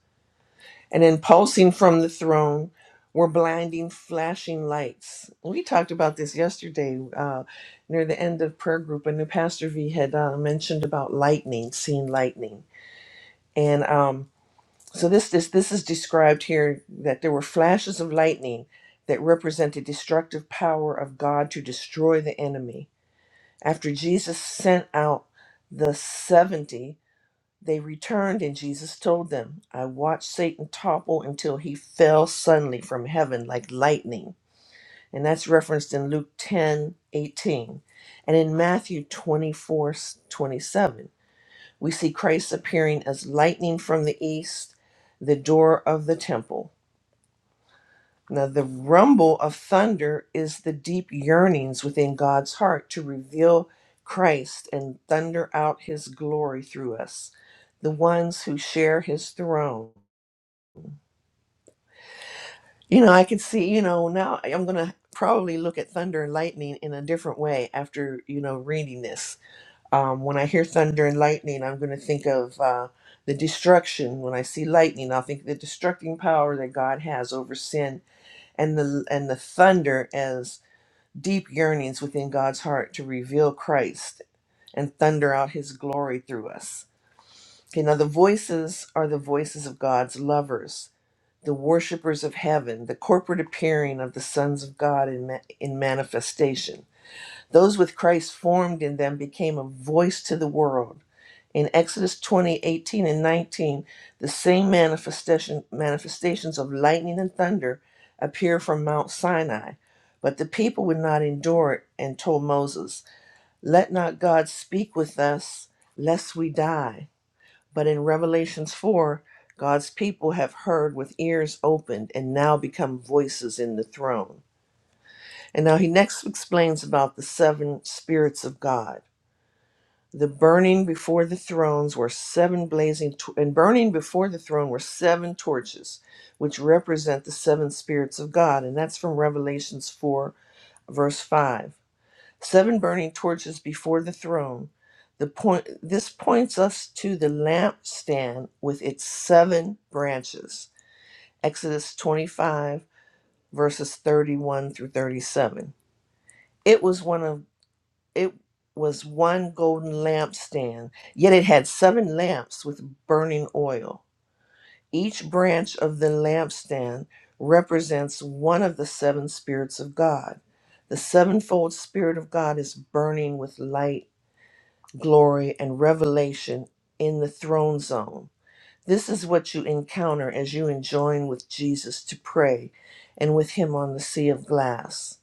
J: and impulsing from the throne were blinding flashing lights we talked about this yesterday uh, near the end of prayer group and the pastor v had uh, mentioned about lightning seeing lightning and um, so this, this this is described here that there were flashes of lightning that represent the destructive power of god to destroy the enemy after jesus sent out the 70 they returned, and Jesus told them, I watched Satan topple until he fell suddenly from heaven like lightning. And that's referenced in Luke 10 18, And in Matthew 24 27. we see Christ appearing as lightning from the east, the door of the temple. Now, the rumble of thunder is the deep yearnings within God's heart to reveal Christ and thunder out his glory through us, the ones who share his throne. You know, I could see, you know, now I'm going to probably look at thunder and lightning in a different way after, you know, reading this. Um, when I hear thunder and lightning, I'm going to think of uh, the destruction. When I see lightning, I'll think the destructing power that God has over sin and the and the thunder as. deep yearnings within God's heart to reveal Christ and thunder out his glory through us. Okay, now the voices are the voices of God's lovers, the worshipers of heaven, the corporate appearing of the sons of God in, ma- in manifestation. Those with Christ formed in them became a voice to the world. In Exodus 20:18 and 19, the same manifestation, manifestations of lightning and thunder appear from Mount Sinai. But the people would not endure it and told Moses, Let not God speak with us, lest we die. But in Revelations 4, God's people have heard with ears opened and now become voices in the throne. And now he next explains about the seven spirits of God. The burning before the thrones were seven blazing, t- and burning before the throne were seven torches, which represent the seven spirits of God. And that's from Revelations 4, verse 5. Seven burning torches before the throne. The point, this points us to the lampstand with its seven branches. Exodus 25, verses 31 through 37. It was one of it was one golden lampstand, yet it had seven lamps with burning oil. Each branch of the lampstand represents one of the seven spirits of God. The sevenfold Spirit of God is burning with light, glory, and revelation in the throne zone. This is what you encounter as you join with Jesus to pray and with Him on the sea of glass.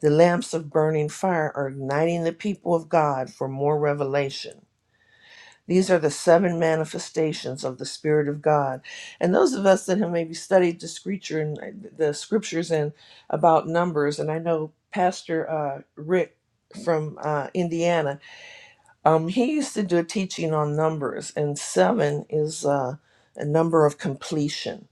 J: The lamps of burning fire are igniting the people of God for more revelation. These are the seven manifestations of the Spirit of God. And those of us that have maybe studied the scripture and the scriptures and about numbers, and I know Pastor uh, Rick from uh, Indiana, um, he used to do a teaching on numbers, and seven is uh, a number of completion.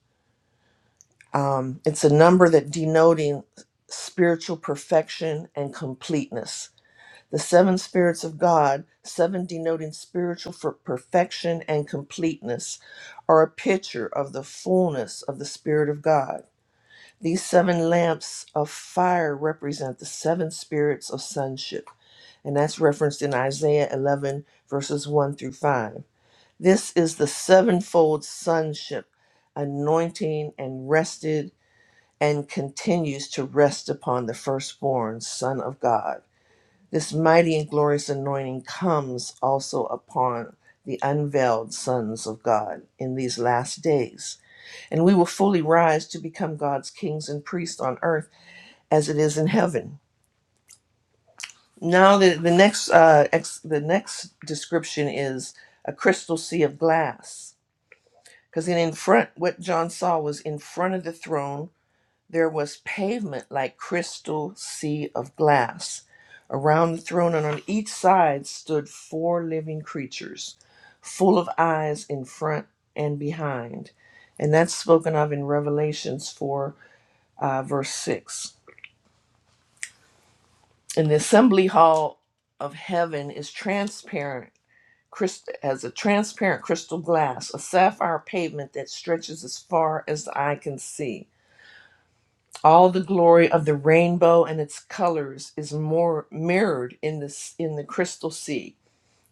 J: Um, it's a number that denoting spiritual perfection and completeness The seven spirits of God, seven denoting spiritual for perfection and completeness, are a picture of the fullness of the Spirit of God. These seven lamps of fire represent the seven spirits of sonship, and that's referenced in Isaiah 11, verses 1 through 5. This is the sevenfold sonship anointing and rested and continues to rest upon the firstborn Son of God. This mighty and glorious anointing comes also upon the unveiled sons of God in these last days, and we will fully rise to become God's kings and priests on earth as it is in heaven. Now, the, the next uh, ex, the next description is a crystal sea of glass, because in in front, what John saw was in front of the throne There was pavement like crystal sea of glass. Around the throne and on each side stood four living creatures, full of eyes in front and behind. And that's spoken of in Revelations 4, uh, verse 6. And the assembly hall of heaven is transparent, crystal, as a transparent crystal glass, a sapphire pavement that stretches as far as the eye can see. All the glory of the rainbow and its colors is more mirrored in this in the crystal sea.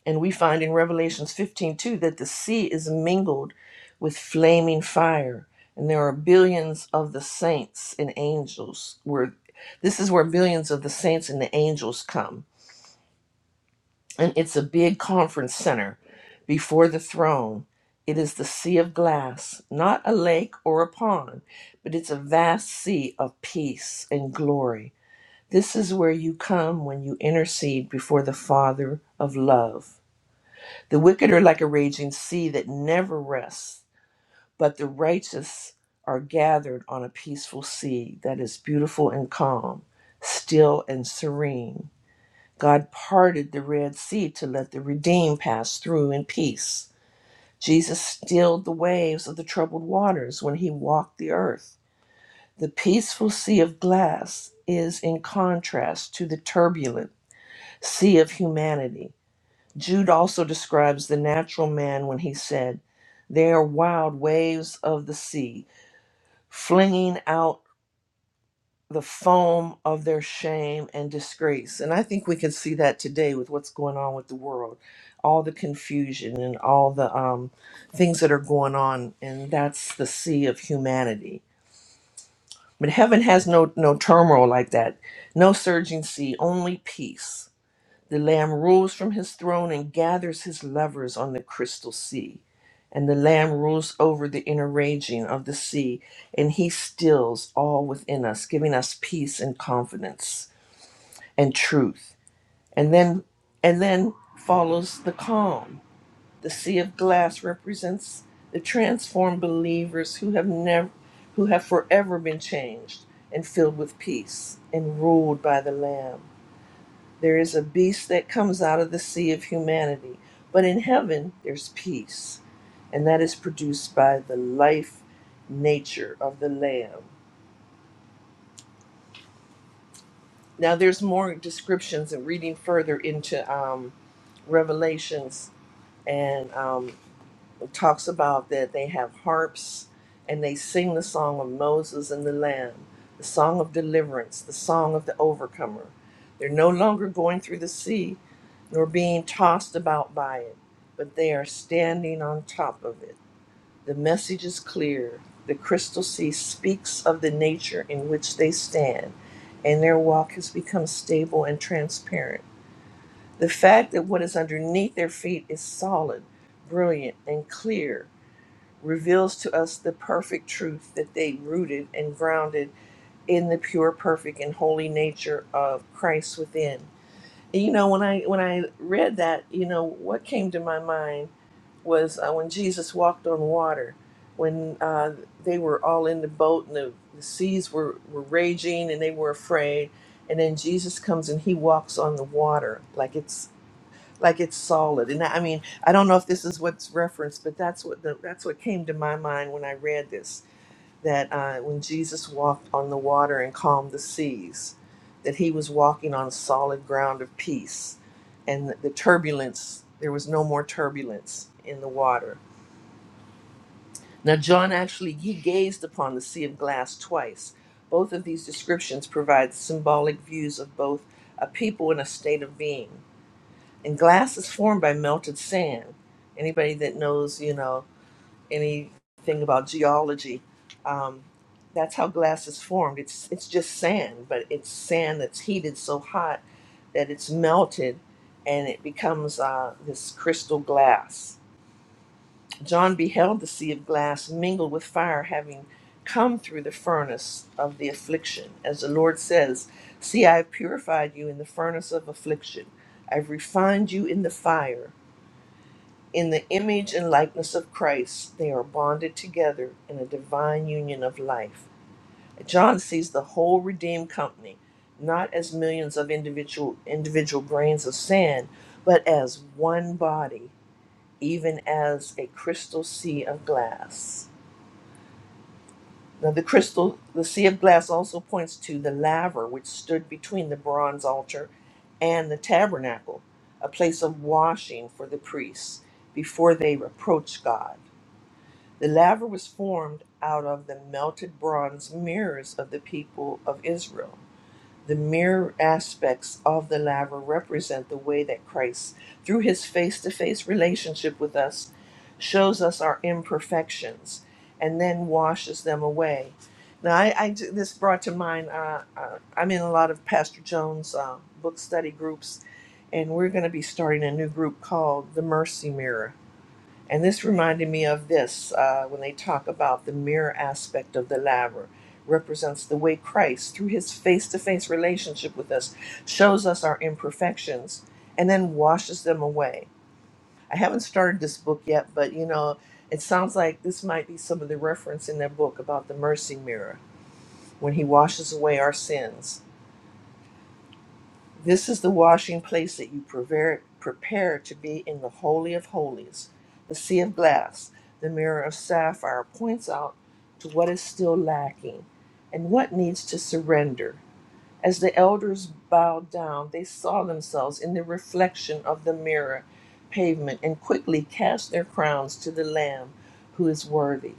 J: And we find in Revelations fifteen two that the sea is mingled with flaming fire. And there are billions of the saints and angels where this is where billions of the saints and the angels come. And it's a big conference center before the throne. It is the sea of glass, not a lake or a pond, but it's a vast sea of peace and glory this is where you come when you intercede before the Father of love. The wicked are like a raging sea that never rests, but the righteous are gathered on a peaceful sea that is beautiful and calm, still and serene. God parted the Red Sea to let the redeemed pass through in peace. Jesus stilled the waves of the troubled waters when he walked the earth. The peaceful sea of glass is in contrast to the turbulent. sea of humanity. Jude also describes the natural man when he said, They are wild waves of the sea, flinging out the foam of their shame and disgrace. And I think we can see that today with what's going on with the world, all the confusion and all the um, things that are going on. And that's the sea of humanity. But heaven has no, no turmoil like that, no surging sea, only peace The Lamb rules from his throne and gathers his lovers on the crystal sea. And the Lamb rules over the inner raging of the sea, and he stills all within us, giving us peace and confidence and truth. And then and then follows the calm. The sea of glass represents the transformed believers who have never who have forever been changed and filled with peace and ruled by the Lamb. There is a beast that comes out of the sea of humanity. But in heaven, there's peace. And that is produced by the life nature of the Lamb. Now, there's more descriptions and reading further into um, Revelations and um, talks about that they have harps and they sing the song of Moses and the Lamb, the song of deliverance, the song of the overcomer. They're no longer going through the sea nor being tossed about by it, but they are standing on top of it. The message is clear. The crystal sea speaks of the nature in which they stand, and their walk has become stable and transparent. The fact that what is underneath their feet is solid, brilliant, and clear reveals to us the perfect truth that they rooted and grounded in the pure, perfect, and holy nature of Christ within. And, you know, when I when I read that, you know, what came to my mind was uh, when Jesus walked on water, when uh, they were all in the boat and the, the seas were, were raging and they were afraid. And then Jesus comes and he walks on the water like it's like it's solid and i mean i don't know if this is what's referenced but that's what the, that's what came to my mind when i read this that uh, when jesus walked on the water and calmed the seas that he was walking on solid ground of peace and the turbulence there was no more turbulence in the water now john actually he gazed upon the sea of glass twice both of these descriptions provide symbolic views of both a people and a state of being and glass is formed by melted sand. Anybody that knows, you know, anything about geology, um, that's how glass is formed. It's it's just sand, but it's sand that's heated so hot that it's melted, and it becomes uh, this crystal glass. John beheld the sea of glass mingled with fire, having come through the furnace of the affliction. As the Lord says, "See, I have purified you in the furnace of affliction. I've refined you in the fire." In the image and likeness of Christ, they are bonded together in a divine union of life. John sees the whole redeemed company not as millions of individual individual grains of sand, but as one body, even as a crystal sea of glass. Now the crystal the sea of glass also points to the laver which stood between the bronze altar and the tabernacle, a place of washing for the priests before they approach God. The laver was formed out of the melted bronze mirrors of the people of Israel. The mirror aspects of the laver represent the way that Christ, through his face to face relationship with us, shows us our imperfections and then washes them away. Now, I, I ju- this brought to mind, uh, uh, I'm in a lot of Pastor Jones' uh, book study groups, and we're going to be starting a new group called The Mercy Mirror and this reminded me of this uh, when they talk about the mirror aspect of the laver represents the way Christ, through his face to face relationship with us, shows us our imperfections and then washes them away. I haven't started this book yet, but you know, it sounds like this might be some of the reference in that book about the mercy mirror when he washes away our sins. This is the washing place that you prepare, prepare to be in the Holy of Holies. The sea of glass, the mirror of sapphire, points out to what is still lacking and what needs to surrender. As the elders bowed down, they saw themselves in the reflection of the mirror pavement and quickly cast their crowns to the Lamb who is worthy.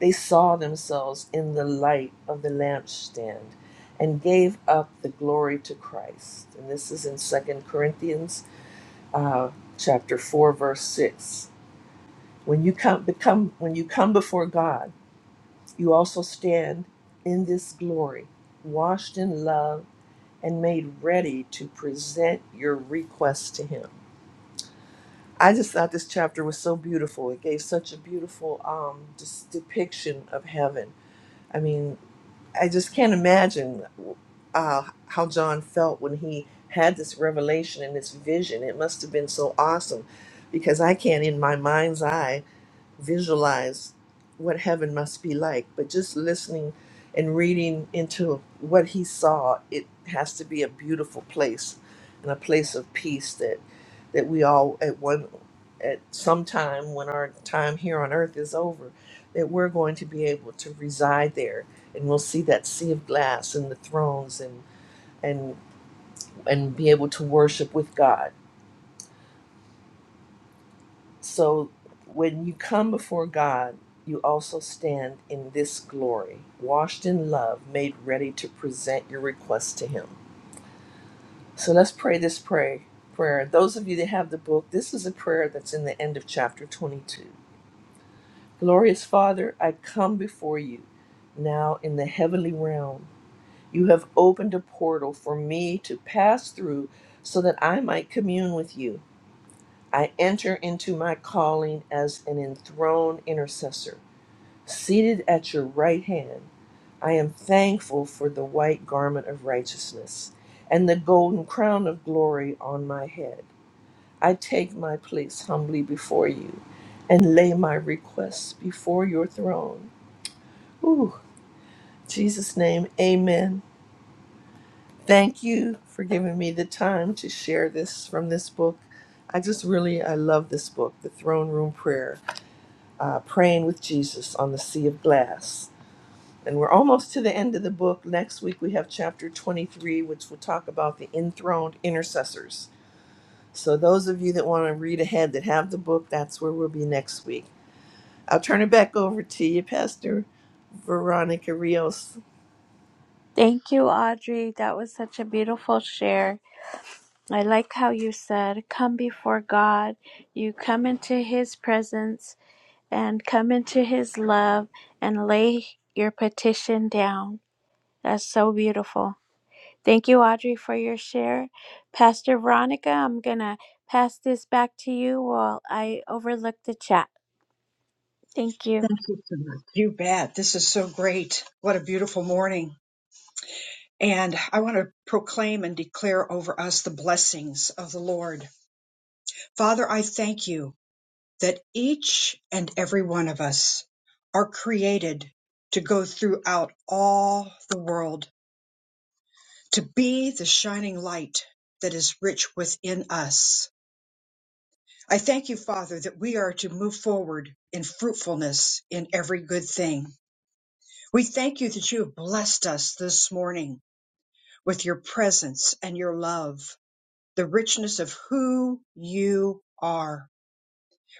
J: They saw themselves in the light of the lampstand and gave up the glory to Christ. And this is in Second Corinthians uh, chapter 4, verse 6. When you come become when you come before God, you also stand in this glory, washed in love and made ready to present your request to him. I just thought this chapter was so beautiful. It gave such a beautiful um, just depiction of heaven. I mean, I just can't imagine uh, how John felt when he had this revelation and this vision. It must have been so awesome because I can't, in my mind's eye, visualize what heaven must be like, but just listening and reading into what he saw, it has to be a beautiful place and a place of peace that that we all at one at some time when our time here on earth is over, that we're going to be able to reside there and we'll see that sea of glass and the thrones and and and be able to worship with God So when you come before God, you also stand in this glory, washed in love, made ready to present your request to Him. So let's pray this pray, prayer. Those of you that have the book, this is a prayer that's in the end of chapter 22. Glorious Father, I come before you now in the heavenly realm. You have opened a portal for me to pass through so that I might commune with you. I enter into my calling as an enthroned intercessor. Seated at your right hand, I am thankful for the white garment of righteousness and the golden crown of glory on my head. I take my place humbly before you and lay my requests before your throne. Ooh, Jesus' name, amen. Thank you for giving me the time to share this from this book. I just really, I love this book, The Throne Room Prayer, uh, Praying with Jesus on the Sea of Glass. And we're almost to the end of the book. Next week we have chapter 23, which will talk about the enthroned intercessors. So, those of you that want to read ahead that have the book, that's where we'll be next week. I'll turn it back over to you, Pastor Veronica Rios.
B: Thank you, Audrey. That was such a beautiful share. I like how you said, Come before God. You come into His presence and come into His love and lay your petition down. That's so beautiful. Thank you, Audrey, for your share. Pastor Veronica, I'm going to pass this back to you while I overlook the chat. Thank you.
A: Thank you so much. You bet. This is so great. What a beautiful morning. And I want to proclaim and declare over us the blessings of the Lord. Father, I thank you that each and every one of us are created to go throughout all the world, to be the shining light that is rich within us. I thank you, Father, that we are to move forward in fruitfulness in every good thing. We thank you that you have blessed us this morning with your presence and your love, the richness of who you are.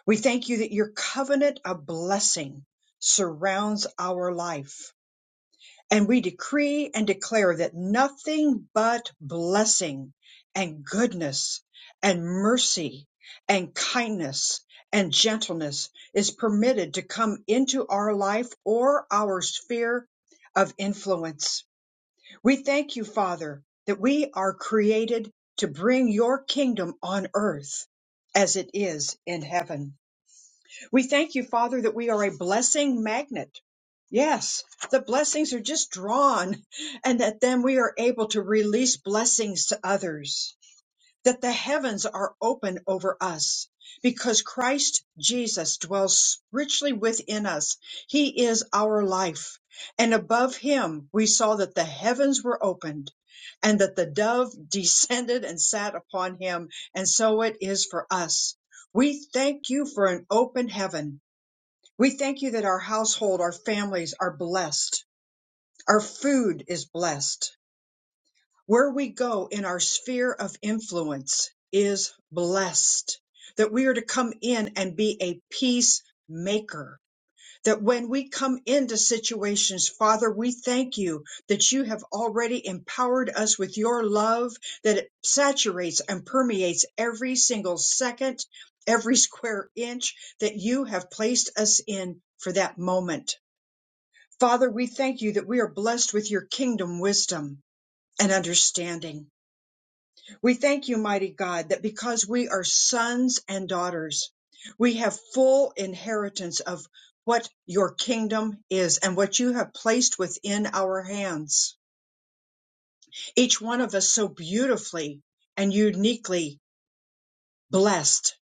A: We thank you that your covenant of blessing surrounds our life. And we decree and declare that nothing but blessing and goodness and mercy and kindness and gentleness is permitted to come into our life or our sphere of influence. We thank you, Father, that we are created to bring your kingdom on earth as it is in heaven. We thank you, Father, that we are a blessing magnet. Yes, the blessings are just drawn, and that then we are able to release blessings to others that the heavens are open over us because Christ Jesus dwells richly within us. He is our life. And above him, we saw that the heavens were opened and that the dove <laughs> descended and sat upon him. And so it is for us. We thank you for an open heaven. We thank you that our household, our families are blessed. Our food is blessed where we go in our sphere of influence is blessed. That we are to come in and be a peacemaker. That when we come into situations, Father, we thank you that you have already empowered us with your love, that it saturates and permeates every single second, every square inch that you have placed us in for that moment. Father, we thank you that we are blessed with your kingdom wisdom and understanding. We thank you, mighty God, that because we are sons and daughters, we have full inheritance of what your kingdom is and what you have placed within our hands. Each one of us so beautifully and uniquely blessed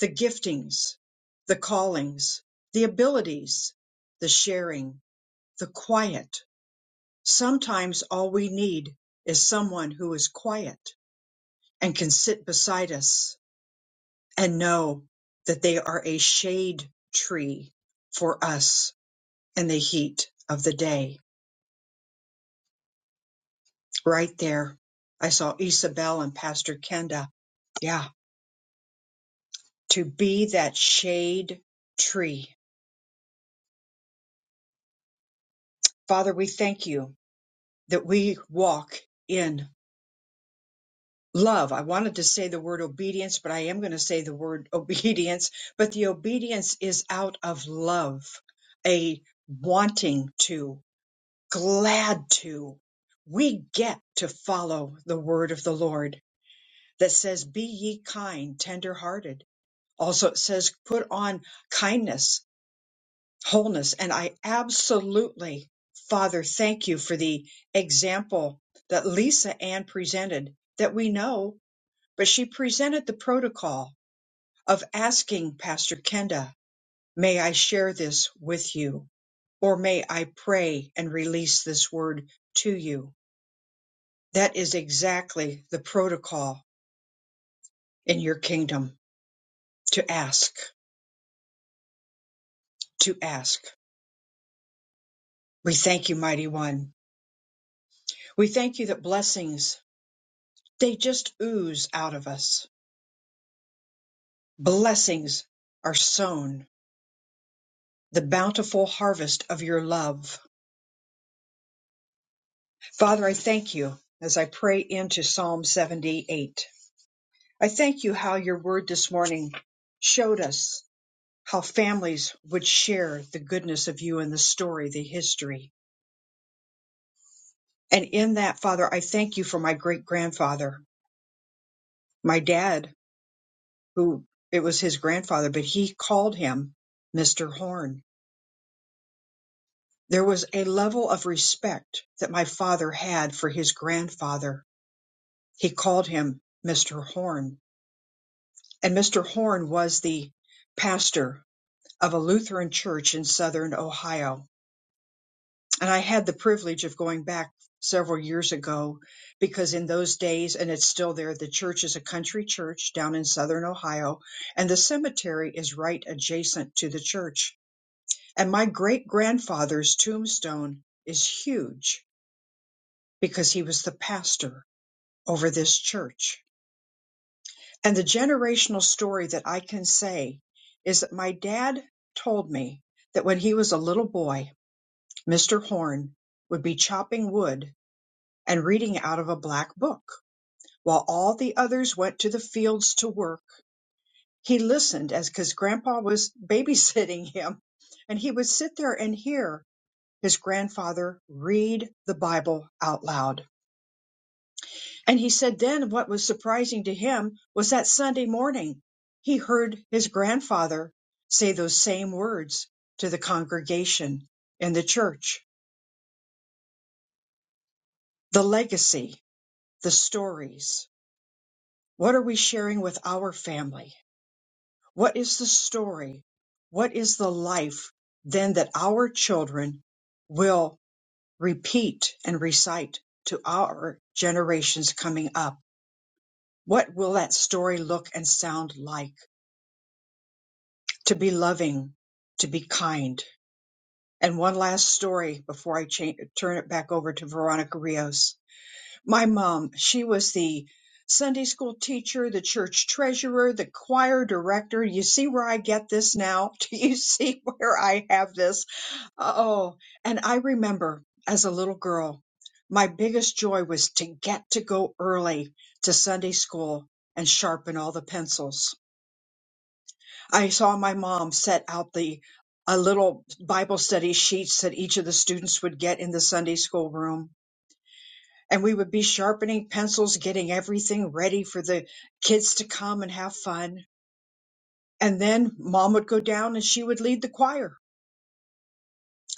A: the giftings, the callings, the abilities, the sharing, the quiet. Sometimes all we need is someone who is quiet and can sit beside us and know that they are a shade tree for us in the heat of the day. Right there. I saw Isabel and Pastor Kenda. Yeah. To be that shade tree. Father, we thank you that we walk in love. I wanted to say the word obedience, but I am going to say the word <laughs> obedience, but the obedience is out of love, a wanting to. glad to. We get to follow the word of the Lord that says, Be ye kind, tender hearted. Also, it says, Put on kindness, wholeness. And I absolutely, Father, thank you for the example that Lisa Ann presented that we know, but she presented the protocol of asking Pastor Kenda, May I share this with you? Or may I pray and release this word to you? That is exactly the protocol in your kingdom to ask, to ask. We thank you, mighty one. We thank you that blessings, they just ooze out of us. Blessings are sown, the bountiful harvest of your love. Father, I thank you as I pray into Psalm 78. I thank you how your word this morning showed us how families would share the goodness of you and the story, the history And in that, Father, I thank you for my great grandfather, my dad, who it was his grandfather, but he called him Mr. Horn. There was a level of respect that my father had for his grandfather. He called him Mr. Horn. And Mr. Horn was the pastor of a Lutheran church in southern Ohio And I had the privilege of going back several years ago because in those days, and it's still there, the church is a country church down in southern Ohio, and the cemetery is right adjacent to the church. And my great grandfather's tombstone is huge because he was the pastor over this church. And the generational story that I can say is that my dad told me that when he was a little boy, Mr. Horn would be chopping wood and reading out of a black book. While all the others went to the fields to work, he listened as because grandpa was babysitting him, and he would sit there and hear his grandfather read the Bible out loud. And he said then what was surprising to him was that Sunday morning he heard his grandfather say those same words to the congregation in the church. The legacy, the stories. What are we sharing with our family? What is the story? What is the life then that our children will repeat and recite to our generations coming up? What will that story look and sound like? To be loving, to be kind. And one last story before I cha- turn it back over to Veronica Rios my mom, she was the Sunday school teacher, the church treasurer, the choir director. You see where I get this now? <laughs> Do you see where I have this? Oh, and I remember as a little girl, my biggest joy was to get to go early to Sunday school and sharpen all the pencils. I saw my mom set out the a little Bible study sheets that each of the students would get in the Sunday school room and we would be sharpening pencils, getting everything ready for the kids to come and have fun. And then mom would go down and she would lead the choir.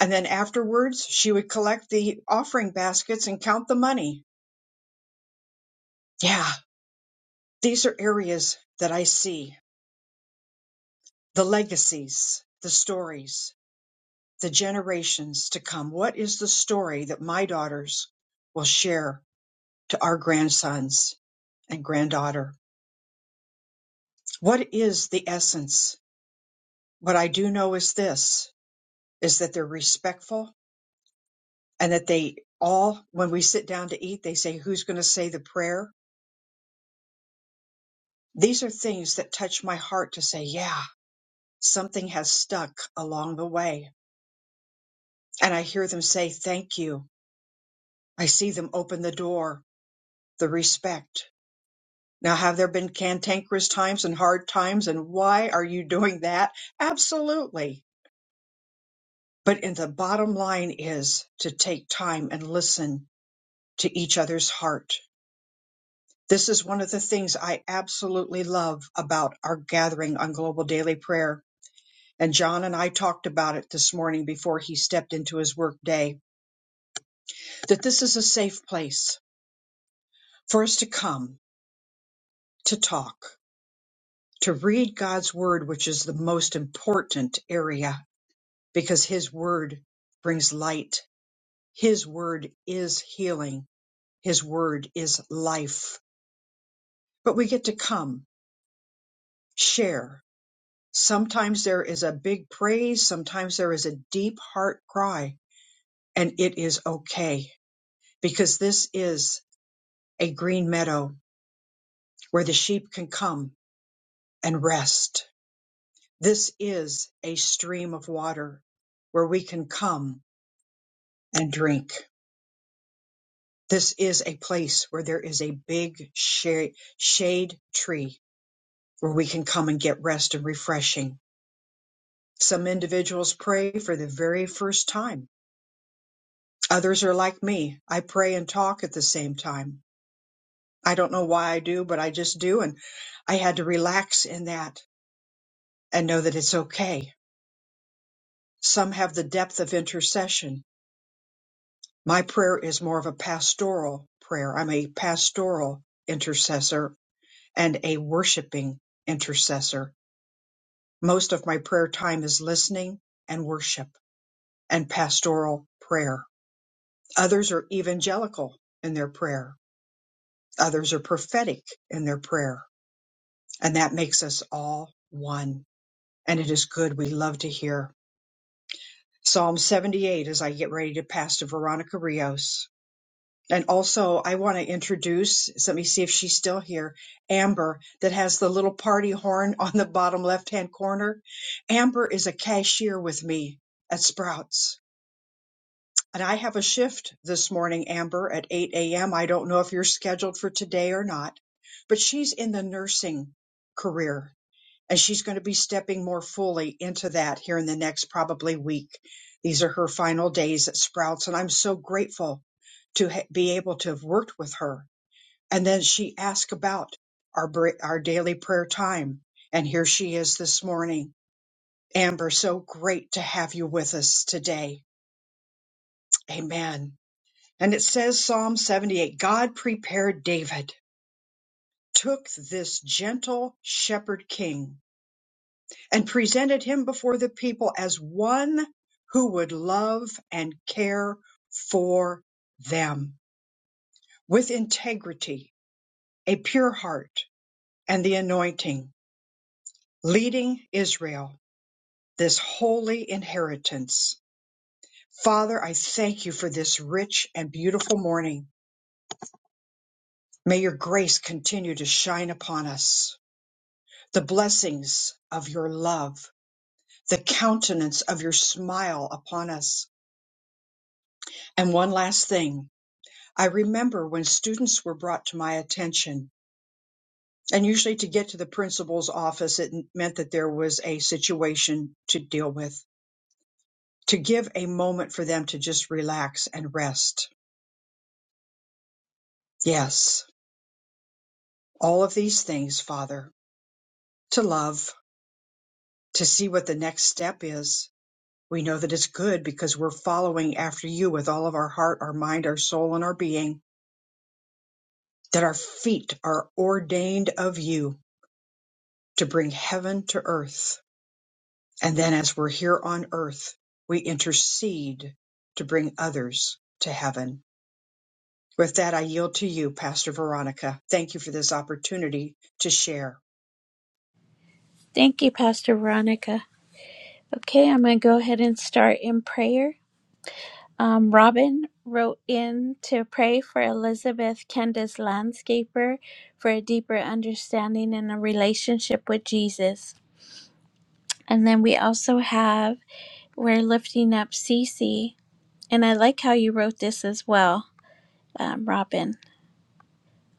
A: And then afterwards, she would collect the offering baskets and count the money. Yeah, these are areas that I see the legacies, the stories, the generations to come. What is the story that my daughters will share to our grandsons and granddaughter? What is the essence? What I do know is this is that they're respectful and that they all, when we sit down to eat, they say, Who's going to say the prayer? These are things that touch my heart to say, Yeah, something has stuck along the way. And I hear them say, Thank you. I see them open the door, the respect. Now, have there been cantankerous times and hard times? And why are you doing that? Absolutely. But in the bottom line is to take time and listen to each other's heart This is one of the things I absolutely love about our gathering on Global Daily Prayer. And John and I talked about it this morning before he stepped into his work day that this is a safe place for us to come, to talk, to read God's word, which is the most important area because his word brings light. His word is healing. His word is life. But we get to come, share, Sometimes there is a big praise, sometimes there is a deep heart cry, and it is okay because this is a green meadow where the sheep can come and rest. This is a stream of water where we can come and drink. This is a place where there is a big shade, shade tree where we can come and get rest and refreshing. Some individuals pray for the very first time Others are like me. I pray and talk at the same time. I don't know why I do, but I just do. And I had to relax in that and know that it's okay. Some have the depth of intercession. My prayer is more of a pastoral prayer. I'm a pastoral intercessor and a worshiping intercessor. Most of my prayer time is listening and worship and pastoral prayer. Others are evangelical in their prayer. Others are prophetic in their prayer and that makes us all one. And it is good. We love to hear Psalm 78 as I get ready to pass to Veronica Rios. And also, I want to introduce, so let me see if she's still here, Amber, that has the little party horn <laughs> on the bottom left hand corner. Amber is a cashier with me at Sprouts. And I have a shift this morning, Amber, at 8 a.m. I don't know if you're scheduled for today or not, but she's in the nursing career and she's going to be stepping more fully into that here in the next probably week. These are her final days at Sprouts, and I'm so grateful to ha- be able to have worked with her. And then she asked about our br- our daily prayer time, and here she is this morning. Amber, so great to have you with us today. Amen. And it says Psalm 78, God prepared David, took this gentle shepherd king and presented him before the people as one who would love and care for them with integrity, a pure heart, and the anointing, leading Israel, this holy inheritance. Father, I thank you for this rich and beautiful morning. May your grace continue to shine upon us, the blessings of your love, the countenance of your smile upon us. And one last thing I remember when students were brought to my attention, and usually to get to the principal's office, it meant that there was a situation to deal with, to give a moment for them to just relax and rest. Yes, all of these things, Father, to love, to see what the next step is. We know that it's good because we're following after you with all of our heart, our mind, our soul, and our being, that our feet are ordained of you to bring heaven to earth And then as we're here on earth, we intercede to bring others to heaven. With that, I yield to you, Pastor Veronica. Thank you for this opportunity to share.
B: Thank you, Pastor Veronica. Okay, I'm going to go ahead and start in prayer. Um, Robin wrote in to pray for Elizabeth Kenda's landscaper for a deeper understanding and a relationship with Jesus. And then we also have, we're lifting up Cece. And I like how you wrote this as well, um, Robin.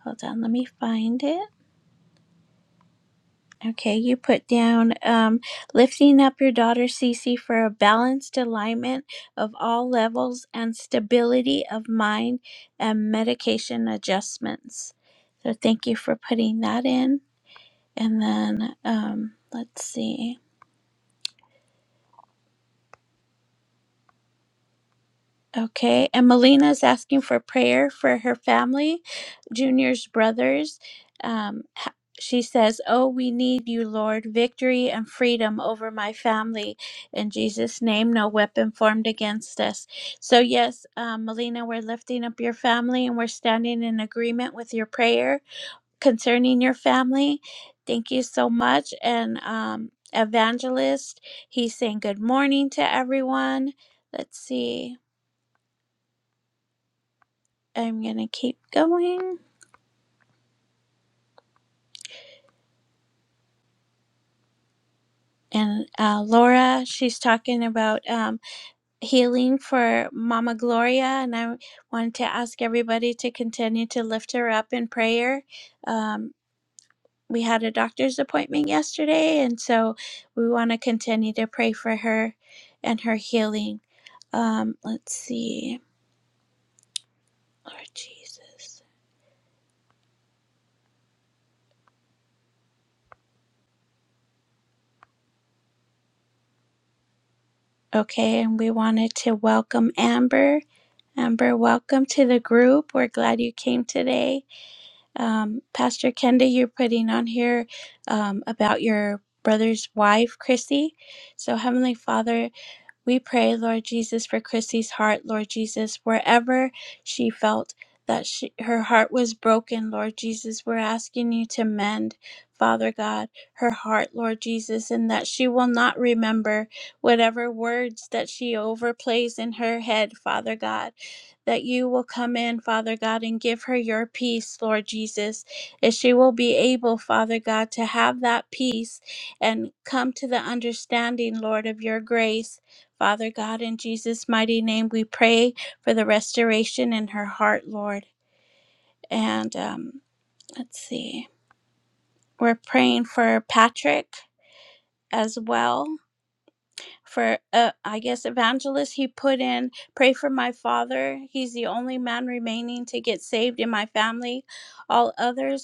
B: Hold on, let me find it. Okay, you put down um, lifting up your daughter Cece for a balanced alignment of all levels and stability of mind and medication adjustments. So, thank you for putting that in. And then um, let's see. Okay, and Melina is asking for prayer for her family, Junior's brothers. Um, h- she says, Oh, we need you, Lord, victory and freedom over my family. In Jesus' name, no weapon formed against us. So, yes, um, Melina, we're lifting up your family and we're standing in agreement with your prayer concerning your family. Thank you so much. And um, Evangelist, he's saying good morning to everyone. Let's see. I'm gonna keep going. And uh, Laura, she's talking about um, healing for Mama Gloria, and I wanted to ask everybody to continue to lift her up in prayer. Um, we had a doctor's appointment yesterday, and so we want to continue to pray for her and her healing. Um, let's see, Lord Jesus. Okay, and we wanted to welcome Amber. Amber, welcome to the group. We're glad you came today um, Pastor Kenda, you're putting on here um, about your brother's wife, Chrissy. So, Heavenly Father, we pray, Lord Jesus, for Chrissy's heart, Lord Jesus, wherever she felt that she, her heart was broken, Lord Jesus. We're asking you to mend, Father God, her heart, Lord Jesus, and that she will not remember whatever words that she overplays in her head, Father God. That you will come in, Father God, and give her your peace, Lord Jesus, that she will be able, Father God, to have that peace and come to the understanding, Lord, of your grace Father God, in Jesus' mighty name, we pray for the restoration in her heart, Lord. And um, let's see, we're praying for Patrick as well. For, uh, I guess, evangelist, he put in, pray for my father. He's the only man remaining to get saved in my family. All others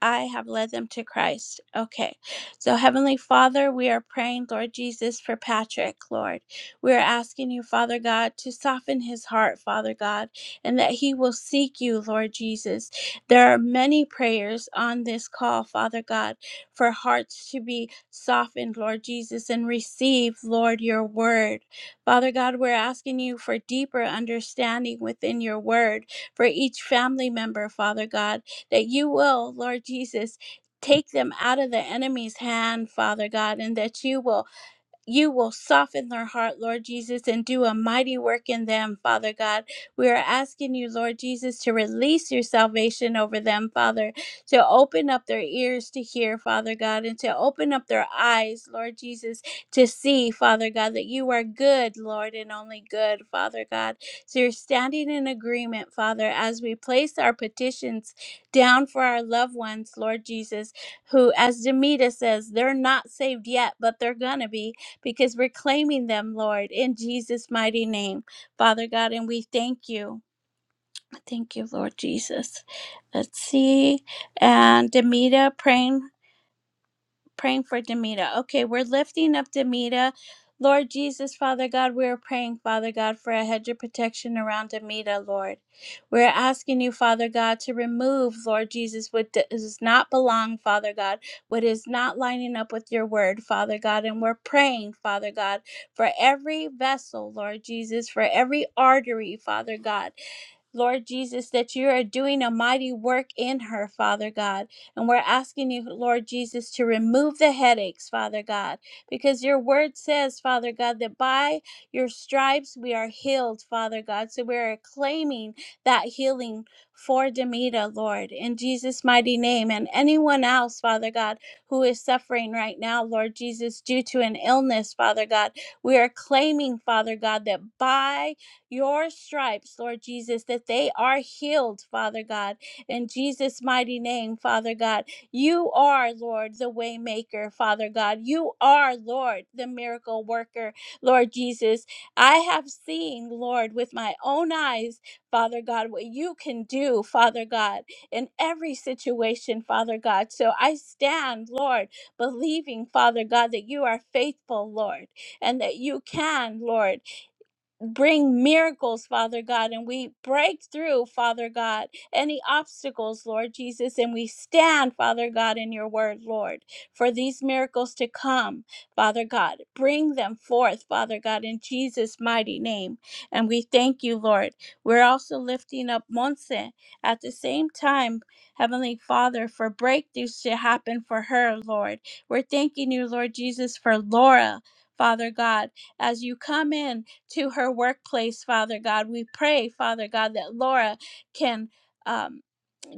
B: I have led them to Christ. Okay. So, Heavenly Father, we are praying, Lord Jesus, for Patrick, Lord. We are asking you, Father God, to soften his heart, Father God, and that he will seek you, Lord Jesus. There are many prayers on this call, Father God, for hearts to be softened, Lord Jesus, and receive, Lord, your word. Father God, we're asking you for deeper understanding within your word for each family member, Father God that you will, Lord Jesus, take them out of the enemy's hand, Father God, and that you will you will soften their heart, Lord Jesus, and do a mighty work in them, Father God. We are asking you, Lord Jesus, to release your salvation over them, Father, to open up their ears to hear, Father God, and to open up their eyes, Lord Jesus, to see, Father God, that you are good, Lord, and only good, Father God. So you're standing in agreement, Father, as we place our petitions down for our loved ones, Lord Jesus, who, as Demita says, they're not saved yet, but they're going to be because we're claiming them, Lord, in Jesus' mighty name, Father God. And we thank you. Thank you, Lord Jesus. Let's see. And Demita praying praying for Demita. Okay, we're lifting up Demita. Lord Jesus, Father God, we are praying, Father God, for a hedge of protection around Demita, Lord. We're asking you, Father God, to remove, Lord Jesus, what does not belong, Father God, what is not lining up with your word, Father God. And we're praying, Father God, for every vessel, Lord Jesus, for every artery, Father God. Lord Jesus, that you are doing a mighty work in her, Father God. And we're asking you, Lord Jesus, to remove the headaches, Father God, because your word says, Father God, that by your stripes we are healed, Father God. So we're claiming that healing for Demita, Lord, in Jesus' mighty name, and anyone else, Father God, who is suffering right now, Lord Jesus, due to an illness, Father God. We are claiming, Father God, that by your stripes, Lord Jesus, that they are healed, Father God. In Jesus' mighty name, Father God, you are, Lord, the waymaker, Father God. You are, Lord, the miracle worker, Lord Jesus. I have seen, Lord, with my own eyes, Father God, what you can do, Father God, in every situation, Father God. So I stand, Lord, believing, Father God, that you are faithful, Lord, and that you can, Lord bring miracles, Father God, and we break through, Father God, any obstacles, Lord Jesus, and we stand, Father God, in your word, Lord, for these miracles to come, Father God. Bring them forth, Father God, in Jesus' mighty name. And we thank you, Lord. We're also lifting up Monse at the same time, Heavenly Father, for breakthroughs to happen for her, Lord. We're thanking you, Lord Jesus, for Laura, Father God, as you come in to her workplace, Father God. We pray, Father God, that Laura can. um,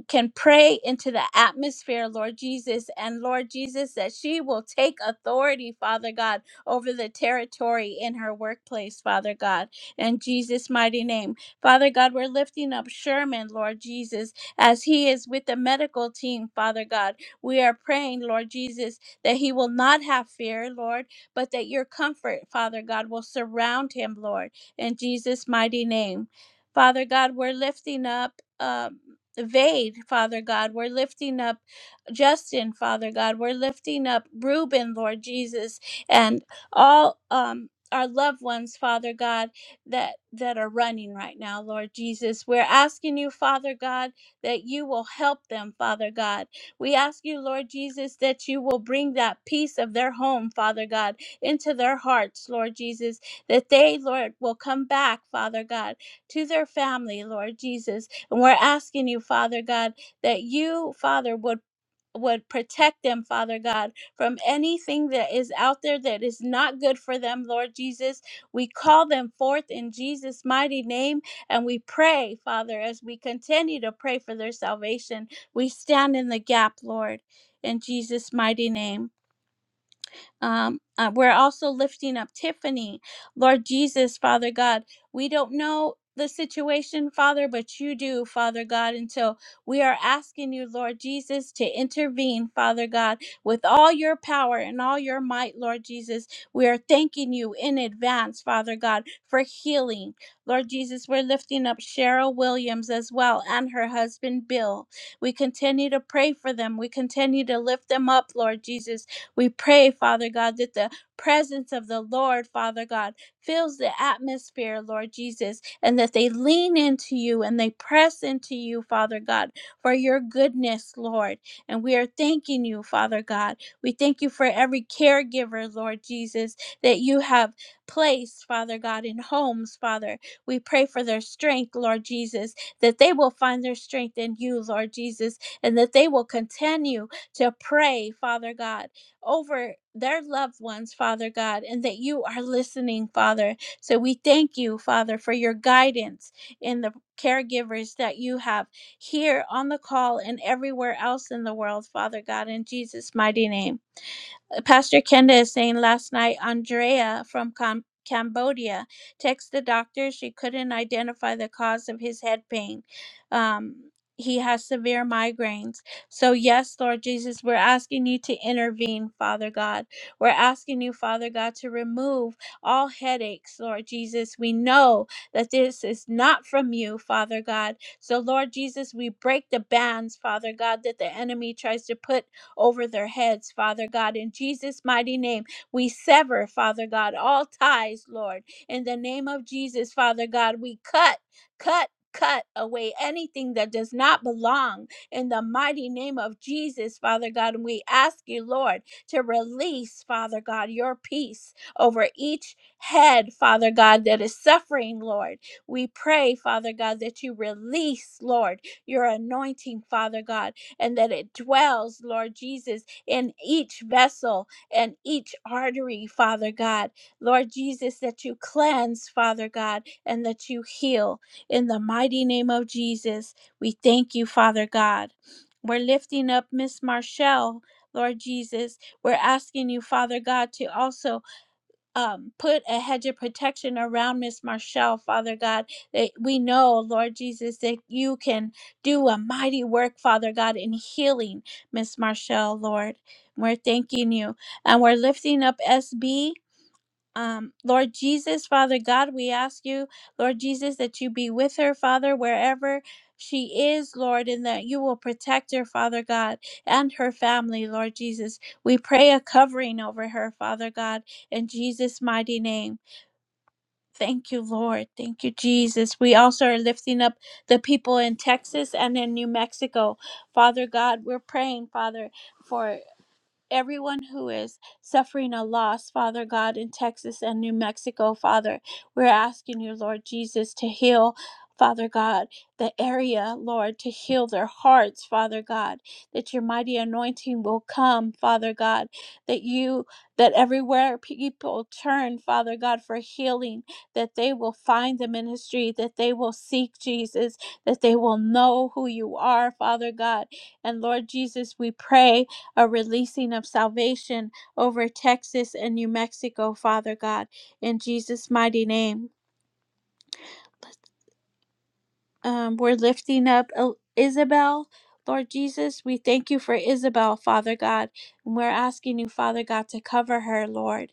B: can pray into the atmosphere, Lord Jesus, and Lord Jesus, that she will take authority, Father God, over the territory in her workplace, Father God, in Jesus' mighty name. Father God, we're lifting up Sherman, Lord Jesus, as he is with the medical team, Father God. We are praying, Lord Jesus, that he will not have fear, Lord, but that your comfort, Father God, will surround him, Lord, in Jesus' mighty name. Father God, we're lifting up. um. Vade, Father God. We're lifting up Justin, Father God. We're lifting up Reuben, Lord Jesus, and all um our loved ones, Father God, that that are running right now, Lord Jesus. We're asking you, Father God, that you will help them, Father God. We ask you, Lord Jesus, that you will bring that peace of their home, Father God, into their hearts, Lord Jesus, that they, Lord, will come back, Father God, to their family, Lord Jesus, and we're asking you, Father God, that you, Father, would would protect them, Father God, from anything that is out there that is not good for them, Lord Jesus. We call them forth in Jesus' mighty name and we pray, Father, as we continue to pray for their salvation. We stand in the gap, Lord, in Jesus' mighty name. Um, uh, we're also lifting up Tiffany. Lord Jesus, Father God, we don't know the situation, Father, but you do, Father God. And so we are asking you, Lord Jesus, to intervene, Father God, with all your power and all your might, Lord Jesus. We are thanking you in advance, Father God, for healing. Lord Jesus, we're lifting up Cheryl Williams as well and her husband, Bill. We continue to pray for them. We continue to lift them up, Lord Jesus. We pray, Father God, that the presence of the Lord, Father God, fills the atmosphere, Lord Jesus, and that they lean into you and they press into you, Father God, for your goodness, Lord. And we are thanking you, Father God. We thank you for every caregiver, Lord Jesus, that you have placed, Father God, in homes, Father. We pray for their strength, Lord Jesus, that they will find their strength in you, Lord Jesus, and that they will continue to pray, Father God over their loved ones, Father God, and that you are listening, Father. So we thank you, Father, for your guidance in the caregivers that you have here on the call and everywhere else in the world, Father God, in Jesus' mighty name. Pastor Kenda is saying last night, Andrea from Com- Cambodia texted the doctor she couldn't identify the cause of his head pain. Um, he has severe migraines. So, yes, Lord Jesus, we're asking you to intervene, Father God. We're asking you, Father God, to remove all headaches, Lord Jesus. We know that this is not from you, Father God. So, Lord Jesus, we break the bands, Father God, that the enemy tries to put over their heads, Father God. In Jesus' mighty name, we sever, Father God, all ties, Lord. In the name of Jesus, Father God, we cut, cut, cut away anything that does not belong in the mighty name of Jesus, Father God. And we ask you, Lord, to release, Father God, your peace over each head, Father God, that is suffering, Lord. We pray, Father God, that you release, Lord, your anointing, Father God and that it dwells, Lord Jesus, in each vessel and each artery, Father God. Lord Jesus, that you cleanse, Father God, and that you heal. In the mighty name of Jesus, we thank you, Father God. We're lifting up Miss Marshall, Lord Jesus. We're asking you, Father God, to also um, put a hedge of protection around Miss Marshall, Father God. That we know, Lord Jesus, that you can do a mighty work, Father God, in healing Miss Marshall, Lord. We're thanking you and we're lifting up SB um, Lord Jesus, Father God, we ask you, Lord Jesus, that you be with her, Father, wherever she is, Lord, and that you will protect her, Father God, and her family, Lord Jesus. We pray a covering over her, Father God, in Jesus' mighty name. Thank you, Lord. Thank you, Jesus. We also are lifting up the people in Texas and in New Mexico. Father God, we're praying, Father, for everyone who is suffering a loss, Father God, in Texas and New Mexico, Father. We're asking you, Lord Jesus, to heal. Father God, the area, Lord, to heal their hearts, Father God, that your mighty anointing will come, Father God, that you, that everywhere people turn, Father God, for healing, that they will find the ministry, that they will seek Jesus, that they will know who you are, Father God. And Lord Jesus, we pray a releasing of salvation over Texas and New Mexico, Father God, in Jesus' mighty name. Um, we're lifting up El- Isabel. Lord Jesus, we thank you for Isabel, Father God. And we're asking you, Father God, to cover her, Lord.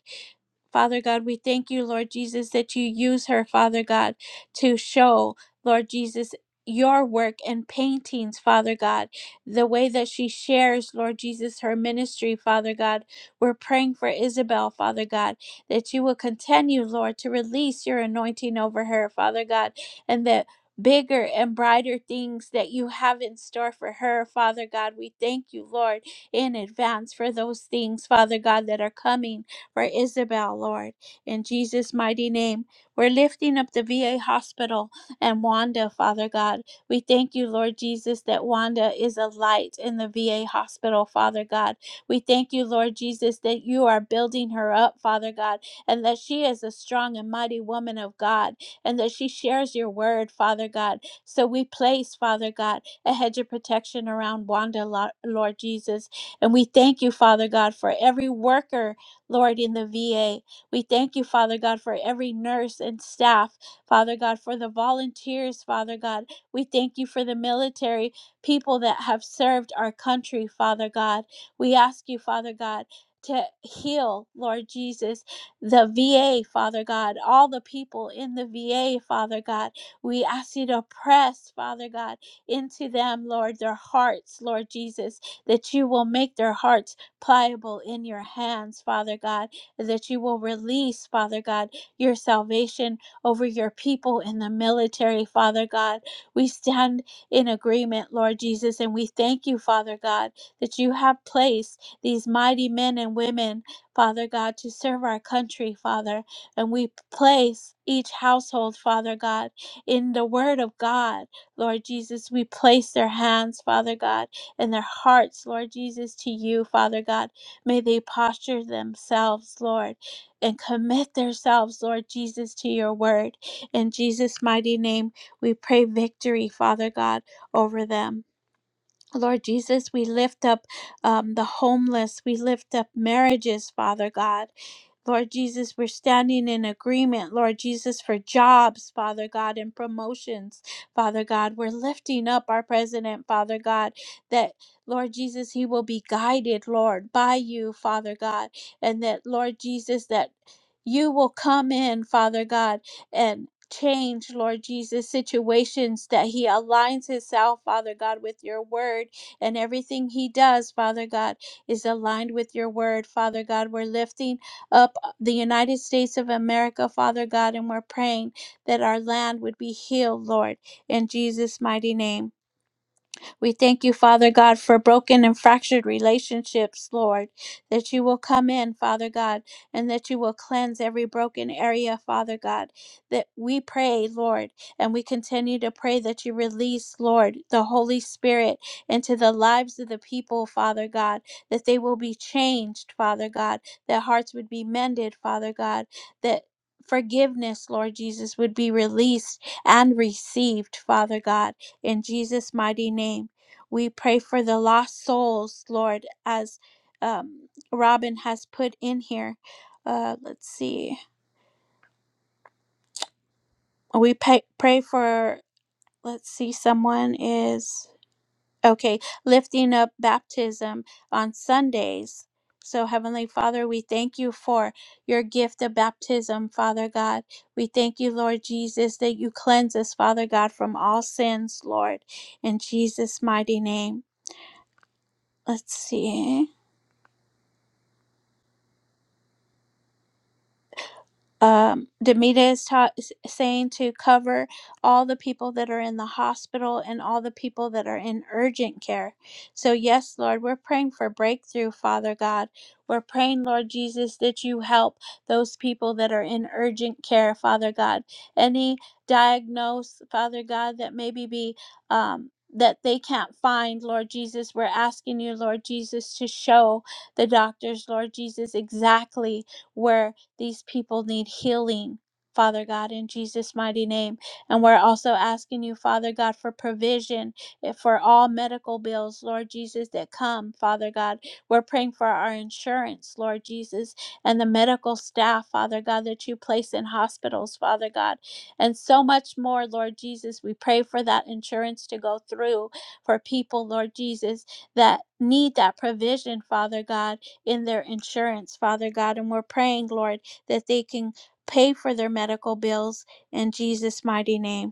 B: Father God, we thank you, Lord Jesus, that you use her, Father God, to show, Lord Jesus, your work and paintings, Father God, the way that she shares, Lord Jesus, her ministry, Father God. We're praying for Isabel, Father God, that you will continue, Lord, to release your anointing over her, Father God, and that bigger and brighter things that you have in store for her, Father God. We thank you, Lord, in advance for those things, Father God, that are coming for Isabel, Lord. In Jesus' mighty name, we're lifting up the VA hospital and Wanda, Father God. We thank you, Lord Jesus, that Wanda is a light in the VA hospital, Father God. We thank you, Lord Jesus, that you are building her up, Father God, and that she is a strong and mighty woman of God, and that she shares your word, Father God. So we place, Father God, a hedge of protection around Wanda, Lo- Lord Jesus. And we thank you, Father God, for every worker Lord, in the VA. We thank you, Father God, for every nurse and staff, Father God, for the volunteers, Father God. We thank you for the military people that have served our country, Father God. We ask you, Father God, to heal, Lord Jesus, the VA, Father God, all the people in the VA, Father God. We ask you to press, Father God, into them, Lord, their hearts, Lord Jesus, that you will make their hearts pliable in your hands, Father God, that you will release, Father God, your salvation over your people in the military, Father God. We stand in agreement, Lord Jesus, and we thank you, Father God, that you have placed these mighty men and women, Father God, to serve our country, Father. And we place each household, Father God, in the Word of God, Lord Jesus. We place their hands, Father God in their hearts, Lord Jesus, to you, Father God. May they posture themselves, Lord, and commit themselves, Lord Jesus, to your word. In Jesus' mighty name, we pray victory, Father God, over them. Lord Jesus, we lift up um, the homeless. We lift up marriages, Father God. Lord Jesus, we're standing in agreement, Lord Jesus, for jobs, Father God, and promotions, Father God. We're lifting up our president, Father God, that, Lord Jesus, he will be guided, Lord, by you, Father God, and that, Lord Jesus, that you will come in, Father God, and change, Lord Jesus, situations that he aligns himself, Father God, with your word and everything he does, Father God, is aligned with your word, Father God. We're lifting up the United States of America, Father God, and we're praying that our land would be healed, Lord, in Jesus' mighty name. We thank you, Father God, for broken and fractured relationships, Lord, that you will come in, Father God, and that you will cleanse every broken area, Father God. That we pray, Lord, and we continue to pray that you release, Lord, the Holy Spirit into the lives of the people, Father God, that they will be changed, Father God, that hearts would be mended, Father God, that forgiveness, Lord Jesus, would be released and received, Father God, in Jesus' mighty name. We pray for the lost souls, Lord, as um, Robin has put in here. Uh, let's see. We pay, pray for, let's see, someone is, okay, lifting up baptism on Sundays. So, Heavenly Father, we thank you for your gift of baptism, Father God. We thank you, Lord Jesus, that you cleanse us, Father God, from all sins, Lord, in Jesus' mighty name. Let's see. um, Demita is ta- s- saying to cover all the people that are in the hospital and all the people that are in urgent care. So, yes, Lord, we're praying for breakthrough, Father God. We're praying, Lord Jesus, that you help those people that are in urgent care, Father God. Any diagnose, Father God, that maybe be. Um, that they can't find, Lord Jesus. We're asking you, Lord Jesus, to show the doctors, Lord Jesus, exactly where these people need healing, Father God, in Jesus' mighty name. And we're also asking you, Father God, for provision eh, for all medical bills, Lord Jesus, that come, Father God. We're praying for our insurance, Lord Jesus, and the medical staff, Father God, that you place in hospitals, Father God, and so much more, Lord Jesus. We pray for that insurance to go through for people, Lord Jesus, that need that provision, Father God, in their insurance, Father God. And we're praying, Lord that they can pay for their medical bills in Jesus' mighty name.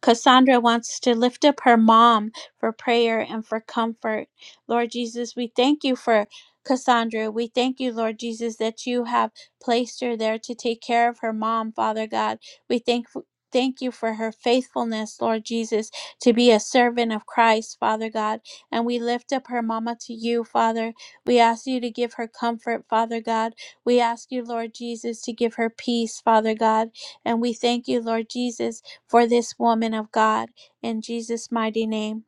B: Cassandra wants to lift up her mom for prayer and for comfort. Lord Jesus, we thank you for Cassandra. We thank you, Lord Jesus, that you have placed her there to take care of her mom, Father God. We thank Thank you for her faithfulness, Lord Jesus, to be a servant of Christ, Father God. And we lift up her mama to you, Father. We ask you to give her comfort, Father God. We ask you, Lord Jesus, to give her peace, Father God. And we thank you, Lord Jesus, for this woman of God in Jesus' mighty name.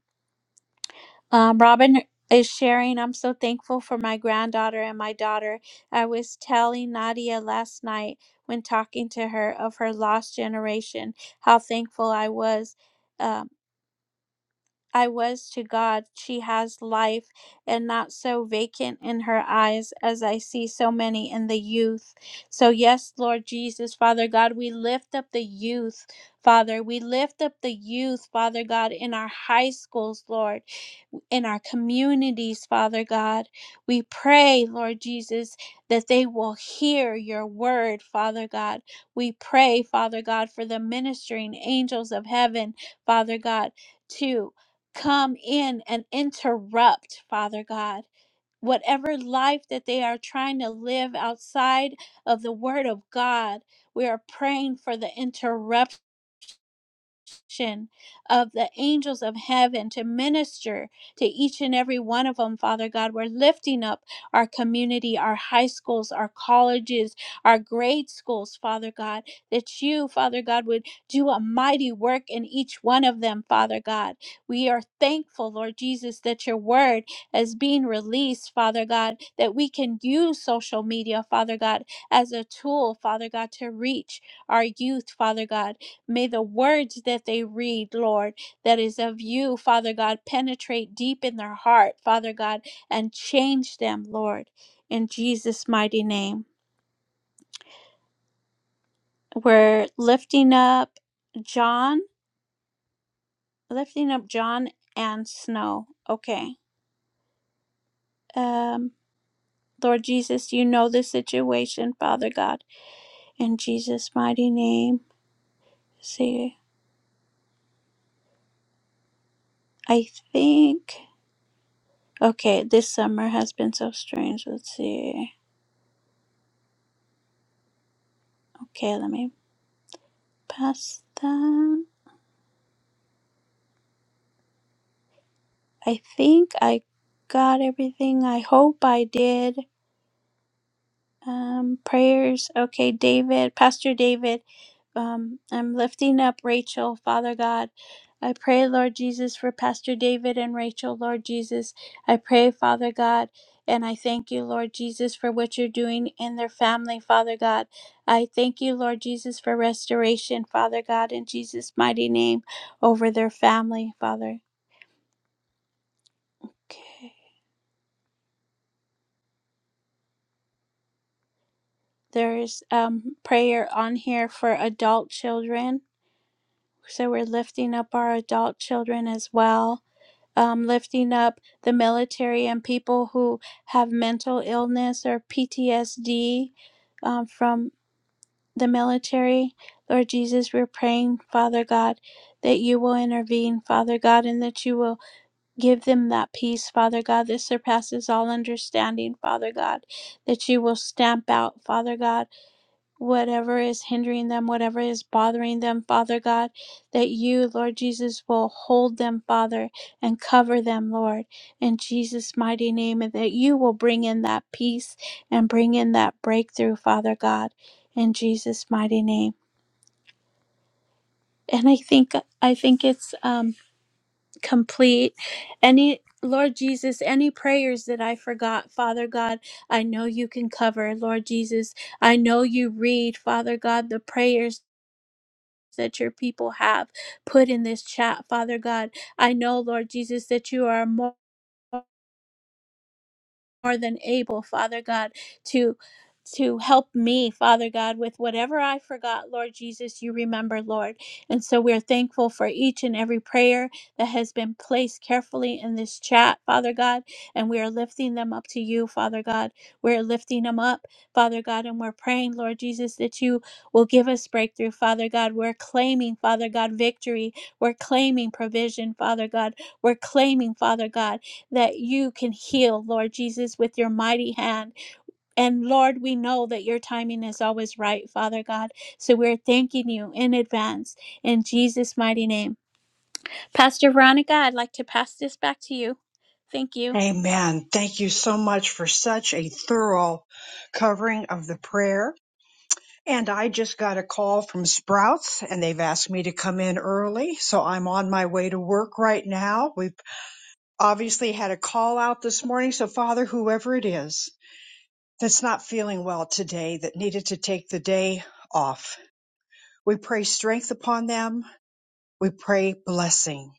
B: Um, Robin is sharing, I'm so thankful for my granddaughter and my daughter. I was telling Nadia last night when talking to her of her lost generation, how thankful I was. um, I was to God. She has life and not so vacant in her eyes as I see so many in the youth. So, yes, Lord Jesus, Father God, we lift up the youth, Father. We lift up the youth, Father God, in our high schools, Lord in our communities, Father God. We pray, Lord Jesus, that they will hear your word, Father God. We pray, Father God, for the ministering angels of heaven, Father God, to come in and interrupt, Father God. Whatever life that they are trying to live outside of the Word of God, we are praying for the interruption, action of the angels of heaven to minister to each and every one of them, Father God. We're lifting up our community, our high schools, our colleges, our grade schools, Father God, that you, Father God, would do a mighty work in each one of them, Father God. We are thankful, Lord Jesus, that your word is being released, Father God, that we can use social media, Father God, as a tool, Father God, to reach our youth, Father God. May the words that they read, Lord, that is of you, Father God, penetrate deep in their heart, Father God, and change them, Lord, in Jesus' mighty name. We're lifting up John, lifting up John and Snow. Okay. Um, Lord Jesus, you know the situation, Father God, in Jesus' mighty name. See, I think. Okay, this summer has been so strange. Let's see. Okay, let me Pasta. I think I got everything. I hope I did. Um, prayers. Okay, David, Pastor David. Um, I'm lifting up Rachel, Father God. I pray, Lord Jesus, for Pastor David and Rachel, Lord Jesus. I pray, Father God, and I thank you, Lord Jesus, for what you're doing in their family, Father God. I thank you, Lord Jesus, for restoration, Father God, in Jesus' mighty name over their family, Father. Okay. There's um, prayer on here for adult children. So we're lifting up our adult children as well, um, lifting up the military and people who have mental illness or PTSD um, from the military. Lord Jesus, we're praying, Father God, that you will intervene, Father God, and that you will give them that peace, Father God, that surpasses all understanding, Father God, that you will stamp out, Father God whatever is hindering them, whatever is bothering them, Father God, that you, Lord Jesus, will hold them, Father, and cover them, Lord, in Jesus' mighty name, and that you will bring in that peace and bring in that breakthrough, Father God, in Jesus' mighty name. And I think I think it's um, complete. Any Lord Jesus, any prayers that I forgot, Father God, I know you can cover. Lord Jesus, I know you read, Father God, the prayers that your people have put in this chat, Father God. I know, Lord Jesus, that you are more more than able, Father God, to to help me, Father God, with whatever I forgot, Lord Jesus, you remember, Lord. And so we're thankful for each and every prayer that has been placed carefully in this chat, Father God. And we are lifting them up to you, Father God. We're lifting them up, Father God, and we're praying, Lord Jesus, that you will give us breakthrough, Father God. We're claiming, Father God, victory. We're claiming provision, Father God. We're claiming, Father God that you can heal, Lord Jesus, with your mighty hand. And Lord, we know that your timing is always right, Father God. So we're thanking you in advance in Jesus' mighty name. Pastor Veronica, I'd like to pass this back to you. Thank you.
A: Amen. Thank you so much for such a thorough covering of the prayer. And I just got a call from Sprouts and they've asked me to come in early. So I'm on my way to work right now. We've obviously had a call out this morning. So Father, whoever it is, that's not feeling well today that needed to take the day off. We pray strength upon them. We pray blessing.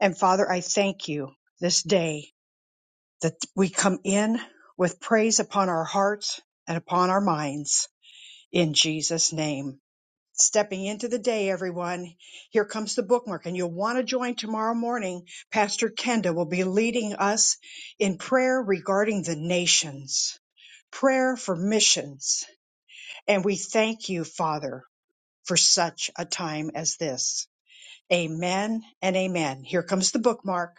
A: And Father, I thank you this day that we come in with praise upon our hearts and upon our minds in Jesus' name. Stepping into the day, everyone. Here comes the bookmark, and you'll want to join tomorrow morning. Pastor Kenda will be leading us in prayer regarding the nations, prayer for missions, And we thank you, Father, for such a time as this. Amen and amen. Here comes the bookmark.